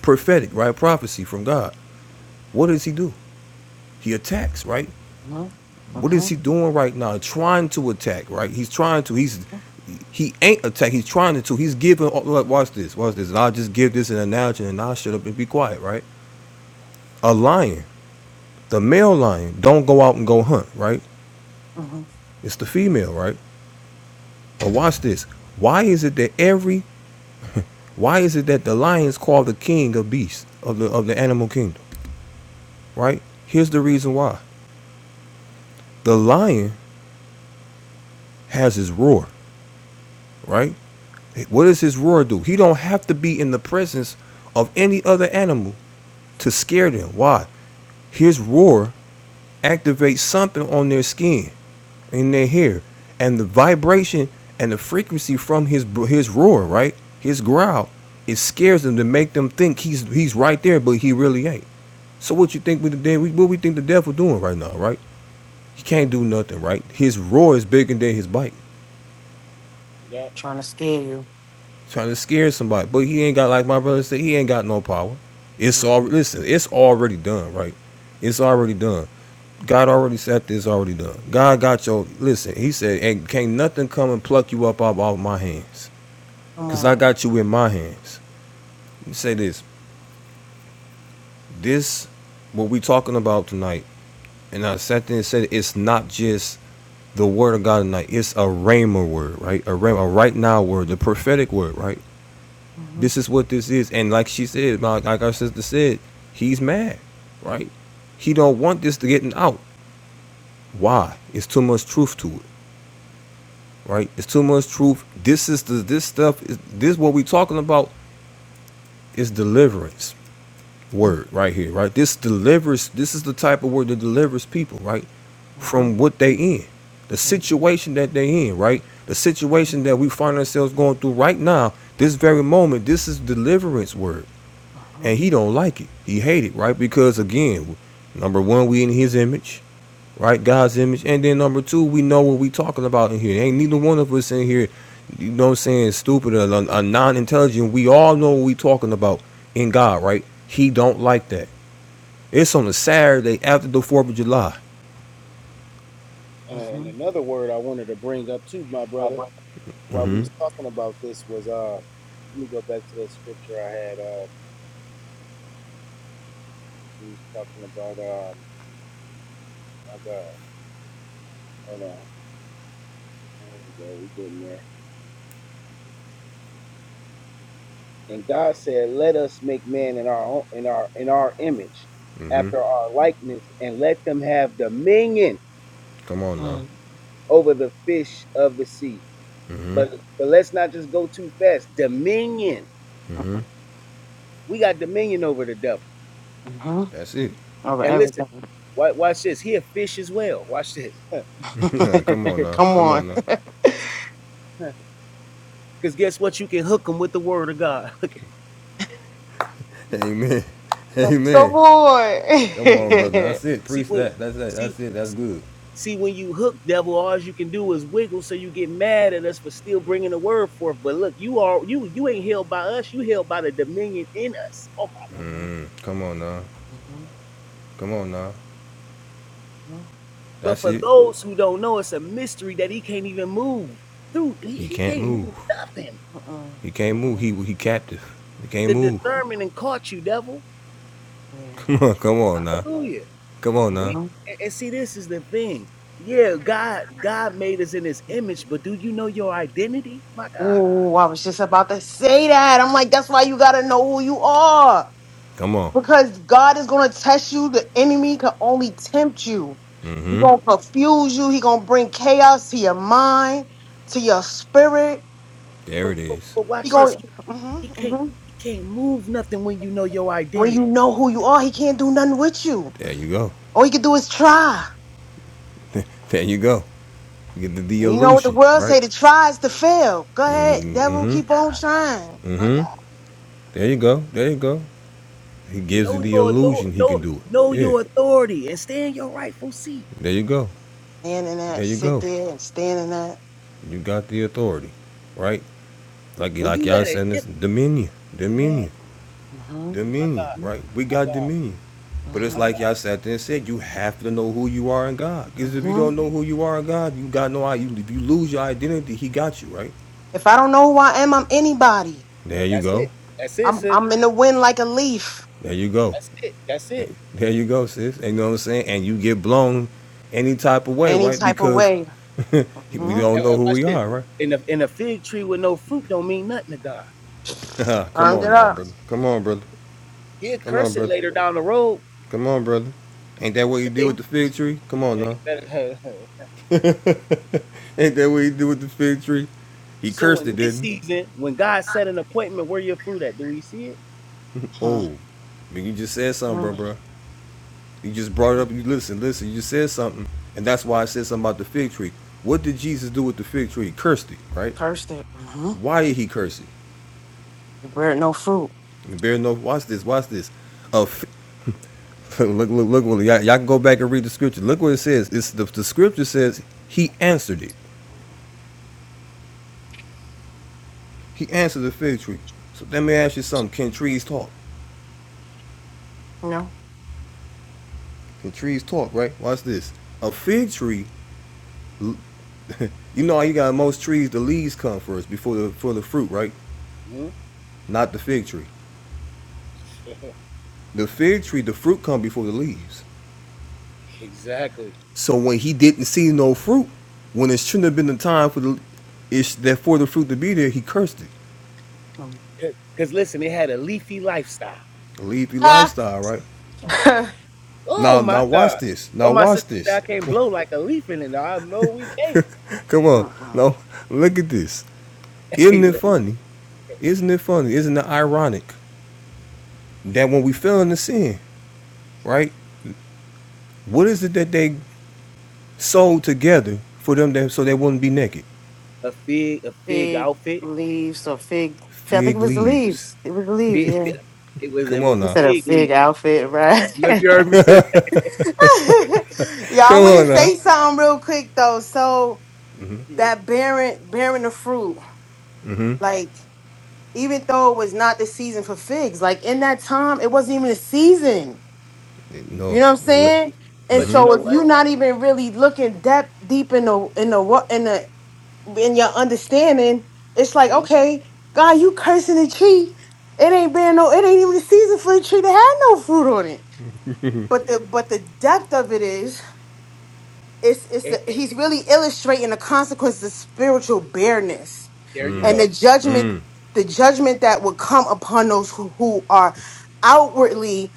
[SPEAKER 1] prophetic, right? Prophecy from God. What does he do? He attacks, right?
[SPEAKER 3] Mm-hmm.
[SPEAKER 1] What
[SPEAKER 3] Mm-hmm.
[SPEAKER 1] is he doing right now? Trying to attack, right? He's trying to. He's he ain't attack. He's trying to. He's giving. oh, Look, watch this. Watch this. And I'll just give this an analogy, and I'll shut up and be quiet, right? A lion, the male lion, don't go out and go hunt, right?
[SPEAKER 3] Mm-hmm.
[SPEAKER 1] It's the female, right? But watch this. Why is it that every? Why is it that the lions call the king of beasts of the of the animal kingdom, right? Here's the reason why. The lion has his roar, right? What does his roar do? He don't have to be in the presence of any other animal to scare them. Why? His roar activates something on their skin, in their hair, and the vibration and the frequency from his his roar, right? His growl, it scares them to make them think he's he's right there, but he really ain't. So what you think we the what we think the devil doing right now, right? He can't do nothing, right? His roar is bigger than his bite.
[SPEAKER 3] Trying to scare you.
[SPEAKER 1] trying to scare somebody. But he ain't got like my brother said. He ain't got no power. It's
[SPEAKER 3] Mhm.
[SPEAKER 1] all listen. It's already done, right? It's already done. God already said this. Already done. God got your listen. He said, "And can't nothing come and pluck you up out of my hands,
[SPEAKER 3] Come
[SPEAKER 1] cause I
[SPEAKER 3] on.
[SPEAKER 1] got you in my hands." Let me say this. This what we talking about tonight, and I sat there and said it's not just the word of God tonight. It's a rhema word, right? A rhema, a right now word, the prophetic word, right?
[SPEAKER 3] Mm-hmm.
[SPEAKER 1] This is what this is, and like she said, like our sister said, he's mad, right? He don't want this to getting out. Why? It's too much truth to it, right? It's too much truth. This is the this stuff. Is, this what we talking about is deliverance word right here, right? This delivers. This is the type of word that delivers people, right,
[SPEAKER 3] Mm-hmm.
[SPEAKER 1] from what they in, the
[SPEAKER 3] Mm-hmm.
[SPEAKER 1] situation that they in, right? The situation that we find ourselves going through right now, this very moment. This is deliverance word and
[SPEAKER 3] Uh-huh.
[SPEAKER 1] he don't like it. He hate it, right? Because again, number one, we in his image, right? God's image, and then number two, we know what we talking about in here. Ain't neither one of us in here, you know, what I'm saying stupid or, or non-intelligent. We all know what we talking about in God, right? He don't like that. It's on a Saturday after the Fourth of July.
[SPEAKER 2] And, and
[SPEAKER 3] Mm-hmm.
[SPEAKER 2] another word I wanted to bring up too, my brother, while we
[SPEAKER 1] Mm-hmm.
[SPEAKER 2] was talking about this was uh, let me go back to that scripture I had. Uh, we was talking about um, my God, hold on, there we go, we getting there. And God said, "Let us make man in our own, in our in our image,
[SPEAKER 1] Mm-hmm.
[SPEAKER 2] after our likeness, and let them have dominion
[SPEAKER 1] Come on now.
[SPEAKER 3] Mm-hmm.
[SPEAKER 2] over the fish of the sea."
[SPEAKER 1] Mm-hmm.
[SPEAKER 2] But but let's not just go too fast. Dominion.
[SPEAKER 1] Mm-hmm.
[SPEAKER 2] We got dominion over the devil.
[SPEAKER 3] Mm-hmm.
[SPEAKER 1] That's it.
[SPEAKER 3] Over
[SPEAKER 2] And listen,
[SPEAKER 3] everything.
[SPEAKER 2] wa- watch this. He a fish as well. Watch this.
[SPEAKER 1] Come on now.
[SPEAKER 3] Come
[SPEAKER 1] Come on now.
[SPEAKER 3] on.
[SPEAKER 2] Because guess what? You can hook him with the word of God. Look at-
[SPEAKER 1] Amen.
[SPEAKER 3] Come
[SPEAKER 1] Amen.
[SPEAKER 3] on.
[SPEAKER 1] Come
[SPEAKER 2] see
[SPEAKER 1] on, brother. That's it.
[SPEAKER 2] see
[SPEAKER 1] Preach
[SPEAKER 2] when
[SPEAKER 1] that. That's it.
[SPEAKER 2] see
[SPEAKER 1] That's it. That's good.
[SPEAKER 2] See, when you hook devil, all you can do is wiggle, so you get mad at us for still bringing the word forth. But look, you are you you ain't held by us; you held by the dominion in us. Oh my!
[SPEAKER 3] Mhm,
[SPEAKER 1] Mm, come on now.
[SPEAKER 3] mhm,
[SPEAKER 1] Come on now.
[SPEAKER 3] mhm,
[SPEAKER 2] But
[SPEAKER 1] That's
[SPEAKER 2] for
[SPEAKER 1] it.
[SPEAKER 2] those who don't know, it's a mystery that he can't even move through. He,
[SPEAKER 1] He
[SPEAKER 2] he
[SPEAKER 1] can't
[SPEAKER 2] can't
[SPEAKER 1] move.
[SPEAKER 2] move nothing.
[SPEAKER 3] mhm,
[SPEAKER 1] He can't
[SPEAKER 3] mhm,
[SPEAKER 1] move. He he captive. He can't
[SPEAKER 2] The
[SPEAKER 3] mhm.
[SPEAKER 1] move.
[SPEAKER 2] discernment and caught you, devil.
[SPEAKER 3] Yeah.
[SPEAKER 1] Come on, come on now.
[SPEAKER 2] Hallelujah.
[SPEAKER 1] Come on now.
[SPEAKER 2] We
[SPEAKER 3] hmm
[SPEAKER 2] and and see, this is the thing. Yeah, God God made us in His image, but do you know your identity? My God.
[SPEAKER 3] Oh, I was just about to say that. I'm like, that's why you gotta know who you are.
[SPEAKER 1] Come on.
[SPEAKER 3] Because God is gonna test you. The enemy can only tempt you. He
[SPEAKER 1] Mm-hmm.
[SPEAKER 3] gonna confuse you. He gonna bring chaos to your mind, to your spirit.
[SPEAKER 1] There
[SPEAKER 2] But
[SPEAKER 1] it
[SPEAKER 2] but,
[SPEAKER 1] is.
[SPEAKER 2] but
[SPEAKER 3] He
[SPEAKER 2] watch this.
[SPEAKER 3] gonna
[SPEAKER 2] He
[SPEAKER 3] hmm
[SPEAKER 2] It can't
[SPEAKER 3] hmm
[SPEAKER 2] it can't move nothing when you know your
[SPEAKER 3] when you
[SPEAKER 2] identity.
[SPEAKER 3] know who you are, he can't do nothing with you.
[SPEAKER 1] There you go.
[SPEAKER 3] All he can do is try.
[SPEAKER 1] There you go. You get the, the
[SPEAKER 3] You know what the
[SPEAKER 1] illusion,
[SPEAKER 3] world
[SPEAKER 1] right?
[SPEAKER 3] say? The tries to fail. Go ahead, devil.
[SPEAKER 1] Mm-hmm.
[SPEAKER 3] Keep on trying.
[SPEAKER 2] My
[SPEAKER 1] Mm-hmm.
[SPEAKER 2] God.
[SPEAKER 1] There you go. There you go. He gives you
[SPEAKER 2] Know
[SPEAKER 3] Yeah,
[SPEAKER 1] the
[SPEAKER 2] your authority.
[SPEAKER 1] illusion he can
[SPEAKER 2] Know,
[SPEAKER 1] do
[SPEAKER 2] know
[SPEAKER 1] it. Yeah.
[SPEAKER 2] your authority and stay in your rightful seat.
[SPEAKER 1] There you go.
[SPEAKER 3] Stand in that.
[SPEAKER 1] There you
[SPEAKER 3] Sit
[SPEAKER 1] go.
[SPEAKER 3] there and stand in that.
[SPEAKER 1] You got the authority, right? Like
[SPEAKER 2] When
[SPEAKER 1] like
[SPEAKER 2] you
[SPEAKER 1] y'all
[SPEAKER 2] let it
[SPEAKER 1] saying
[SPEAKER 2] in,
[SPEAKER 1] this dominion.
[SPEAKER 2] man,
[SPEAKER 1] Dominion.
[SPEAKER 3] hmm
[SPEAKER 2] my
[SPEAKER 1] Dominion.
[SPEAKER 2] God,
[SPEAKER 1] Right? We
[SPEAKER 2] my
[SPEAKER 1] got
[SPEAKER 2] God,
[SPEAKER 1] dominion. But it's
[SPEAKER 2] my
[SPEAKER 3] hmm
[SPEAKER 2] God.
[SPEAKER 1] like y'all sat there and said, you have to know who you are in God. Because if you
[SPEAKER 3] hmm
[SPEAKER 1] don't know who you are in God, you got no idea. If you lose your identity, He got you, right?
[SPEAKER 3] If I don't know who I am, I'm anybody.
[SPEAKER 1] There you
[SPEAKER 2] That's
[SPEAKER 1] go.
[SPEAKER 2] it. That's it,
[SPEAKER 3] I'm
[SPEAKER 2] sis.
[SPEAKER 3] I'm in the wind like a leaf,
[SPEAKER 1] There you go.
[SPEAKER 2] That's it. That's it.
[SPEAKER 1] There you go, sis. And you know what I'm saying? And you get blown any type of way,
[SPEAKER 3] any
[SPEAKER 1] right?
[SPEAKER 3] type of
[SPEAKER 1] Because
[SPEAKER 3] way.
[SPEAKER 1] we
[SPEAKER 3] hmm
[SPEAKER 1] don't
[SPEAKER 2] And,
[SPEAKER 1] know
[SPEAKER 2] and
[SPEAKER 1] who
[SPEAKER 2] watch
[SPEAKER 1] we
[SPEAKER 2] this.
[SPEAKER 1] are,
[SPEAKER 2] In the in a fig tree with no fruit don't mean nothing to God.
[SPEAKER 1] right? Come
[SPEAKER 3] Burned
[SPEAKER 1] on
[SPEAKER 3] it
[SPEAKER 1] now,
[SPEAKER 3] up.
[SPEAKER 1] brother. Come on, brother.
[SPEAKER 2] He'll
[SPEAKER 1] Come on,
[SPEAKER 2] curse it
[SPEAKER 1] brother.
[SPEAKER 2] later down the road.
[SPEAKER 1] Come on, brother. Ain't that what you did
[SPEAKER 3] hmm
[SPEAKER 1] with the fig tree? Come on
[SPEAKER 2] Man, you
[SPEAKER 1] now.
[SPEAKER 2] better-
[SPEAKER 1] Ain't that what you did with the fig tree? He
[SPEAKER 2] so
[SPEAKER 1] cursed
[SPEAKER 2] in
[SPEAKER 1] it,
[SPEAKER 2] this
[SPEAKER 1] didn't
[SPEAKER 2] season, when God set an appointment, where your fruit at? Do we see it?
[SPEAKER 1] he?
[SPEAKER 3] hmm
[SPEAKER 1] Oh, man, you just said something, bro, bro. You just brought it up. You listen, listen. You just said something, and that's why I said something about the fig tree. What did Jesus do with the fig tree? He cursed it, right?
[SPEAKER 3] Cursed it. hmm
[SPEAKER 1] Why did he curse it?
[SPEAKER 3] The bread no fruit.
[SPEAKER 1] And bear no. Watch this. Watch this. A look, look, look. Y'all, y'all can go back and read the scripture. Look what it says. It's the, the scripture says he answered it. He answered the fig tree. So let me ask you something. Can trees talk?
[SPEAKER 3] No
[SPEAKER 1] Can trees talk? Right? Watch this. A fig tree. You know how you got most trees. The leaves come first before the for the fruit, right?
[SPEAKER 2] Mhm.
[SPEAKER 1] Not the fig tree. The fig tree, the fruit come before the leaves.
[SPEAKER 2] Exactly.
[SPEAKER 1] So when he didn't see no fruit, when it shouldn't have been the time for the it's that for the fruit to be there, he cursed it.
[SPEAKER 3] Mhm.
[SPEAKER 2] Because listen, it had a leafy lifestyle.
[SPEAKER 1] The leafy
[SPEAKER 3] Ah.
[SPEAKER 1] lifestyle, right?
[SPEAKER 2] Oh
[SPEAKER 1] Now
[SPEAKER 2] my
[SPEAKER 1] now watch
[SPEAKER 2] God.
[SPEAKER 1] this.
[SPEAKER 2] Well,
[SPEAKER 1] Now
[SPEAKER 2] my sister
[SPEAKER 1] watch
[SPEAKER 2] said, I
[SPEAKER 1] this.
[SPEAKER 2] can't blow like a leaf in it. I know we can't.
[SPEAKER 1] Come on.
[SPEAKER 3] uh-uh.
[SPEAKER 1] Now look at this.
[SPEAKER 2] Hey,
[SPEAKER 1] Isn't it
[SPEAKER 2] look,
[SPEAKER 1] funny? Isn't it funny? Isn't it ironic that when we fell into sin, right? What is it that they sewed together for them that, so they wouldn't be naked?
[SPEAKER 2] a fig, a fig
[SPEAKER 3] Fig
[SPEAKER 2] outfit.
[SPEAKER 3] leaves or fig. I think it
[SPEAKER 1] Fig
[SPEAKER 3] was the
[SPEAKER 1] leaves.
[SPEAKER 3] leaves. It was the leaves.
[SPEAKER 2] Big,
[SPEAKER 3] Yeah.
[SPEAKER 2] fig- it was
[SPEAKER 1] Come
[SPEAKER 2] it was
[SPEAKER 1] on
[SPEAKER 3] You
[SPEAKER 1] now.
[SPEAKER 3] said a
[SPEAKER 2] fig leaf.
[SPEAKER 3] fig outfit, right?
[SPEAKER 2] Look,
[SPEAKER 3] Y'all,
[SPEAKER 2] you heard me sis.
[SPEAKER 3] I
[SPEAKER 1] Come
[SPEAKER 3] want
[SPEAKER 1] on
[SPEAKER 3] to
[SPEAKER 1] now.
[SPEAKER 3] say something real quick though. So
[SPEAKER 2] Yeah,
[SPEAKER 3] that bearing bearing the fruit, like even though it was not the season for figs, like in that time it wasn't even a season. You
[SPEAKER 1] No,
[SPEAKER 3] know what I'm
[SPEAKER 1] it
[SPEAKER 2] But
[SPEAKER 1] was.
[SPEAKER 3] saying? And
[SPEAKER 2] but you
[SPEAKER 3] so
[SPEAKER 2] know
[SPEAKER 3] if
[SPEAKER 2] what?
[SPEAKER 3] you're not even really looking depth deep in the in the what in the in your understanding, it's like
[SPEAKER 2] hmm
[SPEAKER 3] okay, God, you cursing the tree. It ain't been no. It ain't even a season for the tree to have no fruit on it. But the but the depth of it is. it's it's a, he's
[SPEAKER 2] there
[SPEAKER 3] really illustrating the consequences of spiritual bareness
[SPEAKER 2] you
[SPEAKER 3] and
[SPEAKER 2] go.
[SPEAKER 3] the judgment the judgment that would come upon those who, who are outwardly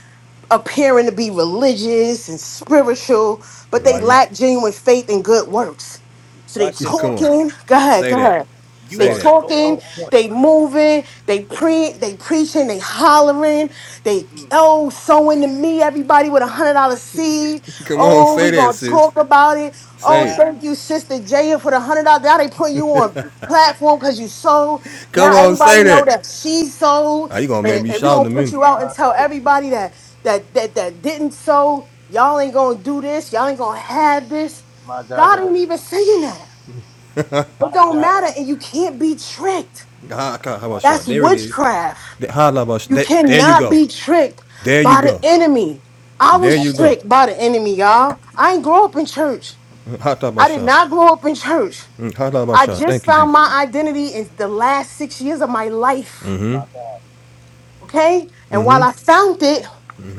[SPEAKER 3] appearing to be religious and spiritual but they
[SPEAKER 2] Watch
[SPEAKER 3] lack genuine faith and good works so they
[SPEAKER 2] watch this.
[SPEAKER 1] Come on.
[SPEAKER 3] talking go ahead
[SPEAKER 1] Say
[SPEAKER 3] go
[SPEAKER 1] that.
[SPEAKER 3] ahead
[SPEAKER 2] You
[SPEAKER 3] they
[SPEAKER 1] Say
[SPEAKER 2] are so
[SPEAKER 1] that.
[SPEAKER 3] talking,
[SPEAKER 2] on point.
[SPEAKER 3] they moving, they
[SPEAKER 2] Mm,
[SPEAKER 3] pre, they preaching, they hollering, they
[SPEAKER 2] mm,
[SPEAKER 3] oh sowing to me everybody with a hundred dollar seed.
[SPEAKER 1] Come
[SPEAKER 2] um,
[SPEAKER 1] on,
[SPEAKER 3] Oh, we
[SPEAKER 1] say that,
[SPEAKER 3] gonna
[SPEAKER 1] sis.
[SPEAKER 3] talk about it. Oh,
[SPEAKER 1] Say it.
[SPEAKER 2] ah,
[SPEAKER 3] thank you, sister Jaya, for the hundred dollars. Now they put you on platform because you sold. Now
[SPEAKER 1] Come
[SPEAKER 2] um,
[SPEAKER 1] on, say
[SPEAKER 3] everybody know
[SPEAKER 1] that.
[SPEAKER 3] that she sold,
[SPEAKER 1] Are oh, you gonna make
[SPEAKER 3] and,
[SPEAKER 1] me
[SPEAKER 3] and we
[SPEAKER 1] shout in
[SPEAKER 3] gonna
[SPEAKER 1] a
[SPEAKER 3] put
[SPEAKER 1] minute?
[SPEAKER 3] you out and tell everybody that that that that didn't sow. Y'all ain't gonna do this. Y'all ain't gonna have this. God ain't even saying that. It don't matter, and you can't be tricked.
[SPEAKER 1] How, how about
[SPEAKER 3] That's
[SPEAKER 1] shout? There it is.
[SPEAKER 3] witchcraft.
[SPEAKER 1] How about shout?
[SPEAKER 3] You
[SPEAKER 1] There you
[SPEAKER 3] cannot
[SPEAKER 1] go.
[SPEAKER 3] be tricked
[SPEAKER 1] There you
[SPEAKER 3] by the
[SPEAKER 1] go.
[SPEAKER 3] enemy. I
[SPEAKER 1] There you
[SPEAKER 3] was
[SPEAKER 1] go.
[SPEAKER 3] tricked by the enemy, y'all. I ain't grow up in church.
[SPEAKER 1] Mm, How about
[SPEAKER 3] I did
[SPEAKER 1] shout?
[SPEAKER 3] not grow up in church.
[SPEAKER 1] Mm, How about
[SPEAKER 3] I
[SPEAKER 1] shout?
[SPEAKER 3] just
[SPEAKER 1] Thank you,
[SPEAKER 3] found
[SPEAKER 1] Jesus.
[SPEAKER 3] my identity in the last six years of my life.
[SPEAKER 1] Mm-hmm.
[SPEAKER 3] Okay? And while
[SPEAKER 1] Mm-hmm.
[SPEAKER 3] I found it,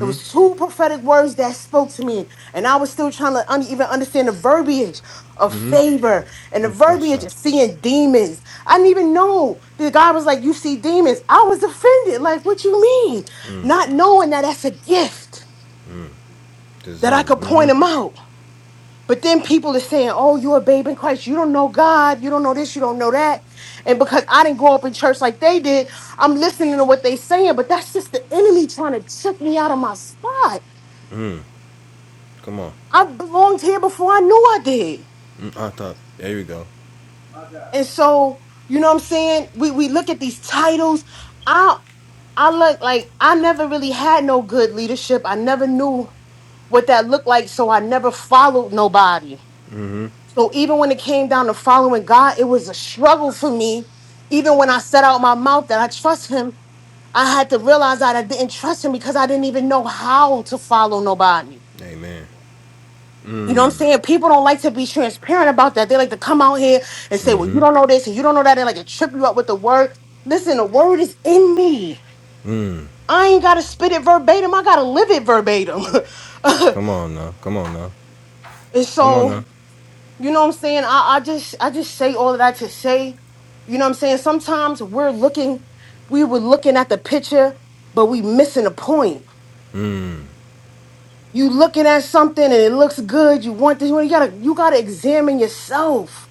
[SPEAKER 3] it was two prophetic words that spoke to me. And I was still trying to un- even understand the verbiage of
[SPEAKER 1] Mm-hmm.
[SPEAKER 3] favor and the
[SPEAKER 1] Mm. How
[SPEAKER 3] verbiage
[SPEAKER 1] shout?
[SPEAKER 3] of seeing demons. I didn't even know the God was like, You see demons. I was offended. Like, what you mean? Not knowing that that's a gift, that I
[SPEAKER 1] Discernment.
[SPEAKER 3] could point
[SPEAKER 1] Mm-hmm.
[SPEAKER 3] them out. But then people are saying, "Oh, you're a babe in Christ. You don't know God. You don't know this. You don't know that." And because I didn't grow up in church like they did, I'm listening to what they are saying. But that's just the enemy trying to trick me out of my spot.
[SPEAKER 1] Come on.
[SPEAKER 3] I belonged here before I knew I did.
[SPEAKER 1] Mm, How top. There you go.
[SPEAKER 3] And so, you know what I'm saying? We we look at these titles. I I look like I never really had no good leadership. I never knew what that looked like, so I never followed nobody. So even when it came down to following God, it was a struggle for me. Even when I set out my mouth that I trust Him, I had to realize that I didn't trust Him because I didn't even know how to follow nobody.
[SPEAKER 1] Amen.
[SPEAKER 3] You know what
[SPEAKER 1] Mm-hmm.
[SPEAKER 3] I'm saying? People don't like to be transparent about that. They like to come out here and say, well, you don't know this and you don't know that. They like to trip you up with the word. Listen, the word is in me.
[SPEAKER 1] Mm.
[SPEAKER 3] I ain't got to spit it verbatim. I got to live it verbatim.
[SPEAKER 1] Come
[SPEAKER 3] and
[SPEAKER 1] on now. Come on now. Come on
[SPEAKER 3] so,
[SPEAKER 1] now.
[SPEAKER 3] you know what I'm saying? I, I just I just say all of that to say You know what I'm saying? Sometimes we're looking, we were looking at the picture, but we missing a point.
[SPEAKER 1] Mm.
[SPEAKER 3] You looking at something and it looks good. You want this You gotta, you gotta examine yourself.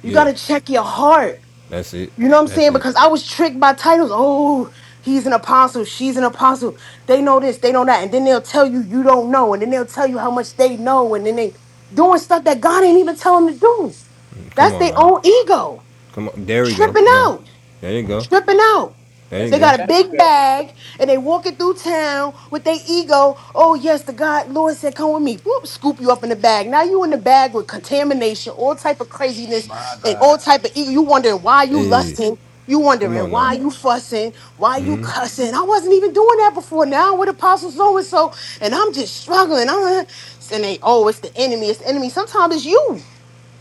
[SPEAKER 3] You
[SPEAKER 1] Yes.
[SPEAKER 3] gotta check your heart.
[SPEAKER 1] That's it.
[SPEAKER 3] You know what I'm
[SPEAKER 1] That's
[SPEAKER 3] saying?
[SPEAKER 1] it.
[SPEAKER 3] Because I was tricked by titles. Oh, he's an apostle. She's an apostle. They know this. They know that. And then they'll tell you you don't know. And then they'll tell you how much they know. And then they doing stuff that God ain't even tell them to do.
[SPEAKER 1] Come
[SPEAKER 3] That's
[SPEAKER 1] on
[SPEAKER 3] their
[SPEAKER 1] now.
[SPEAKER 3] own ego
[SPEAKER 1] Come on. There we go.
[SPEAKER 3] tripping
[SPEAKER 1] Come on.
[SPEAKER 3] out,
[SPEAKER 1] There you
[SPEAKER 2] that's
[SPEAKER 1] go.
[SPEAKER 3] tripping out.
[SPEAKER 1] There
[SPEAKER 2] that's
[SPEAKER 3] They
[SPEAKER 1] you
[SPEAKER 2] that.
[SPEAKER 1] go.
[SPEAKER 3] got a
[SPEAKER 2] That's
[SPEAKER 3] big
[SPEAKER 2] yeah.
[SPEAKER 3] bag and they walking through town with their ego. Oh yes, the God Lord said, "Come with me." Whoop, scoop you up in the bag. Now you in the bag with contamination, all type of
[SPEAKER 2] my
[SPEAKER 3] craziness, and
[SPEAKER 2] God.
[SPEAKER 3] all type of ego. You wondering why you
[SPEAKER 1] Hey.
[SPEAKER 3] lusting. You
[SPEAKER 1] Come
[SPEAKER 3] wondering
[SPEAKER 1] on now.
[SPEAKER 3] why you fussing, why you
[SPEAKER 1] hmm
[SPEAKER 3] cussing. I wasn't even doing that before. Now I'm with Apostle so and so, and I'm just struggling. I'm and they oh, it's the enemy. It's the enemy. Sometimes it's you.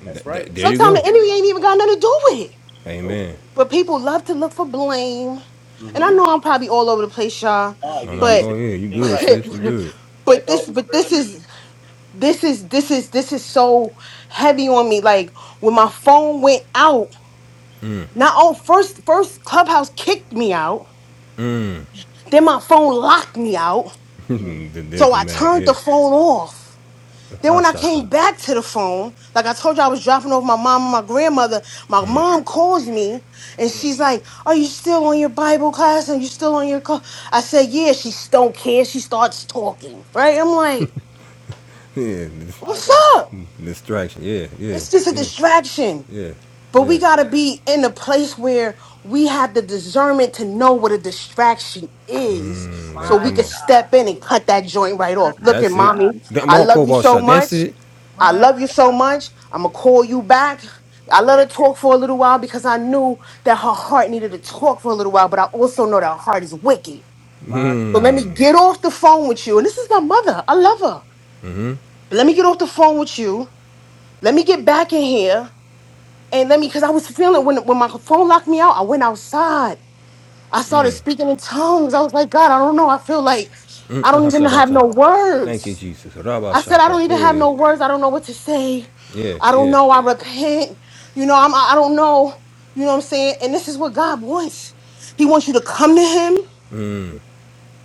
[SPEAKER 2] That's
[SPEAKER 1] Th- th-
[SPEAKER 2] right.
[SPEAKER 1] there you
[SPEAKER 3] Sometimes
[SPEAKER 1] go.
[SPEAKER 3] the enemy ain't even got nothing to do with it.
[SPEAKER 2] Oh.
[SPEAKER 1] Amen.
[SPEAKER 3] But people love to look for blame. And I
[SPEAKER 2] Mm-hmm.
[SPEAKER 3] know I'm probably all over the place, y'all,
[SPEAKER 2] Oh,
[SPEAKER 1] No,
[SPEAKER 2] you,
[SPEAKER 1] no.
[SPEAKER 2] you
[SPEAKER 3] but
[SPEAKER 1] Go
[SPEAKER 2] said
[SPEAKER 1] ahead. You
[SPEAKER 2] everything
[SPEAKER 1] good,
[SPEAKER 2] right.
[SPEAKER 1] sis. You
[SPEAKER 3] but,
[SPEAKER 1] good.
[SPEAKER 2] Let
[SPEAKER 3] but
[SPEAKER 2] the
[SPEAKER 3] this
[SPEAKER 2] Holy
[SPEAKER 3] but
[SPEAKER 2] Spirit
[SPEAKER 3] this
[SPEAKER 2] use
[SPEAKER 3] is this is this is this is so heavy on me. Like when my phone went out, not on first first Clubhouse kicked me out, then my phone locked me out.
[SPEAKER 2] you. Hmm.
[SPEAKER 1] the
[SPEAKER 3] So
[SPEAKER 1] devil
[SPEAKER 3] I
[SPEAKER 1] mad.
[SPEAKER 3] turned the
[SPEAKER 1] Yeah.
[SPEAKER 3] phone off. Then
[SPEAKER 1] Ha
[SPEAKER 3] when I
[SPEAKER 1] shata.
[SPEAKER 3] came back to the phone, like I told you, I was dropping off my mom and my grandmother. My
[SPEAKER 2] Yeah,
[SPEAKER 3] mom calls me and
[SPEAKER 2] yeah.
[SPEAKER 3] she's like, "Are you still on your Bible class? Are you still on your class?" I said, "Yeah." She don't care. She starts talking. Right? I'm like,
[SPEAKER 1] Yeah.
[SPEAKER 2] My
[SPEAKER 3] "What's
[SPEAKER 2] God.
[SPEAKER 3] up?"
[SPEAKER 1] Distraction. Yeah. Yeah.
[SPEAKER 3] It's just a
[SPEAKER 1] Yeah.
[SPEAKER 3] distraction.
[SPEAKER 1] Yeah.
[SPEAKER 3] But we
[SPEAKER 1] Yeah.
[SPEAKER 3] gotta be in a place where we have the discernment to know what a distraction is,
[SPEAKER 1] Mm,
[SPEAKER 3] so
[SPEAKER 1] then
[SPEAKER 3] we
[SPEAKER 2] My
[SPEAKER 1] come
[SPEAKER 3] can
[SPEAKER 1] on.
[SPEAKER 3] step in and cut that joint right off. Look at
[SPEAKER 1] That's it.
[SPEAKER 2] God.
[SPEAKER 3] mommy.
[SPEAKER 1] That
[SPEAKER 3] I
[SPEAKER 1] Mark
[SPEAKER 3] love you
[SPEAKER 1] Cobalt
[SPEAKER 3] so
[SPEAKER 1] shot. That's
[SPEAKER 3] much.
[SPEAKER 1] it.
[SPEAKER 3] I
[SPEAKER 2] My
[SPEAKER 3] love you so much. I'm going to call you back. I let
[SPEAKER 2] yeah.
[SPEAKER 3] her talk for a little while because I knew that her heart needed to talk for a little while, but I also know that her heart is wicked.
[SPEAKER 2] My
[SPEAKER 3] So let me
[SPEAKER 1] Hmm.
[SPEAKER 3] get off the phone with you. And this is my mother. I love her.
[SPEAKER 1] Mm-hmm. Mm.
[SPEAKER 3] But let me get off the phone with you. Let me get back in here. And let me, because I was feeling when, when my phone locked me out, I went outside. I started speaking in tongues. I was like, God, I don't know. I feel like I
[SPEAKER 1] Ha
[SPEAKER 3] don't
[SPEAKER 1] ha
[SPEAKER 3] even have
[SPEAKER 1] shabata.
[SPEAKER 3] no
[SPEAKER 1] Thank you,
[SPEAKER 3] words.
[SPEAKER 1] Jesus. Rabba
[SPEAKER 3] I said, I don't
[SPEAKER 1] shata.
[SPEAKER 3] even
[SPEAKER 1] There it
[SPEAKER 3] have
[SPEAKER 1] is.
[SPEAKER 3] no words. I don't know what to say.
[SPEAKER 1] Yeah.
[SPEAKER 3] I don't
[SPEAKER 1] Yeah.
[SPEAKER 3] know. I repent. You know, I'm, I I don't know. You know what I'm saying? And this is what God wants. He wants you to come to him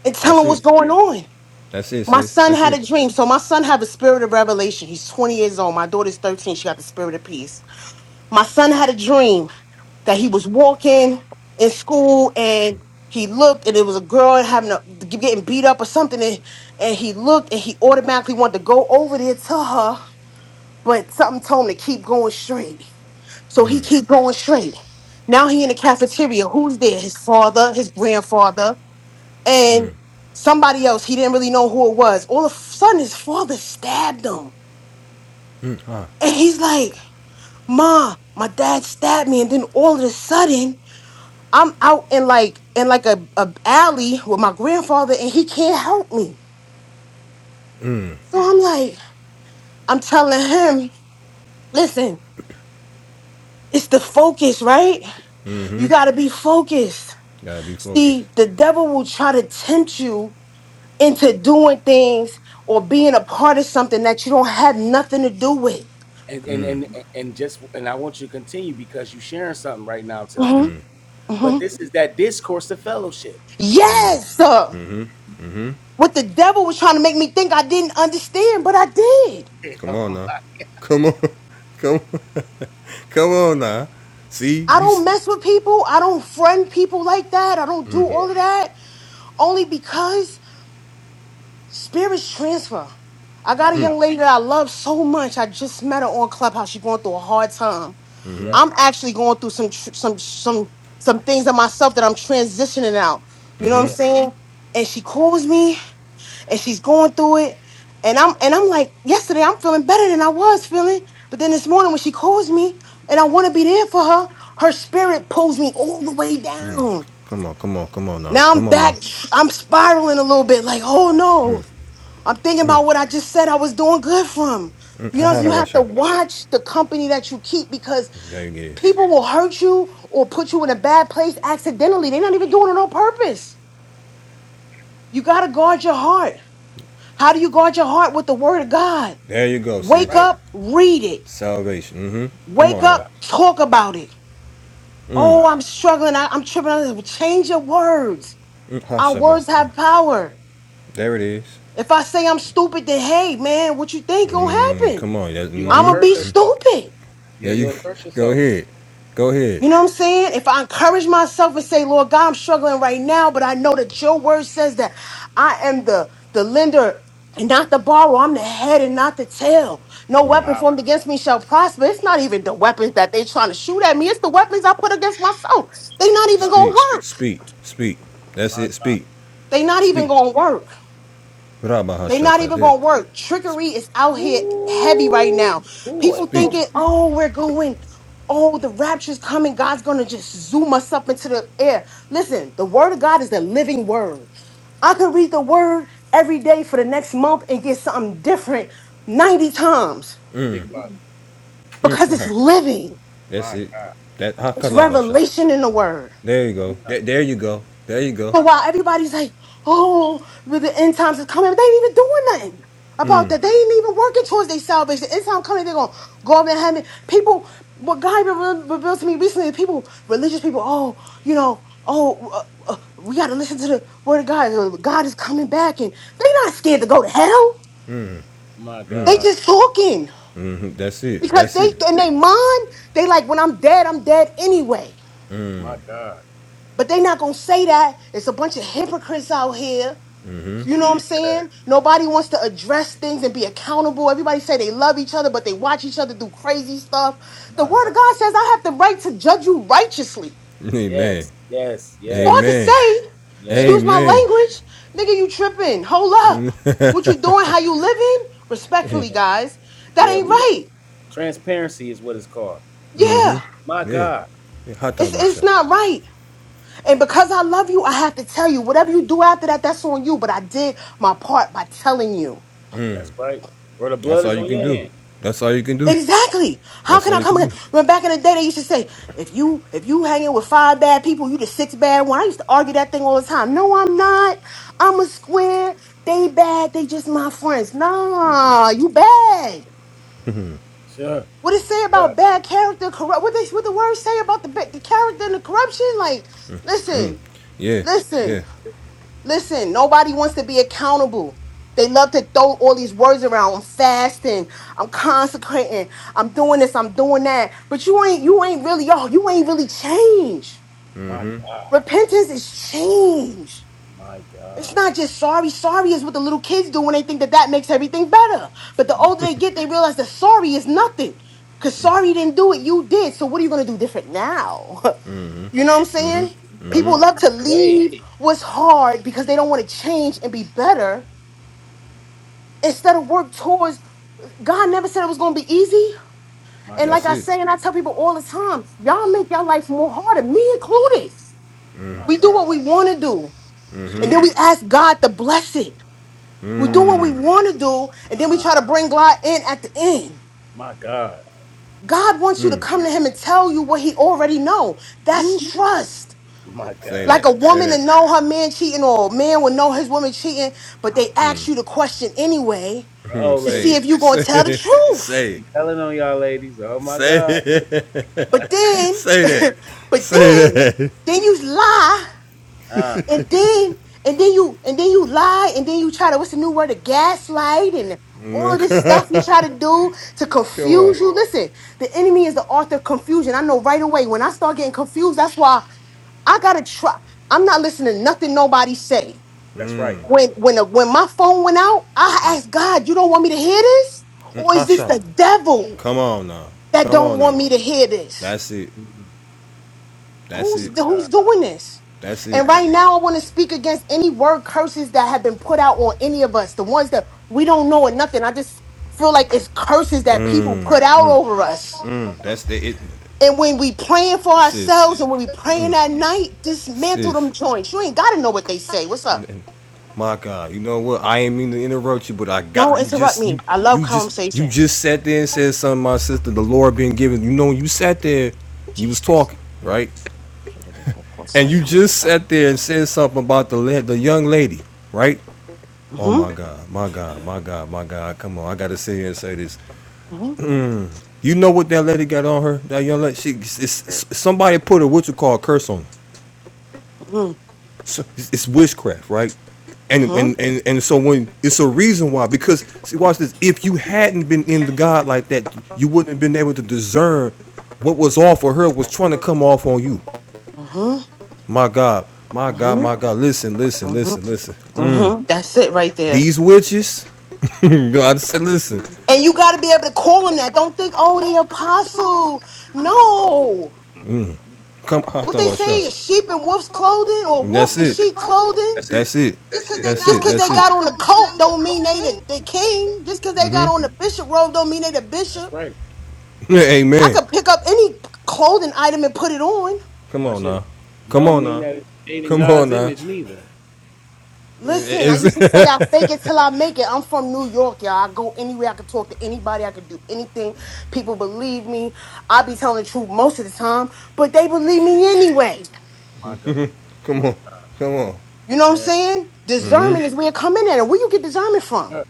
[SPEAKER 3] and tell
[SPEAKER 1] That's
[SPEAKER 3] him what's
[SPEAKER 1] it.
[SPEAKER 3] going on.
[SPEAKER 1] That's it,
[SPEAKER 3] My
[SPEAKER 1] sis.
[SPEAKER 3] son
[SPEAKER 1] That's
[SPEAKER 3] had
[SPEAKER 1] it.
[SPEAKER 3] a dream. So my son have a spirit of revelation. He's 20 years old. My daughter's 13. She got the spirit of peace. My son had a dream that he was walking in school and he looked and it was a girl having a getting beat up or something and, and he looked and he automatically wanted to go over there to her but something told him to keep going straight. So he keep going straight. Now he in the cafeteria. Who's there? His father, his grandfather, and somebody else. He didn't really know who it was. All of a sudden, his father stabbed him,
[SPEAKER 1] Mm, ah,
[SPEAKER 3] and he's like, "Ma, my dad stabbed me." And then all of a sudden, I'm out in like in like a, a alley with my grandfather, and he can't help me. So I'm like, I'm telling him, "Listen, it's the focus, right? You gotta be focused."
[SPEAKER 1] gotta be focused.
[SPEAKER 2] goodness.
[SPEAKER 3] See, the devil will try to tempt you into doing things or being a part of something that you don't have nothing to do with.
[SPEAKER 2] And, and and and just and I want you to continue because you're sharing something right now to the
[SPEAKER 3] Mhm,
[SPEAKER 2] people. But
[SPEAKER 3] mhm.
[SPEAKER 2] this is that discourse of fellowship.
[SPEAKER 3] Yes, sir. What the devil was trying to make me think I didn't understand, but I did.
[SPEAKER 1] Come
[SPEAKER 2] yeah.
[SPEAKER 1] on now. Come on. Come on. Come on now. See?
[SPEAKER 3] I
[SPEAKER 1] You.
[SPEAKER 3] don't
[SPEAKER 1] s
[SPEAKER 3] mess with people. I don't friend people like that. I don't do all of that only because Spirits transfer. I
[SPEAKER 2] My
[SPEAKER 3] got a
[SPEAKER 2] God.
[SPEAKER 3] young lady that I love so much. I just met her on Clubhouse. She's going through a hard time.
[SPEAKER 1] Mhm.
[SPEAKER 2] Yeah.
[SPEAKER 3] I'm actually going through some tr- some some some things in myself that I'm transitioning out. You know what I'm
[SPEAKER 2] Yeah.
[SPEAKER 3] saying? And she calls me, and she's going through it, and I'm and I'm like, yesterday I'm feeling better than I was feeling, but then this morning when she calls me, and I want to be there for her, her spirit pulls me all the way down.
[SPEAKER 1] Come on, come on, come on now.
[SPEAKER 3] Now I'm
[SPEAKER 1] Come on now.
[SPEAKER 3] back. I'm spiraling a little bit, like, oh no. I'm thinking about what I just said I was doing good from.
[SPEAKER 1] Mm,
[SPEAKER 3] You know, you have to watch the company that you keep because
[SPEAKER 1] There you get
[SPEAKER 3] people will hurt you or put you in a bad place accidentally. They're not even doing it on purpose. You got to guard your heart. How do you guard your heart with the word of God?
[SPEAKER 1] There you go,
[SPEAKER 2] That's
[SPEAKER 3] Wake
[SPEAKER 1] sis.
[SPEAKER 2] right.
[SPEAKER 3] up, read it.
[SPEAKER 1] Salvation. Mm-hmm. Come
[SPEAKER 3] Wake
[SPEAKER 1] on
[SPEAKER 2] My
[SPEAKER 1] now.
[SPEAKER 2] God.
[SPEAKER 3] up, talk about it.
[SPEAKER 2] My
[SPEAKER 1] Mm.
[SPEAKER 3] Oh,
[SPEAKER 2] God.
[SPEAKER 3] I'm struggling. I, am tripping. on this. Change your words.
[SPEAKER 1] mm
[SPEAKER 3] Our words have power.
[SPEAKER 1] There it is.
[SPEAKER 3] If I say I'm stupid, then hey, man, what you think
[SPEAKER 2] You
[SPEAKER 3] gonna
[SPEAKER 1] Mm,
[SPEAKER 3] happen?
[SPEAKER 1] come on. That,
[SPEAKER 2] you're gonna
[SPEAKER 3] I'm
[SPEAKER 1] mm-hmm.
[SPEAKER 3] gonna
[SPEAKER 2] curse
[SPEAKER 3] be
[SPEAKER 2] yourself.
[SPEAKER 3] stupid.
[SPEAKER 2] Yeah,
[SPEAKER 1] There you
[SPEAKER 2] you'll curse
[SPEAKER 1] go
[SPEAKER 2] yourself.
[SPEAKER 1] ahead. Go ahead.
[SPEAKER 3] You know what I'm saying? If I encourage myself and say, Lord God, I'm struggling right now, but I know that your word says that I am the, the lender and not the borrower. I'm the head and not the tail. No weapon
[SPEAKER 2] My
[SPEAKER 3] formed against me shall prosper. It's not even the weapons that they're trying to shoot at me. It's the weapons I put against myself. They're not even
[SPEAKER 2] my
[SPEAKER 3] going
[SPEAKER 1] Speak.
[SPEAKER 3] to work.
[SPEAKER 1] Speak. Speak. That's
[SPEAKER 2] my
[SPEAKER 1] it.
[SPEAKER 2] God.
[SPEAKER 1] Speak.
[SPEAKER 3] They're not even
[SPEAKER 1] Speak.
[SPEAKER 3] going to work. They not even
[SPEAKER 1] Rabahashata.
[SPEAKER 3] gonna work. Trickery is out here heavy right
[SPEAKER 2] Woo
[SPEAKER 3] now.
[SPEAKER 2] boy.
[SPEAKER 3] People
[SPEAKER 1] Speak.
[SPEAKER 2] Oh
[SPEAKER 3] thinking,
[SPEAKER 2] my
[SPEAKER 3] oh, we're going, oh, the rapture's coming. God's gonna just zoom us up into the air. Listen, the word of God is the living word. I could read the word every day for the next month and get something different 90 times
[SPEAKER 2] speak about it.
[SPEAKER 1] Mm,
[SPEAKER 3] because it's
[SPEAKER 1] haha.
[SPEAKER 3] living.
[SPEAKER 1] That's
[SPEAKER 2] My
[SPEAKER 1] it.
[SPEAKER 2] God.
[SPEAKER 1] That
[SPEAKER 3] It's
[SPEAKER 1] hakala basha.
[SPEAKER 3] revelation in the word.
[SPEAKER 1] There you go. There, there you go. There you go.
[SPEAKER 3] So while everybody's like, oh, with the end times is coming, they ain't even doing nothing about that. They ain't even working towards their salvation. The end time coming, they're going to go up in heaven. People, what God re- revealed to me recently, people, religious people, oh, you know, oh, uh, uh, we got to listen to the word of God. Uh, God is coming back. And they're not scared to go to hell.
[SPEAKER 2] My
[SPEAKER 3] They
[SPEAKER 2] God.
[SPEAKER 3] just talking
[SPEAKER 1] hmm That's it.
[SPEAKER 3] because
[SPEAKER 1] That's
[SPEAKER 3] they,
[SPEAKER 1] it.
[SPEAKER 3] in their mind, they like, when I'm dead, I'm dead anyway.
[SPEAKER 2] My God.
[SPEAKER 3] But they not gonna say that. It's a bunch of hypocrites out here You know what I'm
[SPEAKER 2] Jesus,
[SPEAKER 3] saying? Nobody wants to address things and be accountable. Everybody say they love each other, but they watch each other do crazy stuff. The
[SPEAKER 2] my
[SPEAKER 3] word
[SPEAKER 2] God.
[SPEAKER 3] of God says I have the right to judge you righteously.
[SPEAKER 1] Amen.
[SPEAKER 2] Yes, yes,
[SPEAKER 3] So I
[SPEAKER 2] yes,
[SPEAKER 3] can
[SPEAKER 1] Amen.
[SPEAKER 3] say,
[SPEAKER 2] yes,
[SPEAKER 3] excuse my
[SPEAKER 1] Amen.
[SPEAKER 3] language, nigga, you tripping. Hold up. What you doing? How you living? Respectfully,
[SPEAKER 2] yes.
[SPEAKER 3] guys. That
[SPEAKER 2] Yeah,
[SPEAKER 3] ain't
[SPEAKER 2] we got,
[SPEAKER 3] right.
[SPEAKER 2] transparency is what it's called.
[SPEAKER 3] Yeah.
[SPEAKER 2] My
[SPEAKER 1] Yeah.
[SPEAKER 2] God,
[SPEAKER 1] yeah. Hata
[SPEAKER 3] It's it's not right. And because I love you, I have to tell you, whatever you do after that, that's on you. But I did my part by telling you.
[SPEAKER 2] that's right. Or the blood
[SPEAKER 1] That's all
[SPEAKER 2] is
[SPEAKER 1] you
[SPEAKER 2] on
[SPEAKER 1] can
[SPEAKER 2] your
[SPEAKER 1] do.
[SPEAKER 2] hand.
[SPEAKER 1] That's all you can do.
[SPEAKER 3] Exactly. How
[SPEAKER 1] That's
[SPEAKER 3] can
[SPEAKER 1] all
[SPEAKER 3] I
[SPEAKER 1] you
[SPEAKER 3] come
[SPEAKER 1] can
[SPEAKER 3] in?
[SPEAKER 1] do.
[SPEAKER 3] When back in the day, they used to say, if you if you hanging with five bad people, you the sixth bad one. I used to argue that thing all the time. No, I'm not. I'm a square. They bad. They just my friends. Nah, you bad.
[SPEAKER 2] Sure.
[SPEAKER 3] What it say
[SPEAKER 2] My God,
[SPEAKER 3] about bad character, corrupt? What they what the words say about the ba- the character and the corruption? Like, listen,
[SPEAKER 1] Yeah.
[SPEAKER 3] listen.
[SPEAKER 1] Yeah.
[SPEAKER 3] Listen, nobody wants to be accountable. They love to throw all these words around. I'm fasting. I'm consecrating. I'm doing this. I'm doing that. But you ain't you ain't really y'all. You ain't really changed.
[SPEAKER 2] my God,
[SPEAKER 3] Repentance is change.
[SPEAKER 2] my God.
[SPEAKER 3] It's not just sorry. Sorry is what the little kids do when they think that that makes everything better. But the
[SPEAKER 2] Mm,
[SPEAKER 3] older they get, they realize that sorry is nothing. Cause sorry didn't do it, you did. So what are you gonna do different now? You know what I'm saying?
[SPEAKER 2] Bible
[SPEAKER 3] People
[SPEAKER 2] says,
[SPEAKER 3] love to
[SPEAKER 2] turn away.
[SPEAKER 3] leave what's hard because they don't want to change and be better instead of work towards. God never said it was going to be easy.
[SPEAKER 2] My
[SPEAKER 3] And like
[SPEAKER 1] That's
[SPEAKER 2] God,
[SPEAKER 3] I
[SPEAKER 1] it.
[SPEAKER 3] say, and I tell people all the time, y'all make your life more harder, me included.
[SPEAKER 2] my
[SPEAKER 3] We do
[SPEAKER 2] God.
[SPEAKER 3] what we want to do, and
[SPEAKER 1] Mm-hmm.
[SPEAKER 3] then we
[SPEAKER 2] Jesus,
[SPEAKER 3] ask God to bless it. We do what we
[SPEAKER 1] Mm.
[SPEAKER 3] want to do, and then we
[SPEAKER 2] uh,
[SPEAKER 3] try to bring God in at the end.
[SPEAKER 2] my God.
[SPEAKER 3] God wants you to come to Him and tell you what He already know.
[SPEAKER 2] Woo.
[SPEAKER 3] That's trust.
[SPEAKER 2] My
[SPEAKER 1] Say
[SPEAKER 2] God.
[SPEAKER 3] Like
[SPEAKER 1] that.
[SPEAKER 3] a
[SPEAKER 1] Say
[SPEAKER 3] woman to
[SPEAKER 1] that.
[SPEAKER 3] know her man cheating or a man would know his woman cheating, but they ask you the question anyway
[SPEAKER 1] Mhm.
[SPEAKER 2] Oh,
[SPEAKER 3] to
[SPEAKER 1] Say
[SPEAKER 3] see
[SPEAKER 2] ladies,
[SPEAKER 1] it.
[SPEAKER 3] if you going to tell the
[SPEAKER 1] Say it.
[SPEAKER 3] truth.
[SPEAKER 1] Say it.
[SPEAKER 2] you telling on y'all, ladies. Oh, my
[SPEAKER 1] Say
[SPEAKER 2] God.
[SPEAKER 1] it.
[SPEAKER 3] But then,
[SPEAKER 1] Say that.
[SPEAKER 3] but
[SPEAKER 1] Say
[SPEAKER 3] then,
[SPEAKER 1] that.
[SPEAKER 3] then you lie
[SPEAKER 2] Ah,
[SPEAKER 3] and then, and then you, and then you lie and then you try to, what's the new word, to gaslight and all of this stuff you try to do to
[SPEAKER 1] Come on.
[SPEAKER 3] confuse you. Listen, the enemy is the author of confusion. I know right away when I start getting confused, that's why I gotta try. I'm not listening to nothing nobody say.
[SPEAKER 2] that's right.
[SPEAKER 3] when when uh, when my phone went out, I asked God, "You don't want me to hear this,
[SPEAKER 1] Mm,
[SPEAKER 3] or is this
[SPEAKER 1] Hasha.
[SPEAKER 3] the devil
[SPEAKER 1] Come on now.
[SPEAKER 3] that
[SPEAKER 1] Come
[SPEAKER 3] don't
[SPEAKER 1] on now.
[SPEAKER 3] want me to hear this?
[SPEAKER 1] That's it.
[SPEAKER 2] Mm,
[SPEAKER 1] That's
[SPEAKER 3] Who's
[SPEAKER 1] it.
[SPEAKER 2] God,
[SPEAKER 3] who's doing this?"
[SPEAKER 1] That's it.
[SPEAKER 3] And right now, I want to speak against any word curses that have been put out on any of us, the ones that we don't know or nothing. I just feel like it's curses that people
[SPEAKER 1] Mm,
[SPEAKER 3] put out over us.
[SPEAKER 1] mm, that's the it.
[SPEAKER 3] And when we praying for
[SPEAKER 1] Sis.
[SPEAKER 3] ourselves and when we praying at night, dismantle
[SPEAKER 1] Sis.
[SPEAKER 3] them joints. You ain't gotta know what they say. What's up?
[SPEAKER 1] n- My God. You know what? I ain't mean to interrupt you, but I got
[SPEAKER 3] No,
[SPEAKER 1] you
[SPEAKER 3] interrupt
[SPEAKER 1] just you
[SPEAKER 3] me. I love
[SPEAKER 1] you just you
[SPEAKER 3] conversation.
[SPEAKER 1] just sat there and said something, my sister, the Lord been giving. You know, you sat there, you was
[SPEAKER 3] Jesus.
[SPEAKER 1] talking, right?
[SPEAKER 3] Mm-hmm.
[SPEAKER 1] And you just sat there and said something about the la- the young lady, right? Oh my God, my God, my God, my God. Come on, I gotta sit here and say this.
[SPEAKER 3] Mm-hmm.
[SPEAKER 1] You know what that lady got on her? That young lady, she, it's, it's- somebody put a what you call a curse on. Her.
[SPEAKER 3] Mm-hmm.
[SPEAKER 1] So it's, it's witchcraft, right? And,
[SPEAKER 3] Mm-hmm.
[SPEAKER 1] and and and so when it's a reason why because see watch this if you hadn't been into God like that you wouldn't have been able to discern what was off for her was trying to come off on you. My God, my God, my God! Listen, listen,
[SPEAKER 3] Mm-hmm.
[SPEAKER 1] listen, listen.
[SPEAKER 3] Mm-hmm. That's it right there.
[SPEAKER 1] These witches, God said, listen,
[SPEAKER 3] And you got to be able to call them that. Don't think, oh, they apostle. No.
[SPEAKER 1] come. I thought
[SPEAKER 3] What they
[SPEAKER 1] about
[SPEAKER 3] say
[SPEAKER 1] Sean.
[SPEAKER 3] is sheep in wolf's clothing or
[SPEAKER 1] That's
[SPEAKER 3] wolf in
[SPEAKER 1] it.
[SPEAKER 3] sheep clothing.
[SPEAKER 1] That's it. That's
[SPEAKER 3] Just
[SPEAKER 1] it.
[SPEAKER 3] because
[SPEAKER 1] That's
[SPEAKER 3] they
[SPEAKER 1] it.
[SPEAKER 3] got on the coat don't mean they the, the king. Just because they got on the bishop robe don't mean they the
[SPEAKER 2] that's
[SPEAKER 3] bishop.
[SPEAKER 2] right.
[SPEAKER 3] I
[SPEAKER 1] Amen.
[SPEAKER 3] could pick up any clothing item and put it on.
[SPEAKER 1] Come
[SPEAKER 2] Watch
[SPEAKER 1] on
[SPEAKER 2] this.
[SPEAKER 1] now.
[SPEAKER 2] And
[SPEAKER 1] Come
[SPEAKER 2] don't
[SPEAKER 1] on
[SPEAKER 2] mean
[SPEAKER 1] now.
[SPEAKER 2] that it's dating
[SPEAKER 1] Come on
[SPEAKER 2] God's
[SPEAKER 1] now.
[SPEAKER 2] image neither.
[SPEAKER 3] Listen, I
[SPEAKER 1] Is
[SPEAKER 3] used to say I fake it till I make it. I'm from New York, y'all. I go anywhere I can talk to anybody. I can do anything. People believe me. I be telling the truth most of the time, but they believe me anyway.
[SPEAKER 2] My God. My,
[SPEAKER 1] come on. Come on.
[SPEAKER 3] You know what I'm
[SPEAKER 2] yeah.
[SPEAKER 3] saying? Discernment is where it come in at. And where you get discernment from?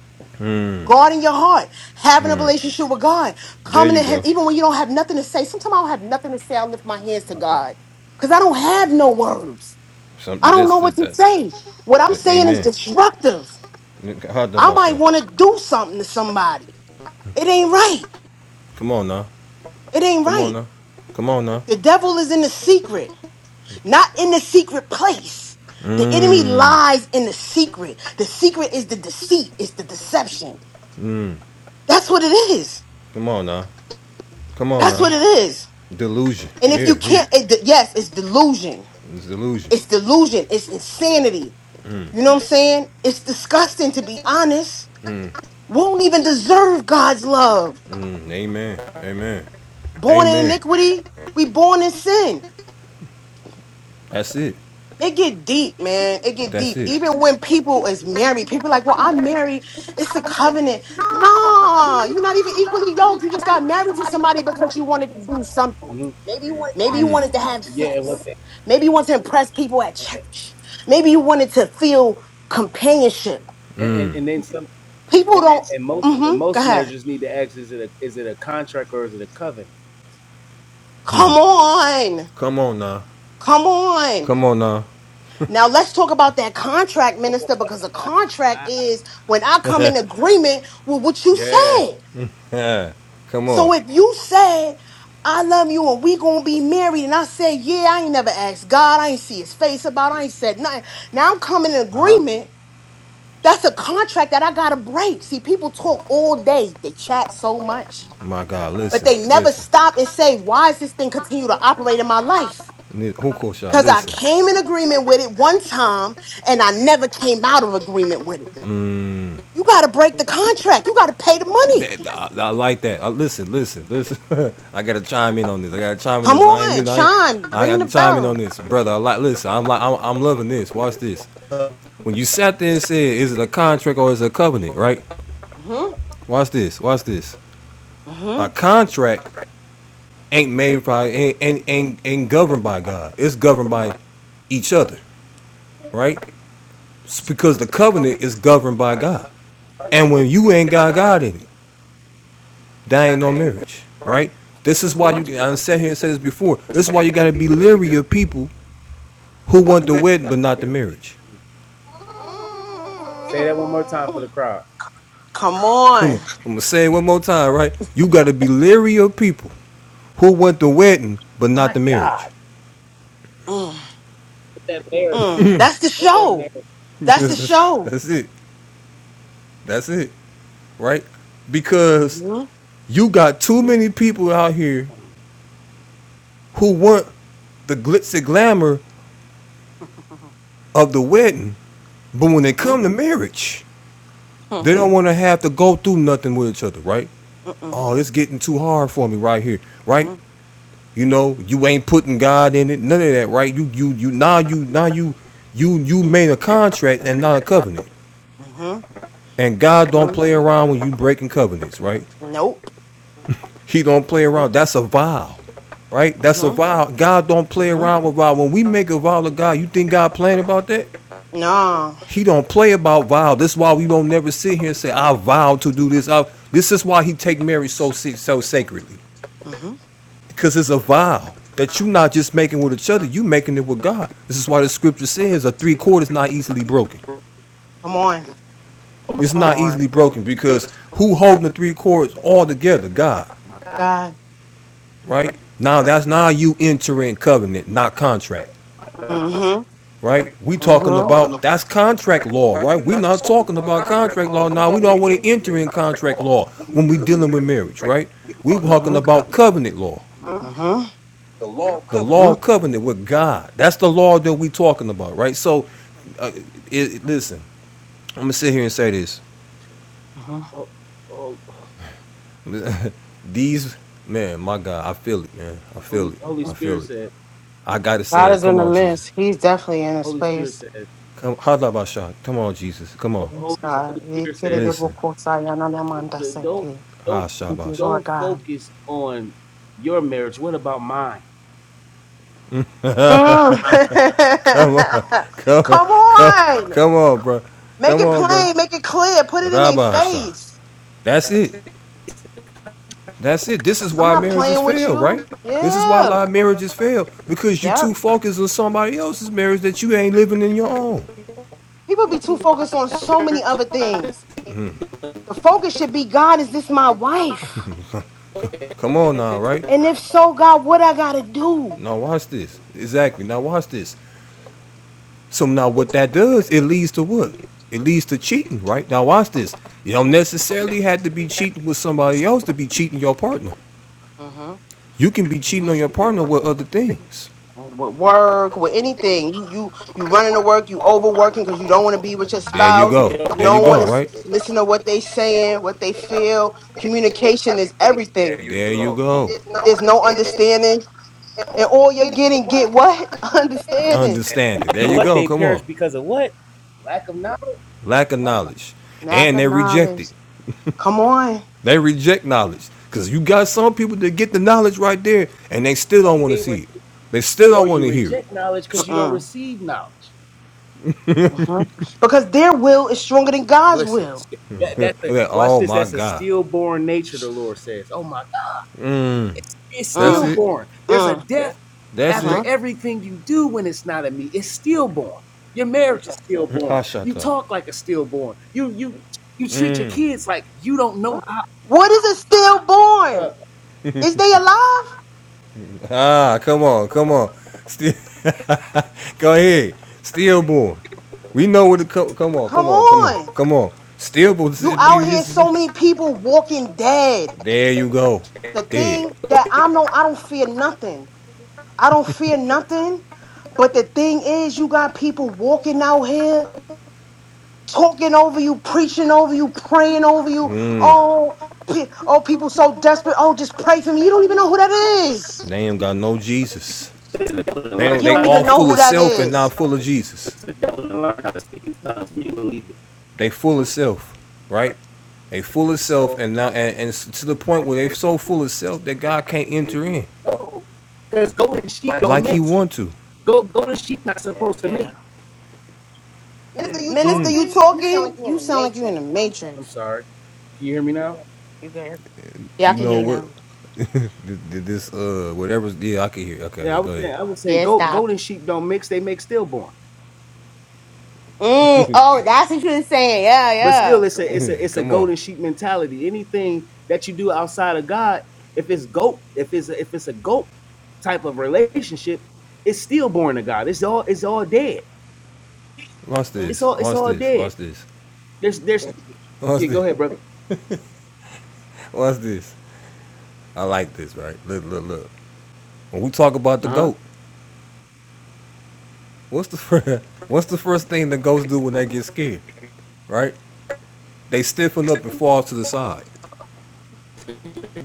[SPEAKER 1] Mm,
[SPEAKER 3] Guarding your heart, having a relationship with God,
[SPEAKER 1] there
[SPEAKER 3] coming
[SPEAKER 1] you
[SPEAKER 3] to Him
[SPEAKER 1] go.
[SPEAKER 3] even when you don't have nothing to say. Sometimes I don't have nothing to say. I lift my hands to
[SPEAKER 2] My God.
[SPEAKER 3] God because I don't have no
[SPEAKER 2] Wow.
[SPEAKER 3] words. I
[SPEAKER 1] Some
[SPEAKER 3] don't
[SPEAKER 1] this
[SPEAKER 3] know what
[SPEAKER 1] that
[SPEAKER 3] to
[SPEAKER 1] that,
[SPEAKER 3] say. What I'm
[SPEAKER 1] that
[SPEAKER 3] saying is
[SPEAKER 1] amen.
[SPEAKER 3] destructive.
[SPEAKER 1] Hard to
[SPEAKER 3] I
[SPEAKER 1] bust
[SPEAKER 3] might want to do something to somebody. It ain't right.
[SPEAKER 1] Come on now.
[SPEAKER 3] It ain't
[SPEAKER 1] Come on
[SPEAKER 3] right.
[SPEAKER 1] now. Come on now.
[SPEAKER 3] The devil is in the secret, not in the secret place. The enemy
[SPEAKER 1] Mm.
[SPEAKER 3] lies in the secret. The secret is the deceit, it's the deception. That's what it is.
[SPEAKER 1] Come on now. Come on
[SPEAKER 3] That's
[SPEAKER 1] now.
[SPEAKER 3] what it is.
[SPEAKER 1] Delusion.
[SPEAKER 3] And if
[SPEAKER 1] Yeah,
[SPEAKER 3] you
[SPEAKER 1] he.
[SPEAKER 3] can't, it, yes, it's delusion.
[SPEAKER 1] It's delusion.
[SPEAKER 3] It's delusion. It's insanity. You know what I'm saying? It's disgusting to be honest. We do not even deserve God's love.
[SPEAKER 1] Mm, amen. Amen.
[SPEAKER 3] Born in
[SPEAKER 1] Amen.
[SPEAKER 3] iniquity, we born in sin.
[SPEAKER 1] That's it.
[SPEAKER 3] it get deep, man. It get
[SPEAKER 1] That's
[SPEAKER 3] deep.
[SPEAKER 1] it.
[SPEAKER 3] Even when people is married, people like, well, I'm married. It's a covenant. Nah, you're not even equally yoked. You just got married to somebody because you wanted to do something.
[SPEAKER 2] hmm
[SPEAKER 3] Maybe you wanted to have
[SPEAKER 2] Yeah. And what?
[SPEAKER 3] sex. Maybe you wanted to impress people at church. Maybe you wanted to feel companionship.
[SPEAKER 2] And, and and then some.
[SPEAKER 3] People
[SPEAKER 2] And, and
[SPEAKER 3] don't.
[SPEAKER 2] and most and
[SPEAKER 3] Mm-hmm. Go
[SPEAKER 2] most
[SPEAKER 3] ahead.
[SPEAKER 2] marriages need to ask: Is it a is it a contract or is it a covenant?
[SPEAKER 3] Come on.
[SPEAKER 1] Come on now.
[SPEAKER 3] Come on.
[SPEAKER 1] Come on now.
[SPEAKER 3] Now let's talk about that contract, minister, because a contract is when I come in agreement with what you
[SPEAKER 2] yeah.
[SPEAKER 3] said.
[SPEAKER 1] Yeah. Come on.
[SPEAKER 3] So if you said, I love you and we gonna be married, and I said, Yeah, I ain't never asked God, I ain't see his face about, it, I ain't said nothing. Now I'm coming in
[SPEAKER 2] Uh huh.
[SPEAKER 3] agreement. That's a contract that I gotta break. See, people talk all day, they chat so much,
[SPEAKER 1] My God,
[SPEAKER 3] but
[SPEAKER 1] listen.
[SPEAKER 3] they never
[SPEAKER 1] Listen.
[SPEAKER 3] stop and say, Why is this thing continue to operate in my life?
[SPEAKER 1] Ni- Huko Sha,
[SPEAKER 3] Because I
[SPEAKER 1] listen.
[SPEAKER 3] came in agreement with it one time and I never came out of agreement with it.
[SPEAKER 1] Mm,
[SPEAKER 3] You got to break the contract. You got to pay the money.
[SPEAKER 1] that, I, I like that. I, listen, listen, listen. I gotta chime in on this. I gotta chime in
[SPEAKER 3] Come
[SPEAKER 1] this. I ain't
[SPEAKER 3] on,
[SPEAKER 1] mean. I, ain't-
[SPEAKER 3] chime,
[SPEAKER 1] I
[SPEAKER 3] ring the
[SPEAKER 1] gotta chime in on
[SPEAKER 3] bell.
[SPEAKER 1] this, brother. I like. Listen, I'm like. I'm, I'm loving this. Watch this. When you sat there and said, "Is it a contract or is it a covenant?" Right.
[SPEAKER 3] hmm
[SPEAKER 1] Watch this. Watch this.
[SPEAKER 3] hmm
[SPEAKER 1] A contract ain't made by ain't ain't, ain't, ain't governed by God. It's governed by each other. Right. It's because the covenant is governed by God. And when you ain't got God in it, dying on marriage, right? This is why
[SPEAKER 3] hmm
[SPEAKER 1] you. I sat here and said this before. This is why you got to be leery of people who want the wedding but not the marriage.
[SPEAKER 2] Say that one more time for the crowd.
[SPEAKER 3] Come on.
[SPEAKER 1] I'm gonna say it one more time, right? You got to be leery of people who want the wedding but not
[SPEAKER 2] My
[SPEAKER 1] the marriage.
[SPEAKER 2] God.
[SPEAKER 3] Mm,
[SPEAKER 2] Put that there. in there.
[SPEAKER 3] mm. That's the show. That's the
[SPEAKER 1] that's,
[SPEAKER 3] show.
[SPEAKER 1] that's it. That's it, right? Because
[SPEAKER 3] hmm
[SPEAKER 1] you got too many people out here who want the glitz and glamour of the wedding, but when they
[SPEAKER 3] Mhm.
[SPEAKER 1] come to marriage,
[SPEAKER 3] Hmm.
[SPEAKER 1] they don't want to have to go through nothing with each other, right?
[SPEAKER 3] Mm-mm.
[SPEAKER 1] oh, it's getting too hard for me right here, right?
[SPEAKER 3] Mhm.
[SPEAKER 1] You know, you ain't putting God in it, none of that, right? You you you now you now you you you made a contract and not a covenant.
[SPEAKER 3] Mhm.
[SPEAKER 1] And God don't
[SPEAKER 3] Mhm.
[SPEAKER 1] play around when you breaking covenants, right?
[SPEAKER 3] Nope.
[SPEAKER 1] He don't play
[SPEAKER 3] Nope.
[SPEAKER 1] around. That's a vow, right? That's a
[SPEAKER 3] Mhm.
[SPEAKER 1] vow. God don't play
[SPEAKER 3] Mhm.
[SPEAKER 1] around with vow. When we make a vow to God, you think God playing about that?
[SPEAKER 3] No.
[SPEAKER 1] He don't play about vow. That's why we don't never sit here and say, I vow to do this. I, this is why he take Mary so si-, so sacredly.
[SPEAKER 3] Mhm.
[SPEAKER 1] Because it's a vow that you're not just making with each other, you are making it with God. This is why the scripture says a three chord is not easily broken.
[SPEAKER 3] Come on.
[SPEAKER 1] It's
[SPEAKER 3] Come
[SPEAKER 1] not
[SPEAKER 3] on,
[SPEAKER 1] easily broken because who holding the three chords all together? God,
[SPEAKER 3] God.
[SPEAKER 1] right? Now that's now you entering covenant, not contract,
[SPEAKER 3] Mm-hmm.
[SPEAKER 1] right? We talking
[SPEAKER 3] Mm-hmm.
[SPEAKER 1] about that's contract law, right? we are not talking about contract law now. We don't want to enter in contract law when we dealing with marriage, right? We talking
[SPEAKER 3] Mm-hmm. Mm-hmm.
[SPEAKER 1] about covenant law.
[SPEAKER 3] Mm-hmm.
[SPEAKER 1] the law of covenant with God. That's the law that we talking about, right? So, uh, it, it- listen, I'm gonna sit here and say this:
[SPEAKER 3] hmm
[SPEAKER 2] Oh, oh,
[SPEAKER 1] these man, my God, I feel it, man. I feel
[SPEAKER 2] Holy
[SPEAKER 1] it.
[SPEAKER 2] Holy
[SPEAKER 1] I feel
[SPEAKER 2] Spirit
[SPEAKER 1] it.
[SPEAKER 2] said.
[SPEAKER 1] I gotta say
[SPEAKER 3] God
[SPEAKER 1] it.
[SPEAKER 3] is in
[SPEAKER 1] Come
[SPEAKER 3] the
[SPEAKER 1] on, Jesus.
[SPEAKER 3] midst. He's definitely in his
[SPEAKER 2] Holy Spirit
[SPEAKER 3] place.
[SPEAKER 2] said.
[SPEAKER 1] Come, Hadabasha. Come on, Jesus. Come on.
[SPEAKER 2] Holy
[SPEAKER 3] Yes,
[SPEAKER 2] Holy
[SPEAKER 3] God.
[SPEAKER 2] Spirit said.
[SPEAKER 1] Listen,
[SPEAKER 2] The, don't
[SPEAKER 3] Ikerere-boko-sayananamandaseke.
[SPEAKER 2] don't
[SPEAKER 3] Thank you,
[SPEAKER 1] Hashabasha.
[SPEAKER 3] Lord
[SPEAKER 2] don't
[SPEAKER 3] God.
[SPEAKER 2] focus on your marriage. What about mine?
[SPEAKER 3] Mm.
[SPEAKER 1] Come on, come on,
[SPEAKER 3] Come
[SPEAKER 1] come,
[SPEAKER 3] on.
[SPEAKER 1] come on, bro.
[SPEAKER 3] Make
[SPEAKER 1] Come
[SPEAKER 3] it
[SPEAKER 1] on, bro.
[SPEAKER 3] plain. Make it clear. Put it in their
[SPEAKER 1] Rabasha.
[SPEAKER 3] face.
[SPEAKER 1] That's it. That's it. This is
[SPEAKER 3] I'm
[SPEAKER 1] why
[SPEAKER 3] not
[SPEAKER 1] marriages
[SPEAKER 3] playing with
[SPEAKER 1] fail, right?
[SPEAKER 3] you.
[SPEAKER 1] This is why a
[SPEAKER 3] Yeah.
[SPEAKER 1] lot of marriages fail because you're
[SPEAKER 3] Yep.
[SPEAKER 1] too focused on somebody else's marriage that you ain't living in your own.
[SPEAKER 3] People be too focused on so many other things. The focus should be God, is this my wife?
[SPEAKER 1] Come on now, right?
[SPEAKER 3] And if so, God, what I gotta do?
[SPEAKER 1] Now watch this. Exactly. Now watch this. So now what that does, it leads to what? It leads to cheating, right? Now watch this. You don't necessarily have to be cheating with somebody else to be cheating your partner.
[SPEAKER 3] Mm-hmm.
[SPEAKER 1] You can be
[SPEAKER 3] hmm
[SPEAKER 1] cheating on your partner with other things.
[SPEAKER 3] With work, with anything, you you you running to work, you overworking because you don't want to be with your
[SPEAKER 1] There you
[SPEAKER 3] spouse.
[SPEAKER 1] go.
[SPEAKER 3] You
[SPEAKER 1] There you
[SPEAKER 3] don't
[SPEAKER 1] go,
[SPEAKER 3] want to
[SPEAKER 1] right?
[SPEAKER 3] listen to what they saying, what they feel. Communication is everything.
[SPEAKER 1] There you go.
[SPEAKER 3] There's no understanding, and all you're getting get what understanding,
[SPEAKER 1] Understand it. There you go.
[SPEAKER 2] They
[SPEAKER 1] Come on.
[SPEAKER 2] perish because of what? Lack of knowledge.
[SPEAKER 1] lack of
[SPEAKER 2] My God.
[SPEAKER 1] knowledge,
[SPEAKER 3] lack
[SPEAKER 1] and
[SPEAKER 3] of
[SPEAKER 1] they reject it.
[SPEAKER 3] knowledge. Come on,
[SPEAKER 1] They reject knowledge because you got some people that get the knowledge right there, and they still don't
[SPEAKER 2] Hey,
[SPEAKER 1] want to
[SPEAKER 2] they re-
[SPEAKER 1] see it. They still
[SPEAKER 2] or
[SPEAKER 1] don't want
[SPEAKER 2] you
[SPEAKER 1] to hear it.
[SPEAKER 2] reject knowledge because
[SPEAKER 1] St-
[SPEAKER 2] you don't
[SPEAKER 3] Mm-mm.
[SPEAKER 2] receive knowledge.
[SPEAKER 3] Mhm. because their will is stronger than God's
[SPEAKER 2] Listen,
[SPEAKER 3] will.
[SPEAKER 2] that, that's a,
[SPEAKER 1] They're like,
[SPEAKER 2] watch
[SPEAKER 1] oh
[SPEAKER 2] this.
[SPEAKER 1] my
[SPEAKER 2] That's a
[SPEAKER 1] God,
[SPEAKER 2] stillborn nature. The Lord says, "Oh my God, it's, it's
[SPEAKER 1] that's
[SPEAKER 3] Mm,
[SPEAKER 1] it,
[SPEAKER 2] stillborn. There's a
[SPEAKER 3] mm,
[SPEAKER 2] death
[SPEAKER 1] that's
[SPEAKER 2] after
[SPEAKER 1] it.
[SPEAKER 3] mhm.
[SPEAKER 2] everything you do when it's not of me. It's stillborn. Your marriage is stillborn. You
[SPEAKER 1] Hashata.
[SPEAKER 2] talk like a stillborn. You you you treat your
[SPEAKER 1] Mm.
[SPEAKER 2] kids like you don't know how.
[SPEAKER 3] What is a stillborn?
[SPEAKER 2] Uh,
[SPEAKER 3] Is they alive?
[SPEAKER 1] Ah, come on, come on. Still, go ahead. Stillborn. We know what. it co- come on,
[SPEAKER 3] Come
[SPEAKER 1] come on, come on,
[SPEAKER 3] on.
[SPEAKER 1] come on. Stillborn.
[SPEAKER 3] You out here so many people walking dead.
[SPEAKER 1] There you go.
[SPEAKER 3] The
[SPEAKER 1] Dead.
[SPEAKER 3] thing that I'm no I don't fear nothing. I don't fear nothing. But the thing is you got people walking out here talking over you, preaching over you, praying over you.
[SPEAKER 1] Mm.
[SPEAKER 3] Oh, pe- oh people so desperate. Oh, just pray for me. You don't even know who that is.
[SPEAKER 1] They ain't got no Jesus. They don't,
[SPEAKER 3] You
[SPEAKER 1] they
[SPEAKER 3] don't even
[SPEAKER 1] all
[SPEAKER 3] know
[SPEAKER 1] full
[SPEAKER 3] who
[SPEAKER 1] of
[SPEAKER 3] that
[SPEAKER 1] self and
[SPEAKER 3] is.
[SPEAKER 1] not full of Jesus. They full of self, right? They full of self and now and, and to the point where they so full of self that God can't enter in
[SPEAKER 2] Because golden sheep,
[SPEAKER 1] like He want to.
[SPEAKER 2] go golden sheep not supposed to
[SPEAKER 3] Yeah,
[SPEAKER 2] mate.
[SPEAKER 3] Minister,
[SPEAKER 1] Mm.
[SPEAKER 3] you talking? You sound like you in the
[SPEAKER 2] I'm
[SPEAKER 3] matrix.
[SPEAKER 2] sorry. Can you hear me now?
[SPEAKER 3] you there? Yeah, I
[SPEAKER 1] You
[SPEAKER 3] can hear
[SPEAKER 1] know
[SPEAKER 2] Okay.
[SPEAKER 3] you
[SPEAKER 1] what?
[SPEAKER 3] now.
[SPEAKER 1] this uh whatever's yeah I can hear. Okay,
[SPEAKER 2] Yeah, I
[SPEAKER 1] yeah,
[SPEAKER 2] was
[SPEAKER 1] go
[SPEAKER 2] saying I was saying
[SPEAKER 3] Yeah, it
[SPEAKER 2] go,
[SPEAKER 3] stopped.
[SPEAKER 2] golden sheep don't mix, they make stillborn.
[SPEAKER 3] Mm, oh, that's what you were saying. Yeah,
[SPEAKER 2] But still
[SPEAKER 3] yeah.
[SPEAKER 2] it's a it's a
[SPEAKER 1] ahead.
[SPEAKER 2] it's a
[SPEAKER 1] Come on,
[SPEAKER 2] golden sheep mentality. Anything that you do outside of God, if it's goat, if it's a, if it's a goat type of relationship, it's stillborn to God. It's all it's all dead.
[SPEAKER 1] watch
[SPEAKER 2] It's
[SPEAKER 3] Mm-hmm.
[SPEAKER 1] this,
[SPEAKER 2] all it's
[SPEAKER 1] watch
[SPEAKER 2] all
[SPEAKER 1] this,
[SPEAKER 2] dead.
[SPEAKER 1] watch this,
[SPEAKER 2] There's there's
[SPEAKER 1] watch
[SPEAKER 2] yeah, go
[SPEAKER 1] this,
[SPEAKER 2] ahead, brother.
[SPEAKER 1] watch this. I like this, right? Look, look, look. When we talk about the
[SPEAKER 2] Uh-huh.
[SPEAKER 1] goat, what's the first, what's the first thing the goats do when they get scared? Right? They stiffen up and fall to the side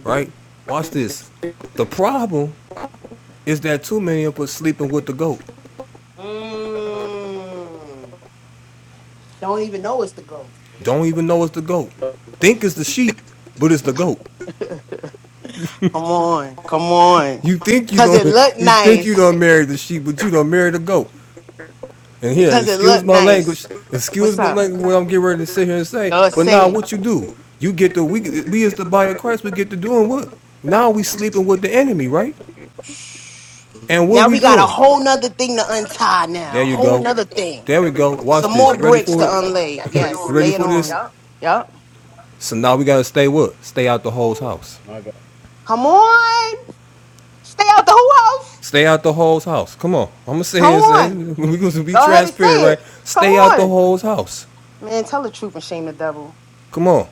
[SPEAKER 1] right? Watch this. The problem is that too many of us sleeping with the goat.
[SPEAKER 3] Mm. Don't even know it's the goat.
[SPEAKER 1] Don't even know it's the goat. Think it's the sheep, but it's the goat.
[SPEAKER 3] Come on, come on.
[SPEAKER 1] You think you
[SPEAKER 3] Cause
[SPEAKER 1] don't
[SPEAKER 3] it looked
[SPEAKER 1] you think you
[SPEAKER 3] nice.
[SPEAKER 1] don't marry the sheep, but you don't marry the goat. And here,
[SPEAKER 3] Because it
[SPEAKER 1] excuse
[SPEAKER 3] looked
[SPEAKER 1] my
[SPEAKER 3] nice.
[SPEAKER 1] language, excuse
[SPEAKER 3] What's
[SPEAKER 1] my
[SPEAKER 3] up?
[SPEAKER 1] language what I'm getting ready to sit here and say.
[SPEAKER 3] Go
[SPEAKER 1] But now
[SPEAKER 3] say it.
[SPEAKER 1] what you do? You get to we we as the body of Christ, we get to doing what? Now we sleeping with the enemy, right? And what
[SPEAKER 3] Now
[SPEAKER 1] we
[SPEAKER 3] we got a
[SPEAKER 1] doing?
[SPEAKER 3] whole nother thing to untie
[SPEAKER 1] There
[SPEAKER 3] now.
[SPEAKER 1] you
[SPEAKER 3] Whole
[SPEAKER 1] go.
[SPEAKER 3] nother thing.
[SPEAKER 1] There we go.
[SPEAKER 3] Some
[SPEAKER 1] Watch this.
[SPEAKER 3] more
[SPEAKER 1] You ready
[SPEAKER 3] bricks to
[SPEAKER 1] for it?
[SPEAKER 3] unlay. Yes,
[SPEAKER 1] You ready
[SPEAKER 3] lay it
[SPEAKER 1] for this?
[SPEAKER 3] on. Yep.
[SPEAKER 1] So now we gotta stay what? Stay out the hole's house.
[SPEAKER 2] My God.
[SPEAKER 3] Come on. Stay out the who house.
[SPEAKER 1] Stay out the hole's house. Come on. I'm gonna sit
[SPEAKER 3] Come
[SPEAKER 1] here and say
[SPEAKER 3] on.
[SPEAKER 1] we are gonna be
[SPEAKER 3] Go ahead and
[SPEAKER 1] transparent,
[SPEAKER 3] say
[SPEAKER 1] right?
[SPEAKER 3] it. Come
[SPEAKER 1] Stay out the
[SPEAKER 3] on.
[SPEAKER 1] hole's house.
[SPEAKER 3] Man, tell the truth and shame the devil.
[SPEAKER 1] Come on.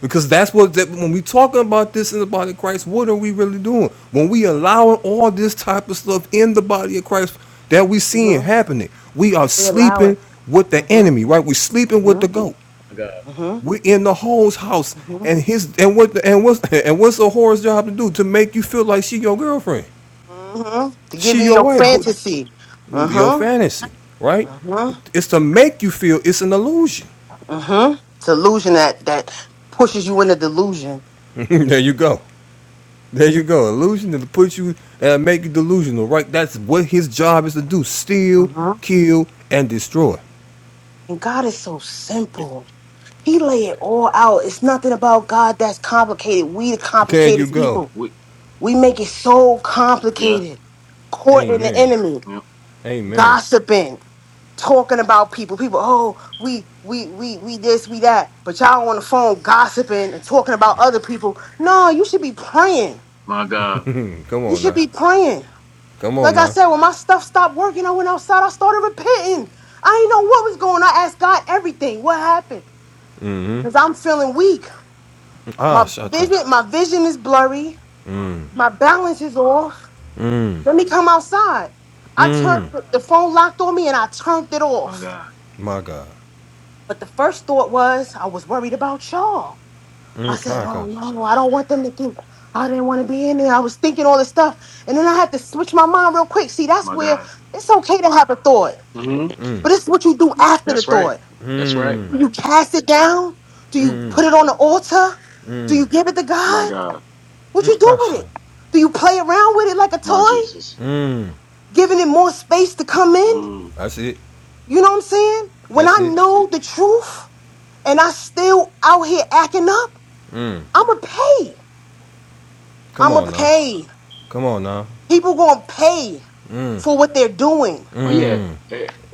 [SPEAKER 1] Because that's what that, when we talking about this in the body of Christ, what are we really doing? When we allowing all this type of stuff in the body of Christ that we seeing
[SPEAKER 3] hmm
[SPEAKER 1] happening, we are sleeping with the
[SPEAKER 3] Uh-huh.
[SPEAKER 1] enemy, right? We're sleeping with
[SPEAKER 3] Uh-huh.
[SPEAKER 1] the goat.
[SPEAKER 3] Uh-huh.
[SPEAKER 1] We're in the hole's house,
[SPEAKER 3] Uh-huh.
[SPEAKER 1] and his and what the, and what's and what's a whore's job to do to make you feel like she your girlfriend?
[SPEAKER 3] Uh-huh. To give
[SPEAKER 1] She
[SPEAKER 3] you
[SPEAKER 1] your
[SPEAKER 3] your
[SPEAKER 1] wife, but
[SPEAKER 3] fantasy.
[SPEAKER 1] your
[SPEAKER 3] Uh-huh.
[SPEAKER 1] fantasy, right?
[SPEAKER 3] Uh-huh.
[SPEAKER 1] It's to make you feel it's an illusion.
[SPEAKER 3] Uh-huh. Delusion that that pushes you into delusion.
[SPEAKER 1] there you go. There you go. Illusion to put you and make you delusional, right? That's what his job is to do: steal,
[SPEAKER 3] Uh-huh.
[SPEAKER 1] kill, and destroy.
[SPEAKER 3] And God is so simple. He lay it all out. It's nothing about God that's complicated. We the
[SPEAKER 1] There you
[SPEAKER 3] complicated
[SPEAKER 1] go.
[SPEAKER 3] people.
[SPEAKER 2] We,
[SPEAKER 3] We make it so
[SPEAKER 2] yeah,
[SPEAKER 3] complicated. Courting the
[SPEAKER 1] Amen.
[SPEAKER 3] enemy,
[SPEAKER 2] yeah.
[SPEAKER 1] Amen.
[SPEAKER 3] gossiping. talking about people. People, oh, we we we we this, we that. But y'all on the phone gossiping and talking about other people. No, you should be praying.
[SPEAKER 2] My God,
[SPEAKER 1] Come
[SPEAKER 3] You
[SPEAKER 1] on
[SPEAKER 3] should
[SPEAKER 1] now.
[SPEAKER 3] be praying.
[SPEAKER 1] Come on
[SPEAKER 3] Like I
[SPEAKER 1] now.
[SPEAKER 3] said, when my stuff stopped working, I went outside, I started repenting. I didn't know what was going on. I asked God everything. What happened?
[SPEAKER 1] hmm
[SPEAKER 3] Because I'm feeling weak.
[SPEAKER 1] Ah,
[SPEAKER 3] My
[SPEAKER 1] shut up.
[SPEAKER 3] vision, my vision is blurry.
[SPEAKER 2] my
[SPEAKER 1] Mm.
[SPEAKER 3] My balance is off.
[SPEAKER 1] Mm.
[SPEAKER 3] Let me come outside. I turned
[SPEAKER 1] Mm.
[SPEAKER 3] the phone locked on me and I turned it
[SPEAKER 2] my
[SPEAKER 3] off.
[SPEAKER 2] God,
[SPEAKER 1] My God.
[SPEAKER 3] But the first thought was I was worried about y'all. I
[SPEAKER 1] Mm.
[SPEAKER 3] said,
[SPEAKER 1] Hi,
[SPEAKER 3] oh
[SPEAKER 1] gosh.
[SPEAKER 3] no, I don't want them to think I didn't want to be in there. I was thinking all this stuff. And then I had to switch my mind real quick. See, that's
[SPEAKER 2] my
[SPEAKER 3] where
[SPEAKER 2] God.
[SPEAKER 3] it's okay to have a thought,
[SPEAKER 2] hmm
[SPEAKER 1] Mm.
[SPEAKER 3] but it's what you do after the
[SPEAKER 2] That's right.
[SPEAKER 3] thought.
[SPEAKER 2] That's right.
[SPEAKER 1] Mm.
[SPEAKER 3] Do you cast it down? Do you
[SPEAKER 1] Mm.
[SPEAKER 3] put it on the altar? Do
[SPEAKER 1] Mm.
[SPEAKER 3] you give it to
[SPEAKER 2] My
[SPEAKER 3] God?
[SPEAKER 2] God.
[SPEAKER 3] What
[SPEAKER 1] Mm.
[SPEAKER 3] you do with
[SPEAKER 1] Hasha.
[SPEAKER 3] it? Do you play around with it like a
[SPEAKER 2] My
[SPEAKER 3] toy?
[SPEAKER 2] Jesus.
[SPEAKER 1] Mm.
[SPEAKER 3] Giving it more space to come in?
[SPEAKER 2] Mm.
[SPEAKER 1] That's it.
[SPEAKER 3] You know what I'm saying? When
[SPEAKER 1] That's
[SPEAKER 3] I
[SPEAKER 1] it.
[SPEAKER 3] know the truth and I still out here acting up,
[SPEAKER 1] Mm.
[SPEAKER 3] I'ma pay.
[SPEAKER 1] Come
[SPEAKER 3] I'ma
[SPEAKER 1] on now.
[SPEAKER 3] pay.
[SPEAKER 1] Come on now.
[SPEAKER 3] People gonna pay
[SPEAKER 1] Mm.
[SPEAKER 3] for what they're doing.
[SPEAKER 2] Oh yeah.
[SPEAKER 1] Mm.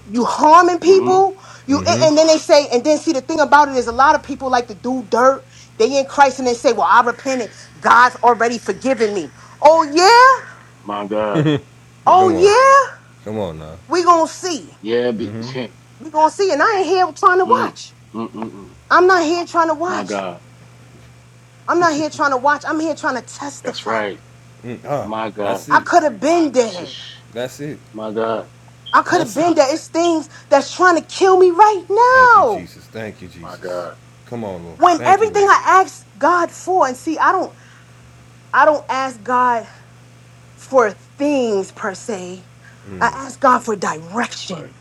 [SPEAKER 3] You harming
[SPEAKER 2] hmm
[SPEAKER 3] people, you a- and
[SPEAKER 1] Mm-hmm.
[SPEAKER 3] then they say, and then see the thing about it is a lot of people like to do dirt. They in Christ and they say, Well, I repented. God's already forgiven me. Oh yeah?
[SPEAKER 2] My God.
[SPEAKER 3] Oh
[SPEAKER 1] Come on.
[SPEAKER 3] yeah?
[SPEAKER 1] Come on now.
[SPEAKER 3] We gonna see.
[SPEAKER 2] Yeah. Be, mm.
[SPEAKER 3] We gonna see. And I ain't here trying to
[SPEAKER 2] Mm,
[SPEAKER 3] watch.
[SPEAKER 2] mm, mm.
[SPEAKER 3] I'm not here trying to
[SPEAKER 2] My
[SPEAKER 3] watch.
[SPEAKER 2] God.
[SPEAKER 3] I'm not here trying to watch. I'm here trying to
[SPEAKER 2] That's
[SPEAKER 3] testify.
[SPEAKER 2] right.
[SPEAKER 1] Mm. Ah.
[SPEAKER 2] My God.
[SPEAKER 1] That's
[SPEAKER 3] I
[SPEAKER 1] it.
[SPEAKER 3] could have been dead.
[SPEAKER 2] Shush.
[SPEAKER 1] That's it.
[SPEAKER 2] My God.
[SPEAKER 3] I could have
[SPEAKER 1] That's it.
[SPEAKER 3] been dead. It's things that's trying to kill me right
[SPEAKER 1] Thank you,
[SPEAKER 3] now.
[SPEAKER 1] Jesus. Thank you,
[SPEAKER 2] My
[SPEAKER 1] Jesus.
[SPEAKER 2] God.
[SPEAKER 1] Come on, Lord.
[SPEAKER 3] when
[SPEAKER 1] Thank you,
[SPEAKER 3] everything
[SPEAKER 1] Lord.
[SPEAKER 3] I ask God for, and see, I don't, I don't ask God for things per se. I
[SPEAKER 1] Mm.
[SPEAKER 3] ask God for
[SPEAKER 2] That's right.
[SPEAKER 3] direction.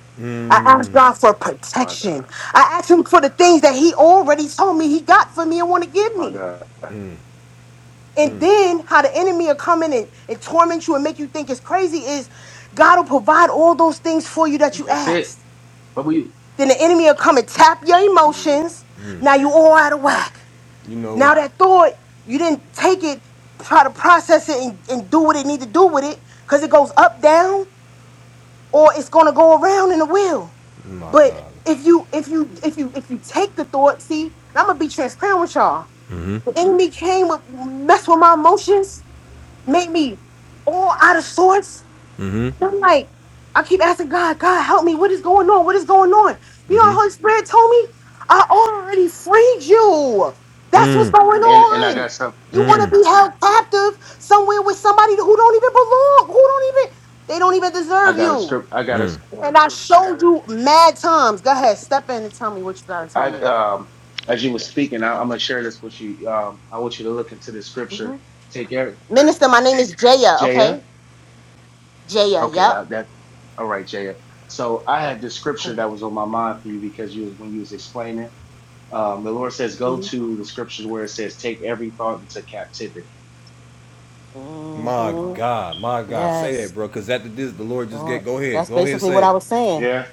[SPEAKER 3] I ask
[SPEAKER 1] Mm.
[SPEAKER 3] God for
[SPEAKER 2] My
[SPEAKER 3] protection.
[SPEAKER 2] God.
[SPEAKER 3] I ask Him for the things that He already told me He got for me and want to give
[SPEAKER 2] My
[SPEAKER 3] me.
[SPEAKER 2] God.
[SPEAKER 1] Mm.
[SPEAKER 3] And then how the enemy will come in and, and torment you and make you think it's crazy is God will provide all those things for you that you
[SPEAKER 2] That's it.
[SPEAKER 3] asked.
[SPEAKER 2] What about you?
[SPEAKER 3] Then the enemy will come and tap your
[SPEAKER 2] Mm.
[SPEAKER 3] emotions. Now you all out of
[SPEAKER 2] My God.
[SPEAKER 3] whack.
[SPEAKER 1] You know,
[SPEAKER 3] Now that thought, you didn't take it, try to process it and, and do what it need to do with it, because it goes up, down, or it's gonna go around in the wheel.
[SPEAKER 1] my
[SPEAKER 3] But
[SPEAKER 1] God.
[SPEAKER 3] if you if you if you if you take the thought, see, and I'm gonna be transparent with y'all.
[SPEAKER 1] Mm-hmm.
[SPEAKER 3] The enemy came with mess with my emotions, made me all out of sorts.
[SPEAKER 1] Mm-hmm.
[SPEAKER 3] And I'm like, I keep asking God, God, help me. What is going on? What is going on? You know, Holy
[SPEAKER 1] Mm-hmm.
[SPEAKER 3] Spirit told me, I already freed you. That's what's
[SPEAKER 1] Mm.
[SPEAKER 3] going
[SPEAKER 2] And and I
[SPEAKER 3] on.
[SPEAKER 2] got some.
[SPEAKER 3] You want to
[SPEAKER 1] Mm.
[SPEAKER 3] be held captive somewhere with somebody who don't even belong, who don't even, they don't even
[SPEAKER 2] I
[SPEAKER 3] deserve
[SPEAKER 2] got a
[SPEAKER 3] you.
[SPEAKER 2] script. I got a.
[SPEAKER 1] Mm.
[SPEAKER 3] And I showed you mad times. Go ahead, step in and tell me what you gotta tell
[SPEAKER 2] I
[SPEAKER 3] me.
[SPEAKER 2] um. As you were speaking, I, I'm gonna share this with you. Um. I want you to look into the scripture.
[SPEAKER 3] Mhm.
[SPEAKER 2] Take every
[SPEAKER 3] Minister, my name is Jaya,
[SPEAKER 2] Jaya.
[SPEAKER 3] okay? Jaya,
[SPEAKER 2] Okay,
[SPEAKER 3] yep.
[SPEAKER 2] I, that all right, Jaya. So I had this scripture
[SPEAKER 3] Cool.
[SPEAKER 2] that was on my mind for you because you was when you was explaining, um, the Lord says, "Go
[SPEAKER 3] hmm
[SPEAKER 2] to the scriptures where it says, take every thought into captivity."
[SPEAKER 1] My
[SPEAKER 3] hmm
[SPEAKER 1] God. My God. Say
[SPEAKER 3] Yes.
[SPEAKER 1] that, bro. Cause after this, the Lord just get.
[SPEAKER 3] Don't.
[SPEAKER 1] Go ahead.
[SPEAKER 3] That's
[SPEAKER 1] Go ahead. and
[SPEAKER 3] basically
[SPEAKER 1] Say
[SPEAKER 3] what
[SPEAKER 1] it.
[SPEAKER 3] I was saying.
[SPEAKER 2] Yeah,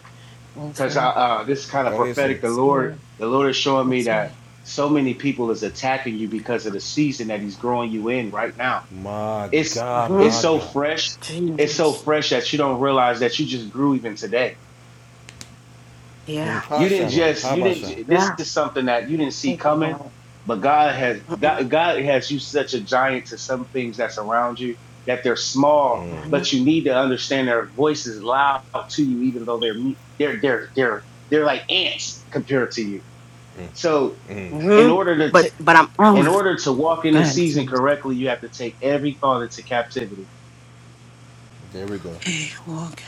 [SPEAKER 3] That's
[SPEAKER 2] because I
[SPEAKER 3] real.
[SPEAKER 2] uh, this is kind of
[SPEAKER 1] Go ahead. and Say
[SPEAKER 2] prophetic.
[SPEAKER 1] it.
[SPEAKER 2] The
[SPEAKER 3] That's
[SPEAKER 2] Lord,
[SPEAKER 3] good.
[SPEAKER 2] the Lord is showing me
[SPEAKER 3] That's it.
[SPEAKER 2] that so many people is attacking you because of the season that He's growing you in right now.
[SPEAKER 1] My
[SPEAKER 2] It's
[SPEAKER 1] God.
[SPEAKER 3] Mm-hmm.
[SPEAKER 2] it's
[SPEAKER 1] My
[SPEAKER 2] so
[SPEAKER 1] God.
[SPEAKER 2] fresh. It's so
[SPEAKER 3] Jesus.
[SPEAKER 2] fresh that you don't realize that you just grew even today
[SPEAKER 1] Ha
[SPEAKER 3] Yeah.
[SPEAKER 2] you didn't
[SPEAKER 1] Hashaba,
[SPEAKER 2] just you didn't
[SPEAKER 1] Habasha.
[SPEAKER 2] this
[SPEAKER 3] Yeah.
[SPEAKER 2] is something that you didn't see
[SPEAKER 3] Thank you,
[SPEAKER 2] coming
[SPEAKER 3] Lord.
[SPEAKER 2] but god has god,
[SPEAKER 3] Mm-hmm.
[SPEAKER 2] god has you such a giant to some things that's around you that they're small
[SPEAKER 1] Mm,
[SPEAKER 3] Mm-hmm.
[SPEAKER 2] but you need to understand their voice is loud to you even though they're me- they're they're they're they're like ants compared to you so in
[SPEAKER 3] Mm-hmm.
[SPEAKER 2] order to
[SPEAKER 3] But
[SPEAKER 2] ta-
[SPEAKER 3] but I'm
[SPEAKER 2] in
[SPEAKER 3] on.
[SPEAKER 2] order to walk in this
[SPEAKER 3] God.
[SPEAKER 2] season correctly you have to take every thought into captivity
[SPEAKER 1] there we go.
[SPEAKER 3] Okay. Walk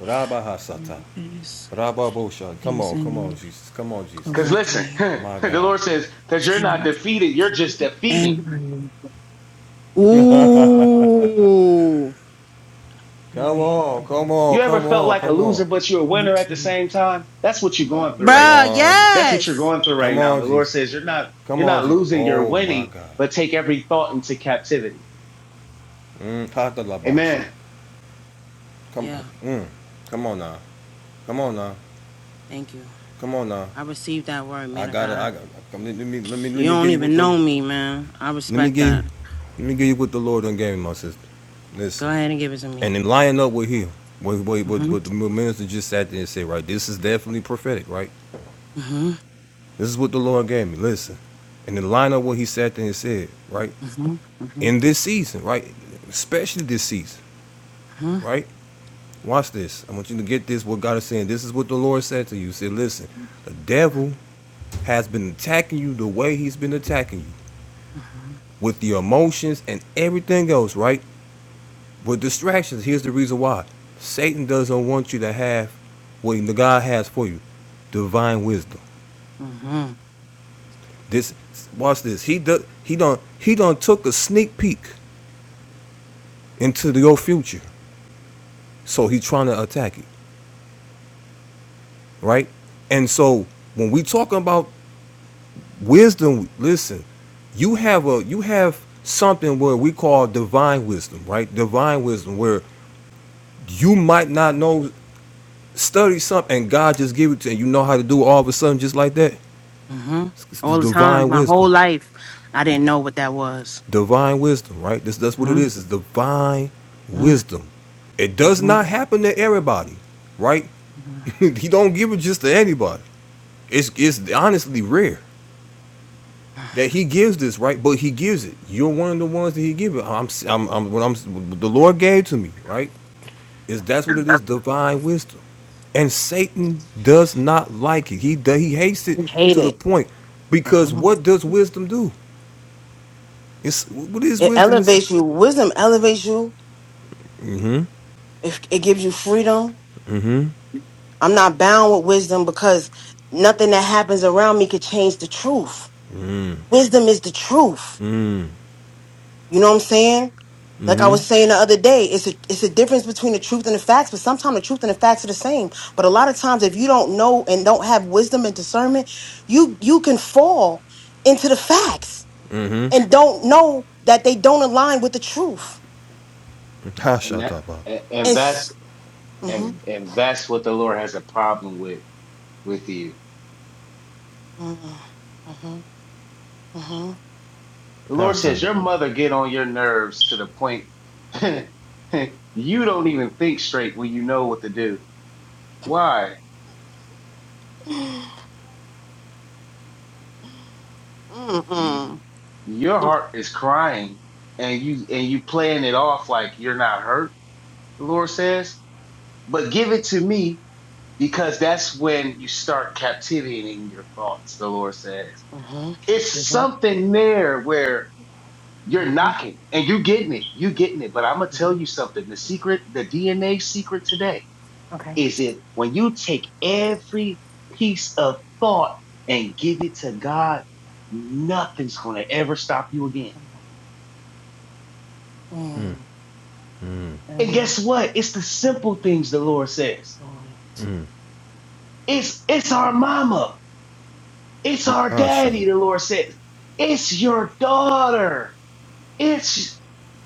[SPEAKER 1] Rabba Hasata.
[SPEAKER 3] in this
[SPEAKER 1] Rabba Bosha. Come on, come on,
[SPEAKER 3] season
[SPEAKER 1] Jesus. Come on,
[SPEAKER 2] because
[SPEAKER 1] Jesus.
[SPEAKER 2] listen
[SPEAKER 3] correctly.
[SPEAKER 1] My
[SPEAKER 2] the
[SPEAKER 1] God.
[SPEAKER 2] lord says because you're
[SPEAKER 3] Take
[SPEAKER 2] not defeated you're just defeated
[SPEAKER 3] every. Ooh.
[SPEAKER 1] come
[SPEAKER 3] Every.
[SPEAKER 1] on, come on, come on, come on.
[SPEAKER 3] into.
[SPEAKER 1] Come
[SPEAKER 3] Bruh.
[SPEAKER 1] on.
[SPEAKER 3] Yes.
[SPEAKER 1] Come on, Jesus. Come on, Jesus. Oh my God. Mm, Hatalabasha. Come on.
[SPEAKER 3] Yeah.
[SPEAKER 1] Mm, come on now. Come on now.
[SPEAKER 3] Thank you.
[SPEAKER 1] Come on now.
[SPEAKER 3] I received that word,
[SPEAKER 1] I
[SPEAKER 3] man of
[SPEAKER 1] got it.
[SPEAKER 3] God.
[SPEAKER 1] I got Come, let me let me let
[SPEAKER 3] You
[SPEAKER 1] me
[SPEAKER 3] don't
[SPEAKER 1] give you what
[SPEAKER 3] even
[SPEAKER 1] the
[SPEAKER 3] know me, man. I
[SPEAKER 1] let me
[SPEAKER 3] respect
[SPEAKER 1] give you
[SPEAKER 3] that.
[SPEAKER 1] let me give you what the Lord done gave me, my sister. Listen.
[SPEAKER 3] Go ahead and give it to me.
[SPEAKER 1] And in lining up with him, what, what, what,
[SPEAKER 3] Mm-hmm.
[SPEAKER 1] what the minister just sat there and said, right, this is definitely prophetic, right?
[SPEAKER 3] Mm-hmm.
[SPEAKER 1] This is what the Lord gave me. Listen. And in line up what he sat there and said, right?
[SPEAKER 3] Mm-hmm. Mm-hmm.
[SPEAKER 1] In this season, right? Especially this season,
[SPEAKER 3] Mm-hmm.
[SPEAKER 1] right? Watch this. I want you to get this, what God is saying. This is what the Lord said to you. He said, listen, the devil has been attacking you the way he's been attacking you with your emotions and everything else, right? But distractions, here's the reason why. Satan doesn't want you to have what the God has for you. Divine wisdom.
[SPEAKER 3] Mm-hmm.
[SPEAKER 1] This watch this. He do, he don't he done took a sneak peek into your future. So he's trying to attack you. Right? And so when we talking about wisdom, listen, you have a you have something where we call divine wisdom, right? Divine wisdom where you might not know study something and God just give it to you and you know how to do it all of a sudden just like that.
[SPEAKER 3] Mm-hmm.
[SPEAKER 1] It's the
[SPEAKER 3] All the time,
[SPEAKER 1] divine
[SPEAKER 3] my
[SPEAKER 1] wisdom.
[SPEAKER 3] whole life, I didn't know what that was.
[SPEAKER 1] Divine wisdom, right? This, that's what it
[SPEAKER 3] Mm-hmm.
[SPEAKER 1] is. It's divine
[SPEAKER 3] Mm-hmm.
[SPEAKER 1] wisdom. It does not
[SPEAKER 3] Mm-hmm.
[SPEAKER 1] happen to everybody, right? he don't give it just to anybody. It's it's honestly rare that he gives this, right? But he gives it. You're one of the ones that he gives it. I'm I'm, I'm what I'm what the Lord gave to me, right? Is that's what it is, divine wisdom. And Satan does not like it. He he hates it
[SPEAKER 3] I hate
[SPEAKER 1] to the
[SPEAKER 3] it.
[SPEAKER 1] point because
[SPEAKER 3] Mm-hmm.
[SPEAKER 1] what does wisdom do? It's what is
[SPEAKER 3] It
[SPEAKER 1] wisdom? It's
[SPEAKER 3] elevates you. Wisdom elevates you. It, it gives you freedom. I'm not bound with wisdom because nothing that happens around me could change the truth. Wisdom is the truth. You know what I'm saying? Like I
[SPEAKER 1] mm-hmm.
[SPEAKER 3] was saying the other day, it's a it's a difference between the truth and the facts, but sometimes the truth and the facts are the same. But a lot of times if you don't know and don't have wisdom and discernment, you you can fall into the facts and don't know that they don't align with the truth.
[SPEAKER 2] and
[SPEAKER 1] Hasha
[SPEAKER 2] that
[SPEAKER 1] tapa.
[SPEAKER 2] and and that's
[SPEAKER 3] It's mm-hmm,
[SPEAKER 2] and and that's what the Lord has a problem with with you.
[SPEAKER 3] mm-hmm, mm-hmm,
[SPEAKER 2] The
[SPEAKER 3] mm-hmm,
[SPEAKER 2] Lord
[SPEAKER 3] mm-hmm,
[SPEAKER 1] Hata.
[SPEAKER 2] says your mother get on your nerves to the point you don't even think straight when you know what to do. Why? Your
[SPEAKER 3] mm-hmm,
[SPEAKER 2] heart is crying and you and you playing it off like you're not hurt. The Lord says, but give it to me because that's when you start captivating your thoughts. The Lord says
[SPEAKER 3] mm-hmm,
[SPEAKER 2] it's
[SPEAKER 3] mm-hmm. mm-hmm.
[SPEAKER 2] something there where You're knocking and you're getting it. You're getting it. But I'm going to tell you something. The secret, the DNA secret today
[SPEAKER 3] Okay.
[SPEAKER 2] is it when you take every piece of thought and give it to God, nothing's going to ever stop you again.
[SPEAKER 3] Mm, mm,
[SPEAKER 1] Mm,
[SPEAKER 3] mm,
[SPEAKER 2] And
[SPEAKER 3] mm,
[SPEAKER 2] guess what? It's the simple things the Lord says.
[SPEAKER 1] mm,
[SPEAKER 2] It's, it's our
[SPEAKER 3] mm,
[SPEAKER 2] mama. It's our
[SPEAKER 1] Hasha.
[SPEAKER 2] daddy. The Lord says, it's your daughter. It's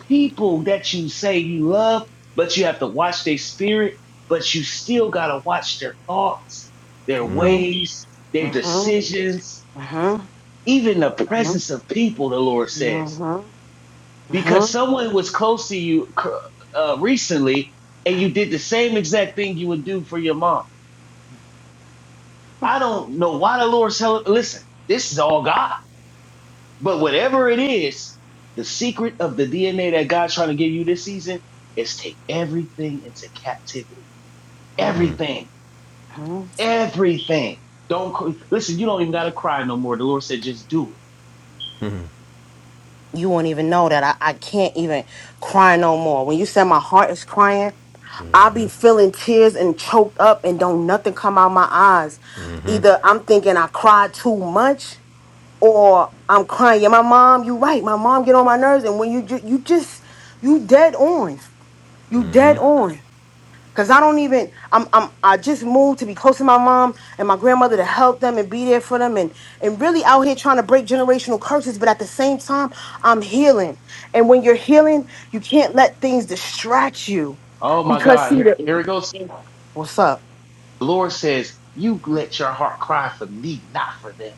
[SPEAKER 2] people that you say you love, but you have to watch their spirit, but you still got to watch their thoughts, their
[SPEAKER 3] mm,
[SPEAKER 1] mm,
[SPEAKER 3] mm,
[SPEAKER 2] ways, their
[SPEAKER 3] mm,
[SPEAKER 2] decisions,
[SPEAKER 3] mm.
[SPEAKER 2] even the
[SPEAKER 3] Mhm,
[SPEAKER 2] presence of people, the Lord says.
[SPEAKER 3] mhm,
[SPEAKER 2] Because
[SPEAKER 3] mhm,
[SPEAKER 2] someone was close to you uh, recently and you did the same exact thing you would do for your mom. I don't know why the Lord's telling, listen, this is all God. But whatever it is, the secret of the DNA that God's trying to give you this season is take everything into captivity.
[SPEAKER 3] mhm,
[SPEAKER 2] Everything.
[SPEAKER 3] mhm.
[SPEAKER 2] Everything. Don't cr- listen, you don't even gotta cry no more. The Lord said, just do it.
[SPEAKER 3] You won't even know that I, I can't even cry no more. When you said my heart is crying, I be feeling tears and choked up and don't nothing come out my eyes. Either I'm thinking I cried too much or I'm crying. Yeah, my mom, you right. My mom get on my nerves and when you ju- you just you dead on. You dead on. Cause I don't even I'm I'm I just moved to be close to my mom and my grandmother to help them and be there for them and and really out here trying to break generational curses, but at the same time I'm healing. And when you're healing, you can't let things distract you.
[SPEAKER 2] Oh my
[SPEAKER 3] Because
[SPEAKER 2] God,
[SPEAKER 3] see
[SPEAKER 2] here,
[SPEAKER 3] the
[SPEAKER 2] here it goes.
[SPEAKER 3] what's up?
[SPEAKER 2] The Lord says, You let your heart cry for me, not for them.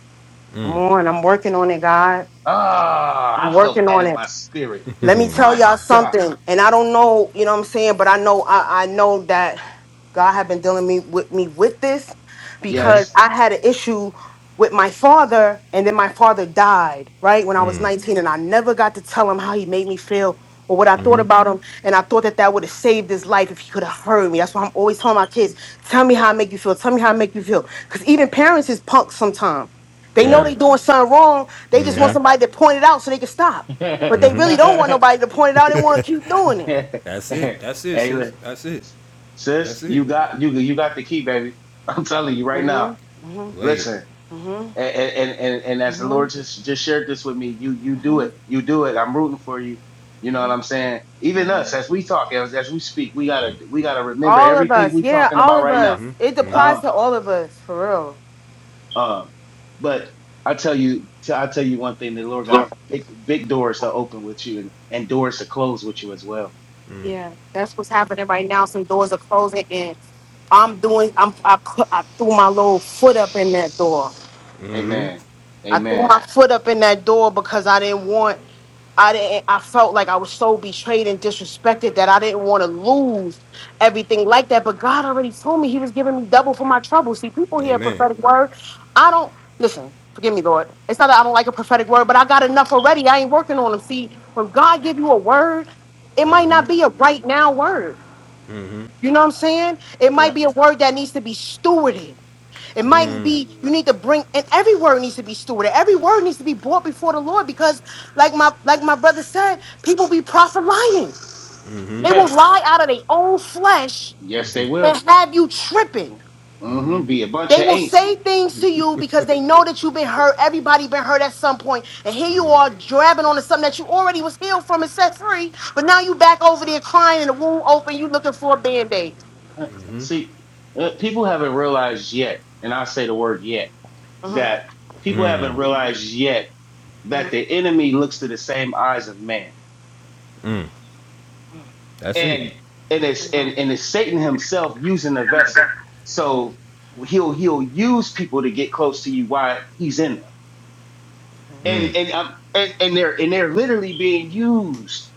[SPEAKER 3] Come on, I'm working on it, God.
[SPEAKER 2] Ah, I
[SPEAKER 3] I'm
[SPEAKER 2] felt
[SPEAKER 3] working
[SPEAKER 2] that
[SPEAKER 3] on
[SPEAKER 2] in
[SPEAKER 3] it.
[SPEAKER 2] my spirit.
[SPEAKER 3] Let me tell
[SPEAKER 2] My
[SPEAKER 3] y'all
[SPEAKER 2] God.
[SPEAKER 3] something, and I don't know, you know what I'm saying, but I know I, I know that God had been dealing me with me with this
[SPEAKER 1] mm-hmm,
[SPEAKER 3] because
[SPEAKER 2] Yes.
[SPEAKER 3] I had an issue with my father, and then my father died, right, when I was 19, and I never got to tell him how he made me feel or what I thought
[SPEAKER 1] mm-hmm,
[SPEAKER 3] about him, and I thought that that would have saved his life if he could have heard me. That's why I'm always telling my kids, tell me how I make you feel, tell me how I make you feel. Because even parents is punks sometimes. They know
[SPEAKER 2] Yeah.
[SPEAKER 3] they doing something wrong. They just want
[SPEAKER 1] mm-hmm.
[SPEAKER 3] somebody to point it out so they can stop.
[SPEAKER 2] Yeah.
[SPEAKER 3] But they really don't want nobody to point it out. They want to keep doing it.
[SPEAKER 1] That's it.
[SPEAKER 2] hey,
[SPEAKER 1] That's it, sis.
[SPEAKER 2] look,
[SPEAKER 1] That's it.
[SPEAKER 2] sis,
[SPEAKER 1] That's it.
[SPEAKER 2] you got you you got the key, baby. I'm telling you right now.
[SPEAKER 3] Mm-hmm. Mm-hmm.
[SPEAKER 1] Lay it.
[SPEAKER 2] Listen,
[SPEAKER 3] Mm-hmm.
[SPEAKER 2] and and and, and as the Lord
[SPEAKER 3] Mm-hmm.
[SPEAKER 2] just just shared this with me, you you do it, you do it. I'm rooting for you. You know what
[SPEAKER 3] Mm-hmm.
[SPEAKER 2] I'm saying? Even
[SPEAKER 3] Mm-hmm.
[SPEAKER 2] us, as we talk, as as we speak, we gotta we gotta remember
[SPEAKER 3] All of
[SPEAKER 2] everything
[SPEAKER 3] us.
[SPEAKER 2] we
[SPEAKER 3] Yeah,
[SPEAKER 2] talking
[SPEAKER 3] all
[SPEAKER 2] about
[SPEAKER 3] of
[SPEAKER 2] right now.
[SPEAKER 3] us.
[SPEAKER 1] Mm-hmm.
[SPEAKER 3] It
[SPEAKER 1] Mm-hmm.
[SPEAKER 3] applies
[SPEAKER 2] Um,
[SPEAKER 3] to all of us, for real.
[SPEAKER 2] um, but I tell you, I tell you one thing: the Lord got big, big doors to open with you, and, and doors to close with you as well.
[SPEAKER 3] Yeah, that's what's happening right now. Some doors are closing, and I'm doing. I'm. I, put, I threw my little foot up in that door.
[SPEAKER 1] Mm-hmm.
[SPEAKER 2] Amen.
[SPEAKER 3] I threw
[SPEAKER 2] Amen.
[SPEAKER 3] my foot up in that door because I didn't want I didn't I felt like I was so betrayed and disrespected that I didn't want to lose everything like that. But God already told me he was giving me double for my trouble. See, people
[SPEAKER 1] Mm-hmm.
[SPEAKER 3] hear a
[SPEAKER 1] Amen.
[SPEAKER 3] prophetic word. I don't listen, forgive me, Lord. It's not that I don't like a prophetic word, but I got enough already. I ain't working on them. See, when God give you a word, it might
[SPEAKER 1] Mm-hmm.
[SPEAKER 3] not be a right now word.
[SPEAKER 1] Mm-hmm.
[SPEAKER 3] You know what I'm saying? It might be a word that needs to be stewarded. It
[SPEAKER 2] Yeah.
[SPEAKER 3] might
[SPEAKER 1] Mm.
[SPEAKER 3] be you need to bring and every word needs to be stewarded. Every word needs to be brought before the Lord because like my like my brother said, people be prophet lying.
[SPEAKER 1] Mm-hmm.
[SPEAKER 3] They will
[SPEAKER 2] Yeah.
[SPEAKER 3] lie out of their own flesh
[SPEAKER 2] yes, they will.
[SPEAKER 3] and have you tripping.
[SPEAKER 1] Mm-hmm.
[SPEAKER 2] hmm Be a bunch
[SPEAKER 3] They
[SPEAKER 2] of
[SPEAKER 3] will
[SPEAKER 2] ain'ts.
[SPEAKER 3] say things to you because they know that you've been hurt. Everybody been hurt at some point, And here you are grabbing onto something that you already was healed from and set free. But now you back over there crying and the wound open, you looking for a band-aid.
[SPEAKER 2] Uh, See, uh, people haven't realized yet, and I say the word yet,
[SPEAKER 3] Mhm,
[SPEAKER 2] that people haven't realized yet that
[SPEAKER 3] mhm.
[SPEAKER 2] the enemy looks to the same eyes of man,
[SPEAKER 1] Mm.
[SPEAKER 3] My
[SPEAKER 1] That's it.
[SPEAKER 2] and and it's and and it's Satan himself using the vessel. So he'll he'll use people to get close to you while he's in them,
[SPEAKER 1] Mm.
[SPEAKER 2] and and um, and and they're and they're literally being used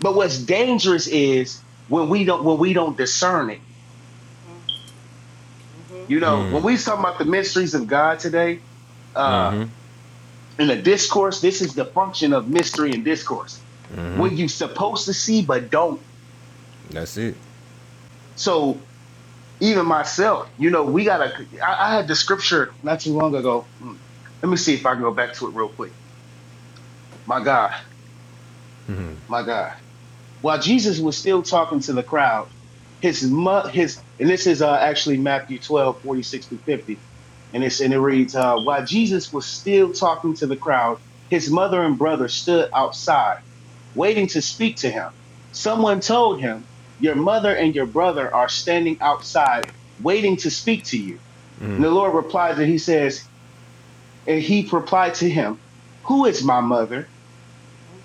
[SPEAKER 2] But what's dangerous is when we don't when we don't discern it. You know, when we talk about the mysteries of God today, uh,
[SPEAKER 1] Mm-hmm.
[SPEAKER 2] in a discourse, this is the function of mystery and discourse.
[SPEAKER 1] Mm-hmm.
[SPEAKER 2] When you supposed to see but don't.
[SPEAKER 1] That's it.
[SPEAKER 2] So even myself, you know, we gotta. I, I had the scripture not too long ago. Mm. Let me see if I can go back to it real quick. My God, my God. While Jesus was still talking to the crowd, his mu- his and this is actually Matthew 12 46 to 50. and it's and it reads. out, his mother understood, I, wait him. Someone told him, Your mother and your brother are standing outside waiting to speak to you. And the Lord replies and he says, And he replied to him, Who is my mother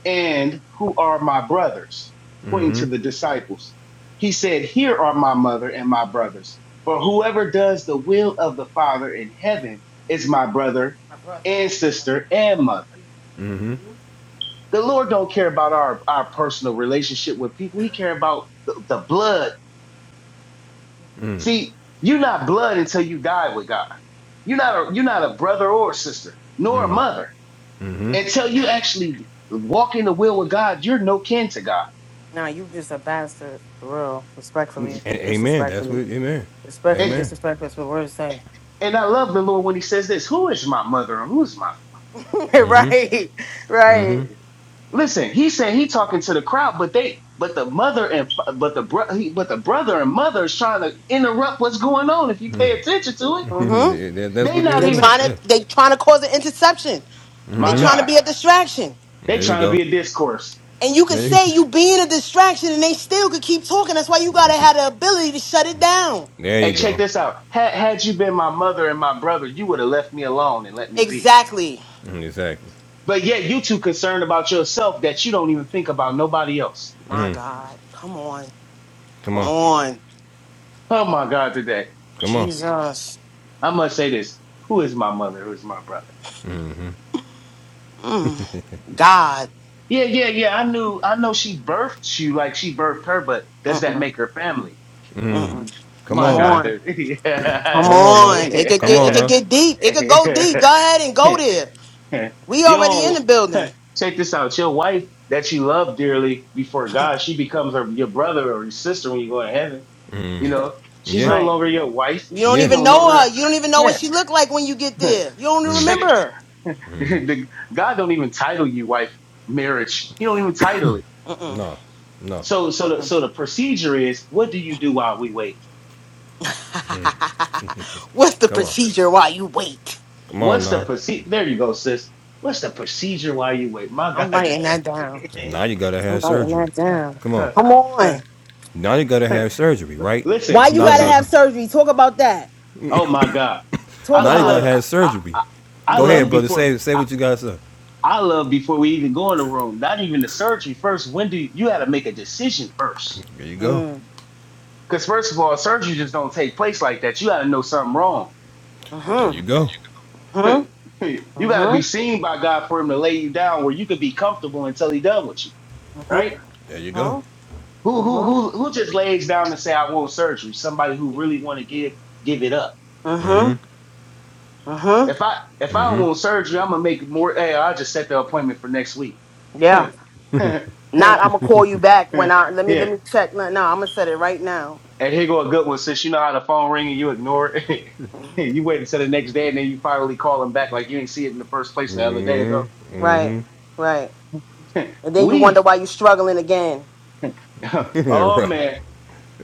[SPEAKER 2] and who are my brothers? Pointing to the disciples. He said, Here are my mother and my brothers. For whoever does the will of the Father in heaven is my brother
[SPEAKER 3] brother.
[SPEAKER 2] and sister and mother.
[SPEAKER 1] Mm-hmm.
[SPEAKER 2] The Lord don't care about our, our personal relationship with people. He care about the, the blood. See, you're not blood until you die with God. You're not a you're not a brother or a sister, nor a mother.
[SPEAKER 1] Mm-hmm.
[SPEAKER 2] Until you actually walk in the will of God, you're no kin to God.
[SPEAKER 3] Now you just a bastard, for real. Respectfully,
[SPEAKER 1] A- amen. That's what.
[SPEAKER 3] disrespectfully,
[SPEAKER 1] Amen.
[SPEAKER 2] And
[SPEAKER 3] respectfully,
[SPEAKER 1] Amen.
[SPEAKER 3] disrespectful. That's what we're saying.
[SPEAKER 2] and I love the Lord when he says this, who is my mother and who's my
[SPEAKER 3] right,
[SPEAKER 1] Mm-hmm.
[SPEAKER 3] right.
[SPEAKER 2] listen, he said he talking to the crowd, but they but the mother and fa- but the bro, he- but the brother and mother is trying to interrupt what's going on if you pay attention to it.
[SPEAKER 3] Mm-hmm.
[SPEAKER 1] that's
[SPEAKER 2] They
[SPEAKER 1] what they were
[SPEAKER 2] not
[SPEAKER 3] They
[SPEAKER 1] doing.
[SPEAKER 2] even
[SPEAKER 3] trying
[SPEAKER 1] Yeah.
[SPEAKER 3] to, they trying to cause an interception. They
[SPEAKER 2] my
[SPEAKER 3] trying
[SPEAKER 2] God.
[SPEAKER 3] to be a distraction.
[SPEAKER 2] They
[SPEAKER 1] There you
[SPEAKER 2] trying to
[SPEAKER 1] go.
[SPEAKER 2] be a discourse.
[SPEAKER 3] And you could
[SPEAKER 1] There you, go.
[SPEAKER 3] say you being a distraction, and they still could keep talking. That's why you gotta have the ability to shut it down.
[SPEAKER 1] There you
[SPEAKER 2] Hey, check
[SPEAKER 1] go.
[SPEAKER 2] this out. Had had you been my mother and my brother, you would have left me alone and let me be.
[SPEAKER 3] Exactly.
[SPEAKER 1] Mm, Exactly.
[SPEAKER 2] But yet you too concerned about yourself that you don't even think about nobody else.
[SPEAKER 3] My God, come on,
[SPEAKER 1] Come
[SPEAKER 3] come
[SPEAKER 1] on.
[SPEAKER 3] on.
[SPEAKER 2] Oh my God, today.
[SPEAKER 1] Come on.
[SPEAKER 3] Jesus.
[SPEAKER 2] I must say this. Who is my mother? Who is my brother?
[SPEAKER 3] Mm. God.
[SPEAKER 2] Yeah, yeah, yeah. I knew I know she birthed you like she birthed her, but does that
[SPEAKER 3] Mm-mm.
[SPEAKER 2] make her family?
[SPEAKER 3] Mm-mm.
[SPEAKER 1] Come
[SPEAKER 2] My
[SPEAKER 3] Come
[SPEAKER 1] on
[SPEAKER 2] God,
[SPEAKER 1] now.
[SPEAKER 3] on.
[SPEAKER 2] dude.
[SPEAKER 3] Come
[SPEAKER 2] yeah.
[SPEAKER 1] Come on now.
[SPEAKER 3] on. It could
[SPEAKER 1] Come
[SPEAKER 3] get it
[SPEAKER 1] on
[SPEAKER 3] could
[SPEAKER 1] now.
[SPEAKER 3] get deep. It could go deep.
[SPEAKER 2] yeah.
[SPEAKER 3] Go ahead and go there. We already in the
[SPEAKER 2] Yo,
[SPEAKER 3] building.
[SPEAKER 2] check this out. Your wife that you love dearly before God, she becomes her, your brother or your sister when you go to heaven. You know, she's
[SPEAKER 1] Yeah.
[SPEAKER 2] no
[SPEAKER 3] Right.
[SPEAKER 2] longer your wife.
[SPEAKER 3] You don't
[SPEAKER 2] He's
[SPEAKER 1] Yeah.
[SPEAKER 3] even
[SPEAKER 2] no
[SPEAKER 3] know her.
[SPEAKER 2] longer,
[SPEAKER 3] You don't even know what
[SPEAKER 2] yeah.
[SPEAKER 3] she looked like when you get there. You don't even
[SPEAKER 2] check
[SPEAKER 3] remember
[SPEAKER 2] it.
[SPEAKER 3] her.
[SPEAKER 2] the, God don't even title you wife marriage. He don't even title it.
[SPEAKER 3] Mm-mm.
[SPEAKER 1] No. No.
[SPEAKER 2] So so the, so
[SPEAKER 3] Mm-mm.
[SPEAKER 2] the procedure is what do you do while we wait?
[SPEAKER 3] What's the
[SPEAKER 1] Come on.
[SPEAKER 3] procedure while you wait?
[SPEAKER 1] Come on
[SPEAKER 2] What's the
[SPEAKER 1] now.
[SPEAKER 2] procedure? There you go, sis. What's the procedure while you wait? My God,
[SPEAKER 3] I'm writing
[SPEAKER 2] today.
[SPEAKER 3] that down.
[SPEAKER 1] Now you gotta
[SPEAKER 3] I'm
[SPEAKER 1] have
[SPEAKER 3] writing
[SPEAKER 1] surgery.
[SPEAKER 3] that
[SPEAKER 2] Huh,
[SPEAKER 3] down.
[SPEAKER 1] Come on.
[SPEAKER 3] Come
[SPEAKER 2] huh,
[SPEAKER 3] on.
[SPEAKER 1] Now you gotta
[SPEAKER 2] huh.
[SPEAKER 1] have surgery, right?
[SPEAKER 2] Listen,
[SPEAKER 3] Why you
[SPEAKER 1] No,
[SPEAKER 3] gotta
[SPEAKER 2] listen.
[SPEAKER 1] no.
[SPEAKER 3] have surgery? Talk about that.
[SPEAKER 2] Oh my God, I,
[SPEAKER 3] Talk
[SPEAKER 1] Now
[SPEAKER 2] I
[SPEAKER 1] you
[SPEAKER 3] about
[SPEAKER 1] gotta
[SPEAKER 2] love,
[SPEAKER 3] it.
[SPEAKER 1] have
[SPEAKER 2] I,
[SPEAKER 1] surgery.
[SPEAKER 2] I, I
[SPEAKER 1] Go
[SPEAKER 3] Uh-huh.
[SPEAKER 2] love
[SPEAKER 1] ahead, brother.
[SPEAKER 2] before,
[SPEAKER 1] Say say
[SPEAKER 2] I,
[SPEAKER 1] what you gotta say.
[SPEAKER 2] I love before we even go in the room. Not even the surgery first. When do you, you got to make a decision first?
[SPEAKER 1] There you go.
[SPEAKER 3] Mm.
[SPEAKER 2] Because first of all, surgery just don't take place like that. You got to know something wrong.
[SPEAKER 1] There
[SPEAKER 3] Uh-huh.
[SPEAKER 1] you go.
[SPEAKER 3] Uh-huh.
[SPEAKER 2] you got to be
[SPEAKER 3] Uh-huh.
[SPEAKER 2] seen by God for Him to lay you down where you could be comfortable until He done with you,
[SPEAKER 3] Uh-huh.
[SPEAKER 2] right?
[SPEAKER 1] There you go.
[SPEAKER 3] Uh-huh.
[SPEAKER 2] Who who
[SPEAKER 3] Uh-huh.
[SPEAKER 2] who who just lays down and say I want surgery? Somebody who really want to give give it up
[SPEAKER 3] Uh-huh. Uh-huh.
[SPEAKER 2] If I if I don't want surgery, I'm gonna make more. Hey, I'll just set the appointment for next week.
[SPEAKER 3] Yeah.
[SPEAKER 2] yeah, and
[SPEAKER 3] Not I'ma call you back when I let me let me check. No, no, I'm gonna set it right now.
[SPEAKER 2] here go a good one. Since you know how the phone ring and you ignore it, you wait until the next day and then you finally call them back like you didn't see it in the first place the other day ago.
[SPEAKER 3] Right. Right. And then you
[SPEAKER 2] we,
[SPEAKER 3] wonder why you struggling again.
[SPEAKER 2] oh
[SPEAKER 1] right.
[SPEAKER 2] man,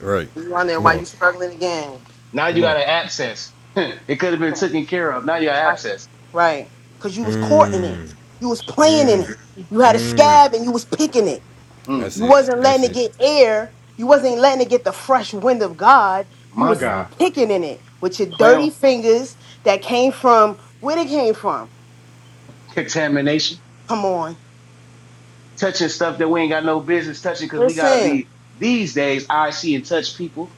[SPEAKER 1] Right.
[SPEAKER 3] You wonder
[SPEAKER 1] Come
[SPEAKER 3] why you
[SPEAKER 1] on.
[SPEAKER 3] struggling again.
[SPEAKER 2] now you
[SPEAKER 1] Come on.
[SPEAKER 2] got an abscess. it could have been taken care of. Now you got abscess.
[SPEAKER 3] Right. Cause you was courting it. You was playing in it. You had a scab and you was picking it.
[SPEAKER 2] Mm,
[SPEAKER 1] That's
[SPEAKER 3] You
[SPEAKER 1] it.
[SPEAKER 3] wasn't
[SPEAKER 1] That's
[SPEAKER 3] letting it
[SPEAKER 1] it.
[SPEAKER 3] get air. You wasn't letting it get the fresh wind of God. You
[SPEAKER 2] my
[SPEAKER 3] was
[SPEAKER 2] God,
[SPEAKER 3] picking in it with your dirty
[SPEAKER 2] plan
[SPEAKER 3] fingers that came from where they came from.
[SPEAKER 2] contamination.
[SPEAKER 3] Come on.
[SPEAKER 2] touching stuff that we ain't got no business touching because we gotta
[SPEAKER 3] Listen.
[SPEAKER 2] be these days I see and touch people.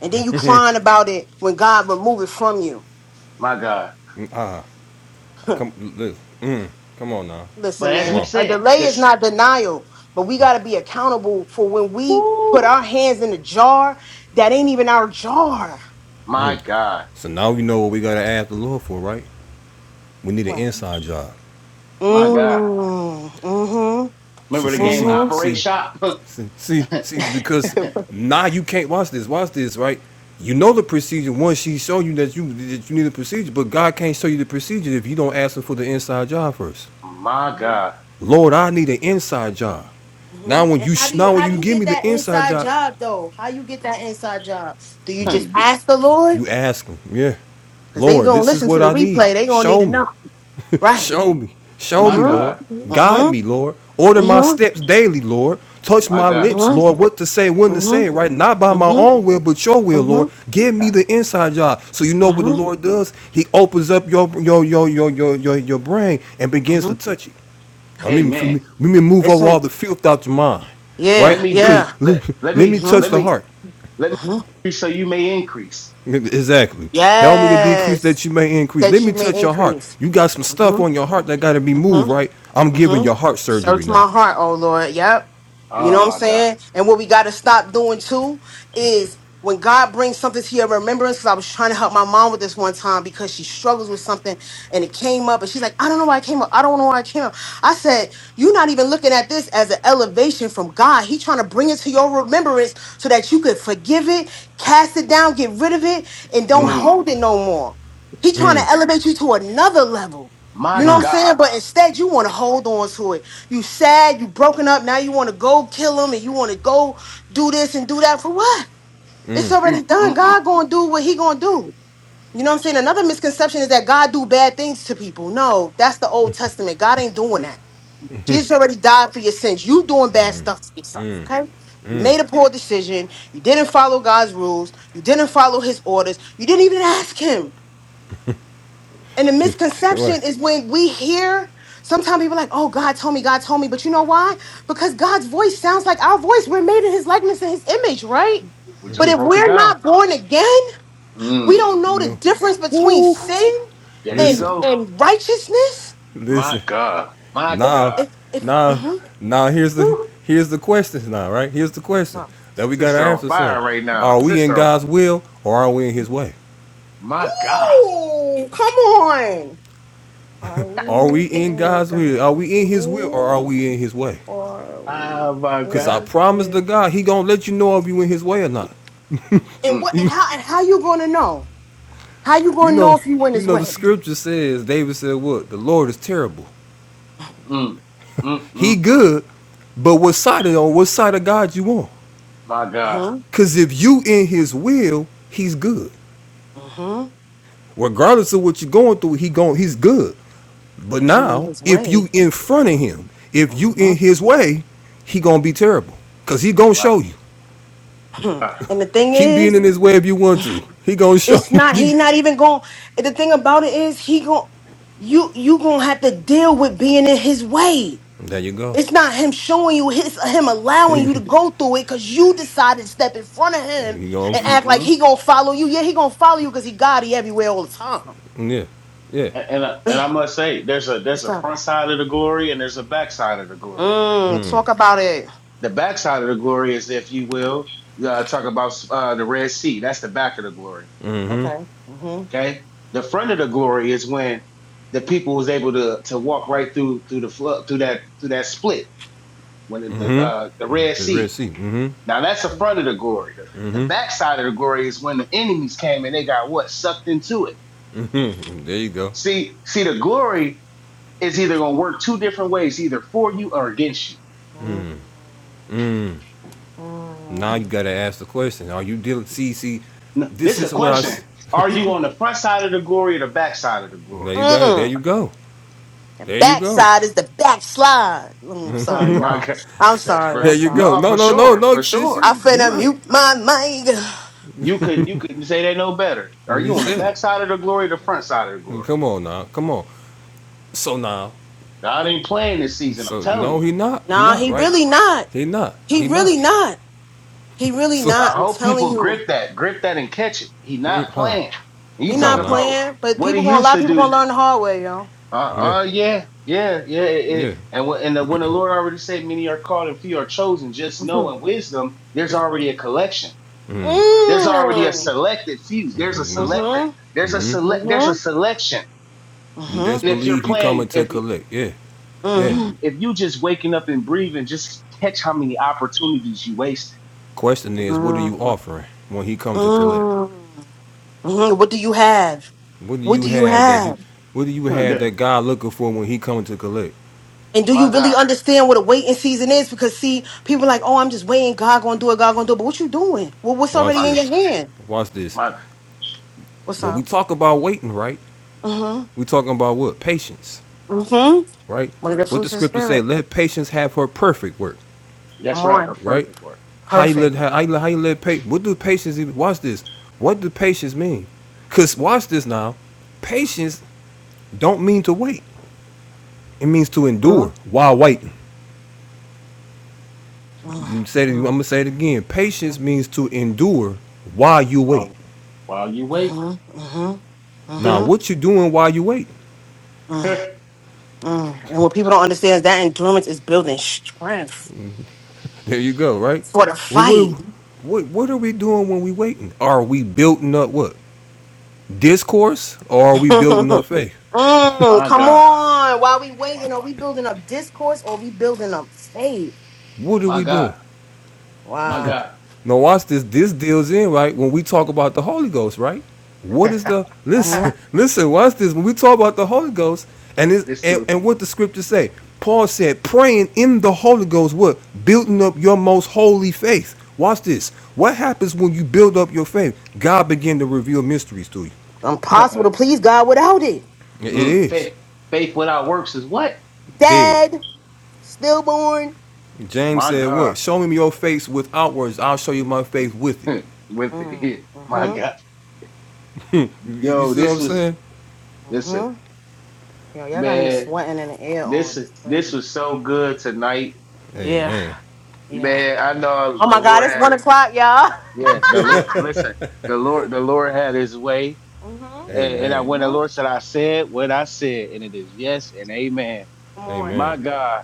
[SPEAKER 3] And then you crying about it when God remove it from you.
[SPEAKER 2] My God.
[SPEAKER 1] I come look. Mm. Come on now.
[SPEAKER 2] But
[SPEAKER 3] Listen,
[SPEAKER 2] as
[SPEAKER 1] Come
[SPEAKER 2] we
[SPEAKER 3] man.
[SPEAKER 1] on.
[SPEAKER 3] A
[SPEAKER 2] said,
[SPEAKER 3] delay is
[SPEAKER 2] this
[SPEAKER 3] not denial, but we gotta be accountable for when
[SPEAKER 2] woo,
[SPEAKER 3] we put our hands in a jar that ain't even our jar.
[SPEAKER 2] my God,
[SPEAKER 1] So now we know what we gotta ask the Lord for, right? We need an
[SPEAKER 3] What?
[SPEAKER 1] inside job.
[SPEAKER 2] my God.
[SPEAKER 3] Mm, mm-hmm.
[SPEAKER 1] See,
[SPEAKER 2] Remember the
[SPEAKER 1] see,
[SPEAKER 2] game
[SPEAKER 1] see,
[SPEAKER 2] Operate
[SPEAKER 1] see,
[SPEAKER 2] Shop?
[SPEAKER 1] see, see, see, because
[SPEAKER 3] Mm-hmm.
[SPEAKER 1] now you can't watch this. Watch this, right? You know the procedure. Once she show you that you that you need a procedure, but God can't show you the procedure if you don't ask Him for the inside job first.
[SPEAKER 2] my God.
[SPEAKER 1] Lord, I need an inside job.
[SPEAKER 3] hmm
[SPEAKER 1] Now when
[SPEAKER 3] And
[SPEAKER 1] you
[SPEAKER 3] how do you
[SPEAKER 1] now when
[SPEAKER 3] how do
[SPEAKER 1] you
[SPEAKER 3] you
[SPEAKER 1] give
[SPEAKER 3] get
[SPEAKER 1] me the
[SPEAKER 3] that
[SPEAKER 1] inside
[SPEAKER 3] inside
[SPEAKER 1] job,
[SPEAKER 3] job though? How you get that inside job? Do you
[SPEAKER 1] you,
[SPEAKER 3] just
[SPEAKER 2] my
[SPEAKER 3] ask the Lord?
[SPEAKER 1] you ask Him, yeah,
[SPEAKER 3] Cause they
[SPEAKER 1] Lord,
[SPEAKER 3] gonna
[SPEAKER 1] this is
[SPEAKER 3] listen to
[SPEAKER 1] what
[SPEAKER 3] the
[SPEAKER 1] I need.
[SPEAKER 3] replay. They gonna need
[SPEAKER 1] Show
[SPEAKER 3] to
[SPEAKER 1] me.
[SPEAKER 3] know, right?
[SPEAKER 1] Show me. Show me, Lord.
[SPEAKER 2] God.
[SPEAKER 3] Mm-hmm.
[SPEAKER 1] Guide me,
[SPEAKER 3] Mm-hmm.
[SPEAKER 1] Lord. Order my
[SPEAKER 3] Mm-hmm.
[SPEAKER 1] steps daily, Lord. Touch
[SPEAKER 2] My
[SPEAKER 1] my
[SPEAKER 2] God.
[SPEAKER 1] lips,
[SPEAKER 3] Mm-hmm.
[SPEAKER 1] Lord, what to say, when to
[SPEAKER 3] Mm-hmm.
[SPEAKER 1] say it, right? Not by my own will, but your will,
[SPEAKER 3] Mm-hmm.
[SPEAKER 1] Lord. Give me the inside job. So you know what the
[SPEAKER 3] Mm-hmm.
[SPEAKER 1] Lord does? He opens up your your your your your your, your brain and begins
[SPEAKER 3] Mm-hmm.
[SPEAKER 1] to touch it. I mean, for
[SPEAKER 2] Amen.
[SPEAKER 1] me, let me move over all
[SPEAKER 3] Listen.
[SPEAKER 1] the filth out your mind,
[SPEAKER 2] Let
[SPEAKER 3] Yeah.
[SPEAKER 1] right?
[SPEAKER 2] me
[SPEAKER 1] Because
[SPEAKER 2] be
[SPEAKER 3] Yeah.
[SPEAKER 1] let,
[SPEAKER 2] let let
[SPEAKER 1] let me
[SPEAKER 2] me
[SPEAKER 1] touch
[SPEAKER 2] let
[SPEAKER 3] Mm-hmm.
[SPEAKER 1] the
[SPEAKER 2] me
[SPEAKER 1] heart.
[SPEAKER 2] let me
[SPEAKER 3] Mm-hmm.
[SPEAKER 2] increase so you may increase.
[SPEAKER 1] Exactly. Help me to decrease
[SPEAKER 3] Yes.
[SPEAKER 1] that you may increase. Let
[SPEAKER 3] That you
[SPEAKER 1] me
[SPEAKER 3] may
[SPEAKER 1] touch your heart.
[SPEAKER 3] increase.
[SPEAKER 1] You got some stuff
[SPEAKER 3] Mm-hmm.
[SPEAKER 1] on your heart that got to be
[SPEAKER 3] Mm-hmm.
[SPEAKER 1] moved, right? I'm giving
[SPEAKER 3] hmm
[SPEAKER 1] your heart surgery
[SPEAKER 3] Search
[SPEAKER 1] now.
[SPEAKER 3] my heart, oh Lord. Yep. You
[SPEAKER 2] Oh
[SPEAKER 3] know what I'm
[SPEAKER 2] my God.
[SPEAKER 3] saying? And what we got to stop doing too is when God brings something to your remembrance, because I was trying to help my mom with this one time because she struggles with something and it came up and she's like, I don't know why it came up. I don't know why it came up. I said, You're not even looking at this as an elevation from God. He trying to bring it to your remembrance so that you could forgive it, cast it down, get rid of it, and don't
[SPEAKER 2] Mm,
[SPEAKER 3] hold it no more. He trying to elevate you to another level. You
[SPEAKER 2] my
[SPEAKER 3] know what I'm
[SPEAKER 2] God.
[SPEAKER 3] saying? But instead, you want to hold on to it. You sad, you broken up. Now you want to go kill him and you want to go do this and do that for what? It's already
[SPEAKER 2] Mm,
[SPEAKER 3] done.
[SPEAKER 2] mm, mm.
[SPEAKER 3] God gonna do what He gonna do. You know what I'm saying? Another misconception is that God do bad things to people. No, that's the Old Testament. God ain't doing that. Jesus already died for your sins. You doing bad stuff to yourself. Okay? You made a poor decision. You didn't follow God's rules. You didn't follow His orders. You didn't even ask Him. And the
[SPEAKER 1] What?
[SPEAKER 3] misconception is when we hear sometimes people are like, oh, God told me, God told me. But you know why? Because God's voice sounds like our voice. We're made in his likeness and his image, right?
[SPEAKER 2] We
[SPEAKER 3] But
[SPEAKER 2] just
[SPEAKER 3] if
[SPEAKER 2] broke it
[SPEAKER 3] we're
[SPEAKER 2] down.
[SPEAKER 3] not born again, we
[SPEAKER 2] Mm,
[SPEAKER 3] don't
[SPEAKER 1] You
[SPEAKER 3] know the
[SPEAKER 1] know?
[SPEAKER 3] difference between
[SPEAKER 1] Woo!
[SPEAKER 3] sin
[SPEAKER 2] there you
[SPEAKER 3] and,
[SPEAKER 1] Listen,
[SPEAKER 2] go.
[SPEAKER 3] and righteousness.
[SPEAKER 2] My
[SPEAKER 1] listen.
[SPEAKER 2] God. My
[SPEAKER 1] Now,
[SPEAKER 2] God.
[SPEAKER 3] If, if,
[SPEAKER 1] now,
[SPEAKER 3] uh-huh.
[SPEAKER 1] now. Here's the
[SPEAKER 2] Woo.
[SPEAKER 1] here's the question now, right? Here's the
[SPEAKER 3] What's
[SPEAKER 1] question
[SPEAKER 3] up?
[SPEAKER 1] that we gotta
[SPEAKER 2] Sister
[SPEAKER 3] Mhm.
[SPEAKER 1] ask
[SPEAKER 2] on fire
[SPEAKER 1] ourselves:
[SPEAKER 2] right now.
[SPEAKER 1] Are we in
[SPEAKER 2] Sister on
[SPEAKER 1] God's will or are we in His way?
[SPEAKER 2] my God.
[SPEAKER 3] Ooh, come on.
[SPEAKER 1] Are we in God's will? Are we in His will or are we in His way?
[SPEAKER 2] Oh my
[SPEAKER 1] Cause I
[SPEAKER 2] God.
[SPEAKER 1] promise to God, He gonna let you know if you in His way or not.
[SPEAKER 3] And
[SPEAKER 2] Mm,
[SPEAKER 3] what and how and how you gonna know? How you
[SPEAKER 1] You
[SPEAKER 3] gonna know
[SPEAKER 1] know,
[SPEAKER 3] if you went
[SPEAKER 1] you
[SPEAKER 3] his
[SPEAKER 1] know the
[SPEAKER 3] way?
[SPEAKER 1] scripture says David said what? The Lord is terrible.
[SPEAKER 2] mm, mm, mm,
[SPEAKER 1] He
[SPEAKER 2] mm.
[SPEAKER 1] good, but what side of on what side of God you on?
[SPEAKER 2] My God.
[SPEAKER 3] Mm-hmm.
[SPEAKER 1] Cause if you in his will, he's good.
[SPEAKER 3] Mm-hmm.
[SPEAKER 1] Regardless of what you're going through, he going he's good.
[SPEAKER 3] But
[SPEAKER 1] But
[SPEAKER 3] if you went
[SPEAKER 1] now,
[SPEAKER 3] his
[SPEAKER 1] if
[SPEAKER 3] way,
[SPEAKER 1] you in front of him, if you
[SPEAKER 3] Uh-huh.
[SPEAKER 1] in his way, he gonna be terrible. Cause he gonna
[SPEAKER 2] My
[SPEAKER 1] show you.
[SPEAKER 2] God.
[SPEAKER 3] And the thing
[SPEAKER 1] Keep being
[SPEAKER 3] is,
[SPEAKER 1] in his way if you want to. He gonna show
[SPEAKER 3] it's
[SPEAKER 1] you.
[SPEAKER 3] not he
[SPEAKER 1] You-
[SPEAKER 3] not even going the thing about it is he going you you going to have to deal with being in his way.
[SPEAKER 1] there you go.
[SPEAKER 3] It's not him showing you his him allowing you to
[SPEAKER 1] you
[SPEAKER 3] go through it cuz you decided to step in front of him
[SPEAKER 1] gonna
[SPEAKER 3] and act like
[SPEAKER 2] Mm-hmm.
[SPEAKER 3] he going to follow you. Yeah, he going to follow you cuz he God he everywhere all the time.
[SPEAKER 1] yeah. Yeah.
[SPEAKER 2] And and I, and
[SPEAKER 3] Eh,
[SPEAKER 2] I must say, there's a there's
[SPEAKER 3] What's
[SPEAKER 2] a
[SPEAKER 3] up?
[SPEAKER 2] front side of the glory and there's a back side of the glory.
[SPEAKER 3] Mm, talk about it.
[SPEAKER 2] The back side of the glory is, if you will, uh, talk about uh, the Red Sea. That's the back of the glory.
[SPEAKER 1] Mm-hmm.
[SPEAKER 3] Okay. Mhm.
[SPEAKER 2] Okay. The front of the glory is when the people was able to to walk right through through the flood through that through that split when the
[SPEAKER 1] Mm-hmm.
[SPEAKER 2] uh, the Red
[SPEAKER 1] The Red
[SPEAKER 2] Sea.
[SPEAKER 1] Sea. Mm-hmm.
[SPEAKER 2] Now that's the
[SPEAKER 3] Mm.
[SPEAKER 2] front of the glory.
[SPEAKER 1] Mm-hmm.
[SPEAKER 2] The, the backside of the glory is when the enemies came and they got what sucked into it.
[SPEAKER 1] Hmm, there you go.
[SPEAKER 2] See, see, the glory is either going to work two different ways, either for you or against you.
[SPEAKER 3] Mm.
[SPEAKER 1] Now you
[SPEAKER 3] Mm.
[SPEAKER 1] gotta ask the question. Are you dealing? See, see,
[SPEAKER 2] N- This
[SPEAKER 1] this
[SPEAKER 2] is a
[SPEAKER 1] is what I.
[SPEAKER 2] question:
[SPEAKER 1] s-
[SPEAKER 2] Are you on the front side of the glory or the back side of the
[SPEAKER 1] There
[SPEAKER 2] glory?
[SPEAKER 1] you go.
[SPEAKER 3] mm.
[SPEAKER 1] There you go.
[SPEAKER 3] And
[SPEAKER 1] There you go.
[SPEAKER 3] backside is the backslide. Mm, I'm sorry,
[SPEAKER 2] My
[SPEAKER 3] y'all.
[SPEAKER 2] God,
[SPEAKER 3] I'm
[SPEAKER 2] says
[SPEAKER 3] sorry.
[SPEAKER 2] for
[SPEAKER 3] I'm
[SPEAKER 1] There you
[SPEAKER 3] sorry.
[SPEAKER 1] go.
[SPEAKER 2] no,
[SPEAKER 1] No,
[SPEAKER 2] for
[SPEAKER 1] no, no,
[SPEAKER 2] sure,
[SPEAKER 1] no,
[SPEAKER 2] for
[SPEAKER 1] sis.
[SPEAKER 2] sure.
[SPEAKER 3] I
[SPEAKER 1] You, you
[SPEAKER 3] finna
[SPEAKER 1] right.
[SPEAKER 3] mute my mic.
[SPEAKER 2] You couldn't, you couldn't say they know better. Are
[SPEAKER 1] You
[SPEAKER 2] you on the
[SPEAKER 1] said
[SPEAKER 2] back side of the glory or the front side of the
[SPEAKER 1] it.
[SPEAKER 2] glory?
[SPEAKER 1] Come on now. Come on. So now.
[SPEAKER 2] God ain't
[SPEAKER 3] Mm.
[SPEAKER 2] playing this season. I'm
[SPEAKER 1] So
[SPEAKER 2] telling
[SPEAKER 1] no,
[SPEAKER 2] you.
[SPEAKER 1] he not. He
[SPEAKER 3] Nah,
[SPEAKER 1] not
[SPEAKER 3] he
[SPEAKER 1] right.
[SPEAKER 3] really not.
[SPEAKER 1] He not.
[SPEAKER 3] He
[SPEAKER 1] He
[SPEAKER 3] really
[SPEAKER 1] not.
[SPEAKER 3] not. He really
[SPEAKER 1] So,
[SPEAKER 3] not.
[SPEAKER 2] I
[SPEAKER 3] I'm
[SPEAKER 2] hope
[SPEAKER 3] telling
[SPEAKER 2] people
[SPEAKER 3] you.
[SPEAKER 2] grip that, grip that and catch it. He
[SPEAKER 1] mm,
[SPEAKER 2] not
[SPEAKER 1] huh?
[SPEAKER 2] playing. And
[SPEAKER 3] He
[SPEAKER 2] you
[SPEAKER 1] Come
[SPEAKER 2] talk
[SPEAKER 1] on
[SPEAKER 3] not
[SPEAKER 1] now.
[SPEAKER 2] about
[SPEAKER 3] playing, but
[SPEAKER 2] what he
[SPEAKER 3] people gonna a
[SPEAKER 2] used
[SPEAKER 3] lot of
[SPEAKER 2] to
[SPEAKER 3] people gonna
[SPEAKER 2] do.
[SPEAKER 3] learn the hard way, y'all.
[SPEAKER 2] Uh,
[SPEAKER 1] Yeah.
[SPEAKER 2] uh yeah, yeah, yeah. It, it-
[SPEAKER 1] Yeah.
[SPEAKER 2] and when, and the, when the Lord already said, many are called and few are chosen, just know in wisdom, there's
[SPEAKER 3] Mm.
[SPEAKER 2] already a collection. There's already a
[SPEAKER 3] Mm-hmm.
[SPEAKER 2] selected few. There's a selected. There's a
[SPEAKER 1] Mm-hmm.
[SPEAKER 2] select. There's a
[SPEAKER 3] Mm-hmm.
[SPEAKER 2] selection. And
[SPEAKER 1] Best
[SPEAKER 3] Mm-hmm.
[SPEAKER 2] if you're
[SPEAKER 1] believe he coming
[SPEAKER 2] playing,
[SPEAKER 1] to
[SPEAKER 2] if you
[SPEAKER 1] collect. Yeah. Yeah.
[SPEAKER 3] Mm.
[SPEAKER 2] you- if you just waking up and breathing, just catch how many opportunities you wasting.
[SPEAKER 1] Question is, what are you
[SPEAKER 3] Mm.
[SPEAKER 1] offering when he come to collect?
[SPEAKER 3] Mm. Mm. What do you have?
[SPEAKER 1] What do
[SPEAKER 3] What
[SPEAKER 1] you
[SPEAKER 3] do you
[SPEAKER 1] have that you
[SPEAKER 3] have?
[SPEAKER 1] what do you
[SPEAKER 2] Hmm,
[SPEAKER 1] have that
[SPEAKER 2] that-
[SPEAKER 1] God looking for when he coming to collect?
[SPEAKER 3] And do
[SPEAKER 2] My
[SPEAKER 3] you really
[SPEAKER 2] God,
[SPEAKER 3] understand what a waiting season is? Because see, people are like, oh, I'm just waiting. God gonna do it. God gonna do it. But what you doing? Well, what's
[SPEAKER 1] Watch
[SPEAKER 3] already
[SPEAKER 2] my
[SPEAKER 3] in your
[SPEAKER 1] this.
[SPEAKER 3] hand?
[SPEAKER 1] Watch this.
[SPEAKER 2] my.
[SPEAKER 3] What's
[SPEAKER 1] When we
[SPEAKER 3] up?
[SPEAKER 1] talk about waiting, right?
[SPEAKER 3] Mm-hmm.
[SPEAKER 1] We talking about what? Patience,
[SPEAKER 3] Mm-hmm.
[SPEAKER 1] right?
[SPEAKER 3] One of the
[SPEAKER 1] What the
[SPEAKER 3] fruits of the
[SPEAKER 1] scripture say,
[SPEAKER 3] spirit.
[SPEAKER 1] let patience have her perfect work,
[SPEAKER 2] That's
[SPEAKER 3] Come
[SPEAKER 2] right. A
[SPEAKER 3] on.
[SPEAKER 1] right?
[SPEAKER 2] perfect word.
[SPEAKER 1] How you
[SPEAKER 3] Perfect.
[SPEAKER 1] let how you, how you let pa- what do patience even watch this? What do patience mean? Cause watch this now. Patience don't mean to wait. It means to endure
[SPEAKER 3] Mm-hmm.
[SPEAKER 1] while waiting. I'm gonna
[SPEAKER 3] Mm-hmm.
[SPEAKER 1] say it again. Patience means to endure while you wait.
[SPEAKER 2] While while you
[SPEAKER 3] Mm-hmm.
[SPEAKER 2] wait,
[SPEAKER 3] Mm-hmm.
[SPEAKER 1] Now,
[SPEAKER 3] Mm-hmm.
[SPEAKER 1] what you doing while you wait?
[SPEAKER 3] Mm-hmm. And what people don't understand is that endurance is building strength
[SPEAKER 1] There you go, right?
[SPEAKER 3] for the
[SPEAKER 1] Well, what,
[SPEAKER 3] fight.
[SPEAKER 1] what, what are we doing when we waiting? Are we building up what? Discourse or are we building up
[SPEAKER 3] mm,
[SPEAKER 1] faith?
[SPEAKER 2] my
[SPEAKER 3] come
[SPEAKER 2] God,
[SPEAKER 3] on. While we
[SPEAKER 2] my
[SPEAKER 3] waiting, are we building up discourse or are we building up faith?
[SPEAKER 1] What are
[SPEAKER 2] my
[SPEAKER 1] we doing?
[SPEAKER 2] God, my
[SPEAKER 3] Wow.
[SPEAKER 2] God.
[SPEAKER 1] Now watch this. This deals in right when we talk about the Holy Ghost, right? What is the
[SPEAKER 3] Mm-hmm.
[SPEAKER 1] listen? Listen, watch this. When we talk about the Holy Ghost and this and, and what the scriptures say, Paul said, praying in the Holy Ghost, what building up your most holy faith. Watch this. What happens when you build up your faith? God begin to reveal mysteries to you.
[SPEAKER 3] It's impossible to please God without it.
[SPEAKER 1] It
[SPEAKER 2] Mm,
[SPEAKER 1] is
[SPEAKER 2] faith faith without works is what?
[SPEAKER 1] dead.
[SPEAKER 3] Dead, stillborn.
[SPEAKER 1] James
[SPEAKER 2] My
[SPEAKER 1] said,
[SPEAKER 2] God,
[SPEAKER 1] "What? Show me your faith without words. I'll show you my faith with it."
[SPEAKER 2] with
[SPEAKER 3] Mm,
[SPEAKER 2] it, my
[SPEAKER 3] mm-hmm.
[SPEAKER 2] God.
[SPEAKER 1] you you
[SPEAKER 2] Yo,
[SPEAKER 1] see what
[SPEAKER 2] this
[SPEAKER 1] I'm
[SPEAKER 2] was
[SPEAKER 1] saying?
[SPEAKER 2] listen,
[SPEAKER 3] Mm-hmm. Yo, y'all got me
[SPEAKER 2] man.
[SPEAKER 3] sweating in the air
[SPEAKER 2] This
[SPEAKER 3] on. It's
[SPEAKER 2] this
[SPEAKER 3] crazy.
[SPEAKER 2] was so good tonight,
[SPEAKER 3] Yeah.
[SPEAKER 1] Amen.
[SPEAKER 3] Yeah.
[SPEAKER 2] man. I know
[SPEAKER 3] Oh
[SPEAKER 2] the
[SPEAKER 3] my God,
[SPEAKER 2] Lord
[SPEAKER 3] it's one
[SPEAKER 2] had
[SPEAKER 3] o'clock, y'all.
[SPEAKER 2] yeah. The Lord listen. The Lord the Lord had His way, and, and I,
[SPEAKER 3] Mm-hmm.
[SPEAKER 1] Amen.
[SPEAKER 2] when the
[SPEAKER 3] Mm-hmm.
[SPEAKER 2] Lord said, "I said what I said," and it is yes and amen.
[SPEAKER 3] Come on.
[SPEAKER 1] Amen.
[SPEAKER 2] my God,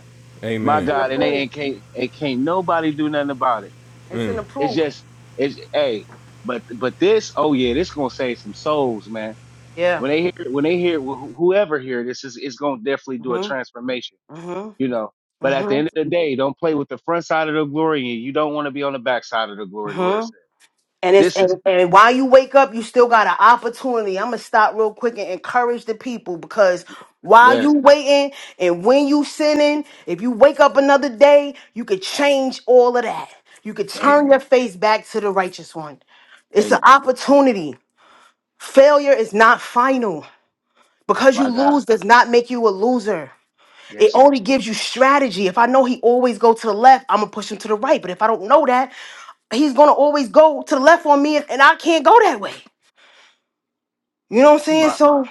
[SPEAKER 2] my
[SPEAKER 3] It's
[SPEAKER 1] Amen.
[SPEAKER 3] in the
[SPEAKER 2] God, and they
[SPEAKER 3] proof.
[SPEAKER 2] ain't can't it can't nobody do nothing about it.
[SPEAKER 3] It's in
[SPEAKER 1] Mm.
[SPEAKER 3] the
[SPEAKER 2] It's
[SPEAKER 3] proof.
[SPEAKER 2] just it's hey, but but this, oh yeah, this gonna save some souls, man.
[SPEAKER 3] Yeah.
[SPEAKER 2] When they hear when they hear wh- whoever hear this is it's gonna definitely do a
[SPEAKER 3] Mm-hmm.
[SPEAKER 2] transformation,
[SPEAKER 3] Mm-hmm.
[SPEAKER 2] you know. But at the
[SPEAKER 3] Mm-hmm.
[SPEAKER 2] end of the day, don't play with the front side of the glory, and you don't want to be on the back side of the glory. The
[SPEAKER 3] mm-hmm.
[SPEAKER 2] Lord said,
[SPEAKER 3] And it's
[SPEAKER 2] "This
[SPEAKER 3] and,
[SPEAKER 2] is
[SPEAKER 3] and while you wake up, you still got an opportunity. I'm gonna stop real quick and encourage the people because while you
[SPEAKER 2] yes,
[SPEAKER 3] waiting and when you sinning, if you wake up another day, you could change all of that. You could turn
[SPEAKER 2] Amen,
[SPEAKER 3] your face back to the righteous one. It's an
[SPEAKER 2] Amen,
[SPEAKER 3] opportunity. Failure is not final. Because you
[SPEAKER 2] my God,
[SPEAKER 3] lose does not make you a loser. It
[SPEAKER 2] yes, Lord,
[SPEAKER 3] only gives you strategy. If I know he always go to the left, I'm gonna push him to the right. But if I don't know that, he's gonna always go to the left on me, and and I can't go that way. You know what I'm saying?
[SPEAKER 2] my
[SPEAKER 3] So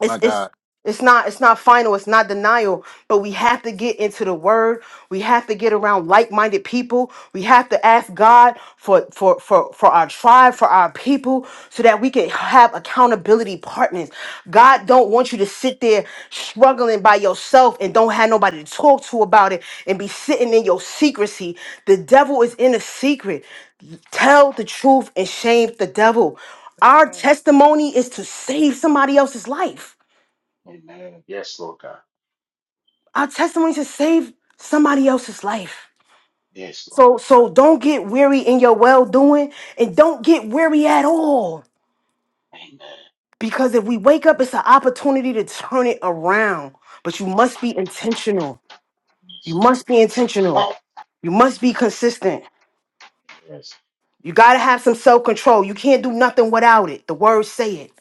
[SPEAKER 3] it's
[SPEAKER 2] my
[SPEAKER 3] it's
[SPEAKER 2] God,
[SPEAKER 3] it's not it's not final, it's not denial, but we have to get into the word. We have to get around like-minded people. We have to ask God for for for for our tribe, for our people so that we can have accountability partners. God don't want you to sit there struggling by yourself and don't have nobody to talk to about it and be sitting in your secrecy. The devil is in the secret. Tell the truth and shame the devil. Our
[SPEAKER 2] Amen,
[SPEAKER 3] testimony is to save somebody else's life.
[SPEAKER 2] Amen, yes, Lord God,
[SPEAKER 3] Our testimony to save somebody else's life.
[SPEAKER 2] yes, Lord
[SPEAKER 3] So
[SPEAKER 2] God,
[SPEAKER 3] so don't get weary in your well doing and don't get weary at all.
[SPEAKER 2] Amen."
[SPEAKER 3] Because if we wake up, it's an opportunity to turn it around. But you must be intentional. You must be intentional. You must be consistent. You gotta have some self-control. You can't do nothing without it. The words say it.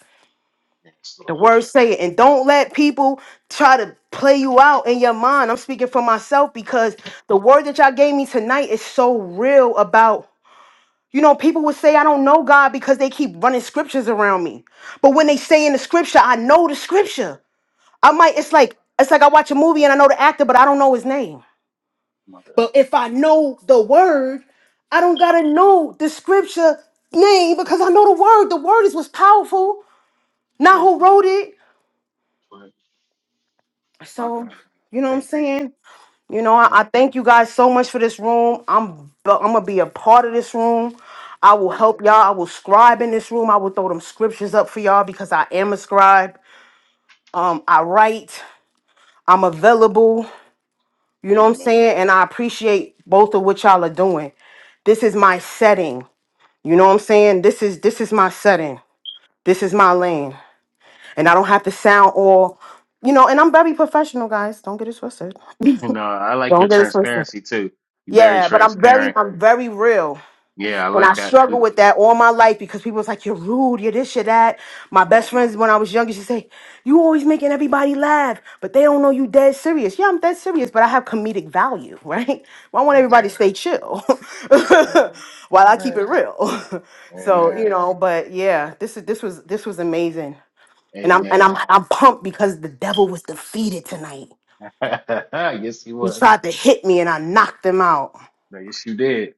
[SPEAKER 3] The words say it. And don't let people try to play you out in your mind. I'm speaking for myself because the word that y'all gave me tonight is so real about You know, people would say, I don't know God because they keep running scriptures around me. But when they say in the scripture, I know the scripture. I might, it's like, it's like I watch a movie and I know the actor, but I don't know his name.
[SPEAKER 2] My God.
[SPEAKER 3] But if I know the word, I don't gotta know the scripture name because I know the word. The word is what's powerful,
[SPEAKER 2] That's
[SPEAKER 3] not
[SPEAKER 2] right.
[SPEAKER 3] who wrote it.
[SPEAKER 2] That's right. My
[SPEAKER 3] So,
[SPEAKER 2] God.
[SPEAKER 3] you know what I'm
[SPEAKER 2] Thank you. Jesus.
[SPEAKER 3] saying? You know, I,
[SPEAKER 2] Thank
[SPEAKER 3] I thank you guys so much for this room. I'm I'm gonna be a part of this room. I will
[SPEAKER 2] you.
[SPEAKER 3] help
[SPEAKER 2] Amen.
[SPEAKER 3] y'all. I will scribe in this room. I will throw them scriptures up for y'all because I am a scribe. Um, I write. I'm available. You know what I'm
[SPEAKER 2] Amen.
[SPEAKER 3] saying? And I appreciate both of what y'all are doing. This is my setting. You know what I'm saying? This is this is my setting. This is my lane. And I don't have to sound all, you know. And I'm very professional, guys. Don't get it twisted.
[SPEAKER 2] And uh, I like your
[SPEAKER 3] Don't get it twisted.
[SPEAKER 2] transparency too. You're very
[SPEAKER 3] Yeah, but I'm very,
[SPEAKER 2] transparent.
[SPEAKER 3] I'm very real.
[SPEAKER 2] Yeah, I
[SPEAKER 3] And I
[SPEAKER 2] like that. We,
[SPEAKER 3] struggle with that all my life because people's like, you're rude, you're this, you're that. My
[SPEAKER 2] mm,
[SPEAKER 3] best friends, when I was younger, she say, you always making everybody laugh, but they don't know you dead serious. Yeah, I'm dead serious, but I have comedic value, right? I want
[SPEAKER 2] amen.
[SPEAKER 3] everybody to stay chill
[SPEAKER 2] Amen.
[SPEAKER 3] while I keep
[SPEAKER 2] Amen.
[SPEAKER 3] it real. so, you
[SPEAKER 2] Amen.
[SPEAKER 3] know, but yeah, this is, this was, this was amazing. And I'm, and I'm,
[SPEAKER 2] Amen.
[SPEAKER 3] I'm pumped because the devil was defeated tonight.
[SPEAKER 2] yes, he
[SPEAKER 3] He
[SPEAKER 2] was.
[SPEAKER 3] tried to hit me and I knocked him out.
[SPEAKER 2] No, Yes, you did.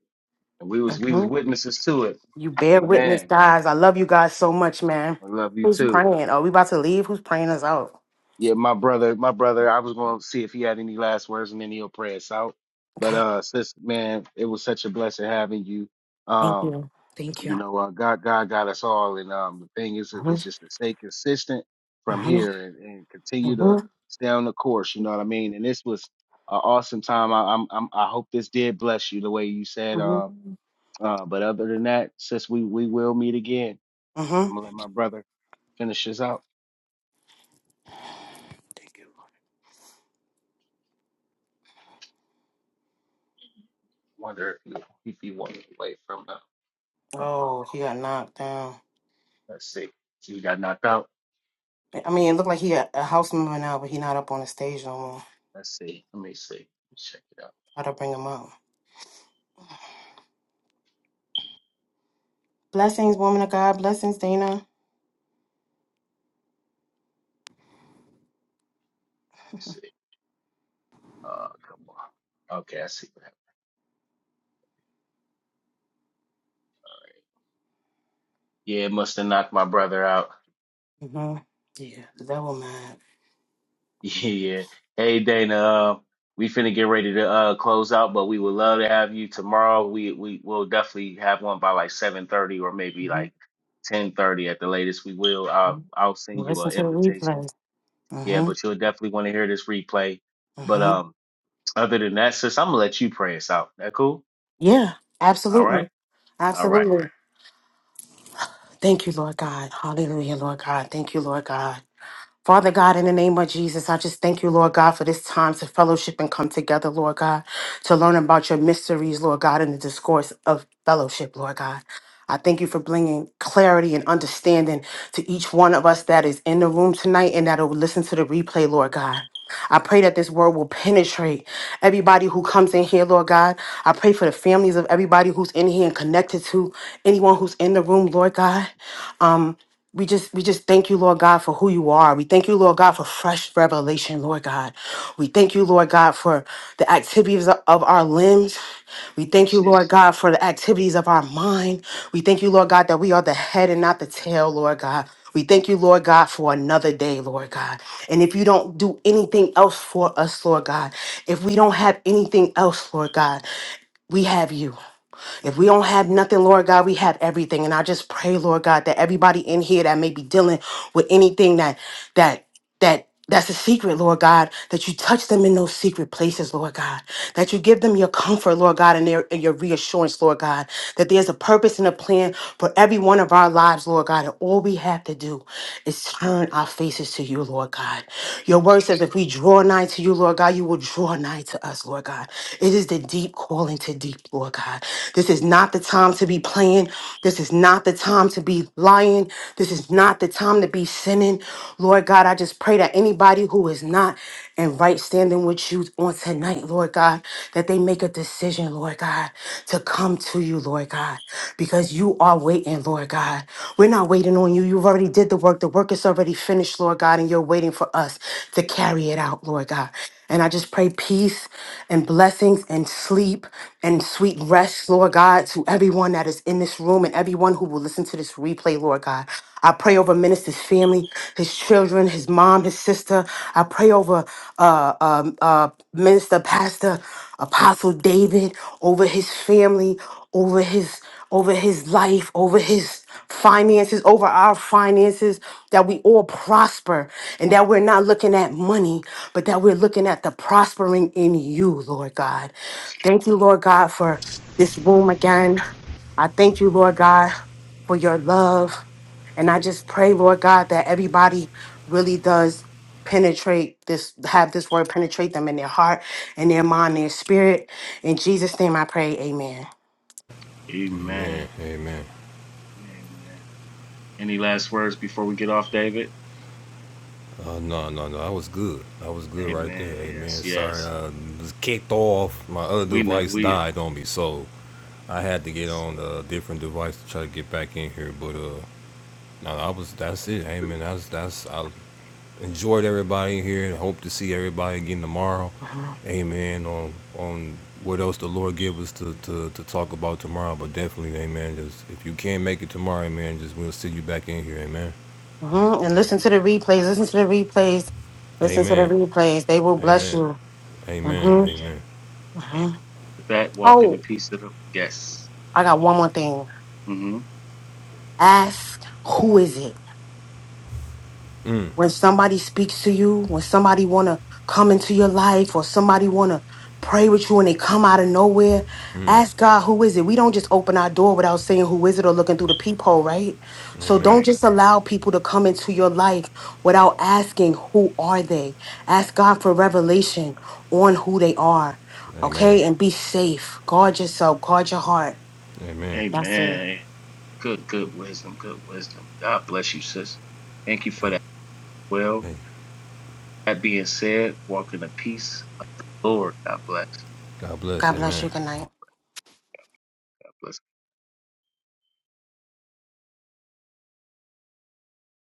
[SPEAKER 2] And we was we was witnesses to it.
[SPEAKER 3] You bear witness,
[SPEAKER 2] Amen.
[SPEAKER 3] guys. I love you guys so much, man.
[SPEAKER 2] I love you
[SPEAKER 3] Who's
[SPEAKER 2] too.
[SPEAKER 3] praying? Are we about to leave? Who's praying us out?
[SPEAKER 2] Yeah, my brother, my brother, I was going to see if he had any last words and then he'll pray us out. But
[SPEAKER 3] Okay.
[SPEAKER 2] uh sis, man, it was such a blessing having you.
[SPEAKER 3] Thank
[SPEAKER 2] Um,
[SPEAKER 3] you. Thank you.
[SPEAKER 2] you know, uh, God God got us all and um the thing is
[SPEAKER 3] hmm
[SPEAKER 2] is just to stay consistent from
[SPEAKER 3] hmm
[SPEAKER 2] here and, and continue
[SPEAKER 3] hmm
[SPEAKER 2] to stay on the course, you know what I mean? And this was an awesome time. I I'm, I'm I hope this did bless you the way you said
[SPEAKER 3] hmm
[SPEAKER 2] uh, uh but other than that, sis, we we will meet again.
[SPEAKER 3] hmm
[SPEAKER 2] I'm going to let my brother finish this out.
[SPEAKER 3] Thank you.
[SPEAKER 2] wonder if he, if he walked away from the. from the
[SPEAKER 3] Oh,
[SPEAKER 2] mic.
[SPEAKER 3] he got knocked down.
[SPEAKER 2] Let's see. You got knocked out.
[SPEAKER 3] I mean, it looked like he a, a house member now, but he not up on the stage no more.
[SPEAKER 2] Let's see. Let me see. Let's check it out.
[SPEAKER 3] How to bring him up? Blessings, woman of God. Blessings, Dana.
[SPEAKER 2] Let's see. Uh, come on. Okay, I see what happened. All right. Yeah, it must have knocked my brother out.
[SPEAKER 3] hmm Yeah, the devil mad.
[SPEAKER 2] Yeah. Hey, Dana. Uh, we finna get ready to uh close out, but we would love to have you tomorrow. We we will definitely have one by like seven thirty or maybe
[SPEAKER 3] hmm
[SPEAKER 2] like ten thirty at the latest. We will. I'll I'll send you
[SPEAKER 3] Listen
[SPEAKER 2] an
[SPEAKER 3] to the
[SPEAKER 2] invitation.
[SPEAKER 3] replay.
[SPEAKER 2] Yeah,
[SPEAKER 3] hmm
[SPEAKER 2] but you'll definitely want to hear this replay. But
[SPEAKER 3] hmm
[SPEAKER 2] um, other than that, sis, I'm gonna let you pray us out. That cool?
[SPEAKER 3] Yeah,
[SPEAKER 2] All right.
[SPEAKER 3] absolutely,
[SPEAKER 2] All right.
[SPEAKER 3] absolutely. Thank you, Lord God. Hallelujah, Lord God. Thank you, Lord God. Father God, in the name of Jesus, I just thank you, Lord God, for this time to fellowship and come together, Lord God, to learn about your mysteries, Lord God, in the discourse of fellowship, Lord God. I thank you for bringing clarity and understanding to each one of us that is in the room tonight and that will listen to the replay, Lord God. I pray that this word will penetrate everybody who comes in here, Lord God. I pray for the families of everybody who's in here and connected to anyone who's in the room, Lord God. Um, we just we just thank you, Lord God, for who you are. We thank you, Lord God, for fresh revelation, Lord God. We thank you, Lord God, for the activities of of our limbs. We thank you, Lord God, for the activities of our mind. We thank you, Lord God, that we are the head and not the tail, Lord God. We thank you, Lord God, for another day, Lord God. And if you don't do anything else for us, Lord God, if we don't have anything else, Lord God, we have you. If we don't have nothing, Lord God, we have everything. And I just pray, Lord God, that everybody in here that may be dealing with anything that that that that's a secret, Lord God, that you touch them in those secret places, Lord God, that you give them your comfort, Lord God, and, their, and your reassurance, Lord God, that there's a purpose and a plan for every one of our lives, Lord God, and all we have to do is turn our faces to you, Lord God. Your word says if we draw nigh to you, Lord God, you will draw nigh to us, Lord God. It is the deep calling to deep, Lord God. This is not the time to be playing. This is not the time to be lying. This is not the time to be sinning. Lord God, I just pray that anybody who is not in right standing with you on tonight, Lord God, that they make a decision, Lord God, to to come to you, Lord God, because you are waiting, Lord God. We're not waiting on you. You've already did the work. The work is already finished, Lord God, and you're waiting for us to carry it out, Lord God. And I just pray peace and blessings and sleep and sweet rest, Lord God, to everyone that is in this room and everyone who will listen to this replay, Lord God. I pray over Minister's family, his children, his mom, his sister. I pray over uh, um, uh, Minister Pastor. Apostle David over his family, over his over his life, over his finances, over our finances, that we all prosper and that we're not looking at money, but that we're looking at the prospering in you, Lord God.
[SPEAKER 2] Let's go.
[SPEAKER 3] Thank you, Lord God, for this room again. I thank you, Lord God, for your love. And I just pray, Lord God, that everybody really does penetrate this, have this word penetrate them in their heart in their mind, their spirit. In Jesus' name I pray, amen.
[SPEAKER 4] Amen.
[SPEAKER 2] Amen.
[SPEAKER 4] Amen.
[SPEAKER 2] Amen. Any last words before we get off, David?
[SPEAKER 4] Uh, no, no, no. I was good. I was good right there.
[SPEAKER 2] Amen.
[SPEAKER 4] Amen.
[SPEAKER 2] Yes,
[SPEAKER 4] Sorry,
[SPEAKER 2] yes.
[SPEAKER 4] I was kicked off. My other
[SPEAKER 2] We know
[SPEAKER 4] device
[SPEAKER 2] we
[SPEAKER 4] died on me, so I had to get
[SPEAKER 2] yes.
[SPEAKER 4] on a different device to try to get back in here. But uh, no, I was. That's it. Amen. That's that's. I enjoyed everybody in here and hope to see everybody again tomorrow.
[SPEAKER 3] Mhm.
[SPEAKER 4] Amen. On on what else the Lord give us to, to, to talk about tomorrow, but definitely, Amen. Just if you can't make it tomorrow, Amen, just we'll see you back in here, Amen.
[SPEAKER 3] Mhm. And
[SPEAKER 2] Amen.
[SPEAKER 3] listen to the replays, listen to the replays, listen to the
[SPEAKER 4] Amen.
[SPEAKER 3] replays. They will bless
[SPEAKER 4] Amen.
[SPEAKER 3] you.
[SPEAKER 4] Amen.
[SPEAKER 3] hmm
[SPEAKER 2] Amen.
[SPEAKER 4] Amen.
[SPEAKER 2] Amen.
[SPEAKER 3] hmm
[SPEAKER 2] With that, walk in the
[SPEAKER 3] Oh,
[SPEAKER 2] peace of the yes.
[SPEAKER 3] I got one more thing.
[SPEAKER 2] Mm-hmm.
[SPEAKER 3] Ask who is it? when somebody speaks to you, when somebody want to come into your life or somebody want to pray with you and they come out of nowhere,
[SPEAKER 4] Mm.
[SPEAKER 3] ask God, who is it? We don't just open our door without saying who is it or looking through the peephole, right? So
[SPEAKER 4] Amen.
[SPEAKER 3] don't
[SPEAKER 2] Right.
[SPEAKER 3] just allow people to come into your life without asking who are they? Ask God for revelation on who they are.
[SPEAKER 4] Amen.
[SPEAKER 3] Okay? And be safe. Guard yourself, guard your heart.
[SPEAKER 4] Amen.
[SPEAKER 3] That's it.
[SPEAKER 2] Amen. Good, good wisdom, good wisdom. God bless you, sis. Thank you for that. Well,
[SPEAKER 4] Hey,
[SPEAKER 2] that being said, walk in the peace of the Lord. God bless.
[SPEAKER 4] God bless.
[SPEAKER 3] God bless
[SPEAKER 4] Amen.
[SPEAKER 3] you. Good night.
[SPEAKER 2] God bless.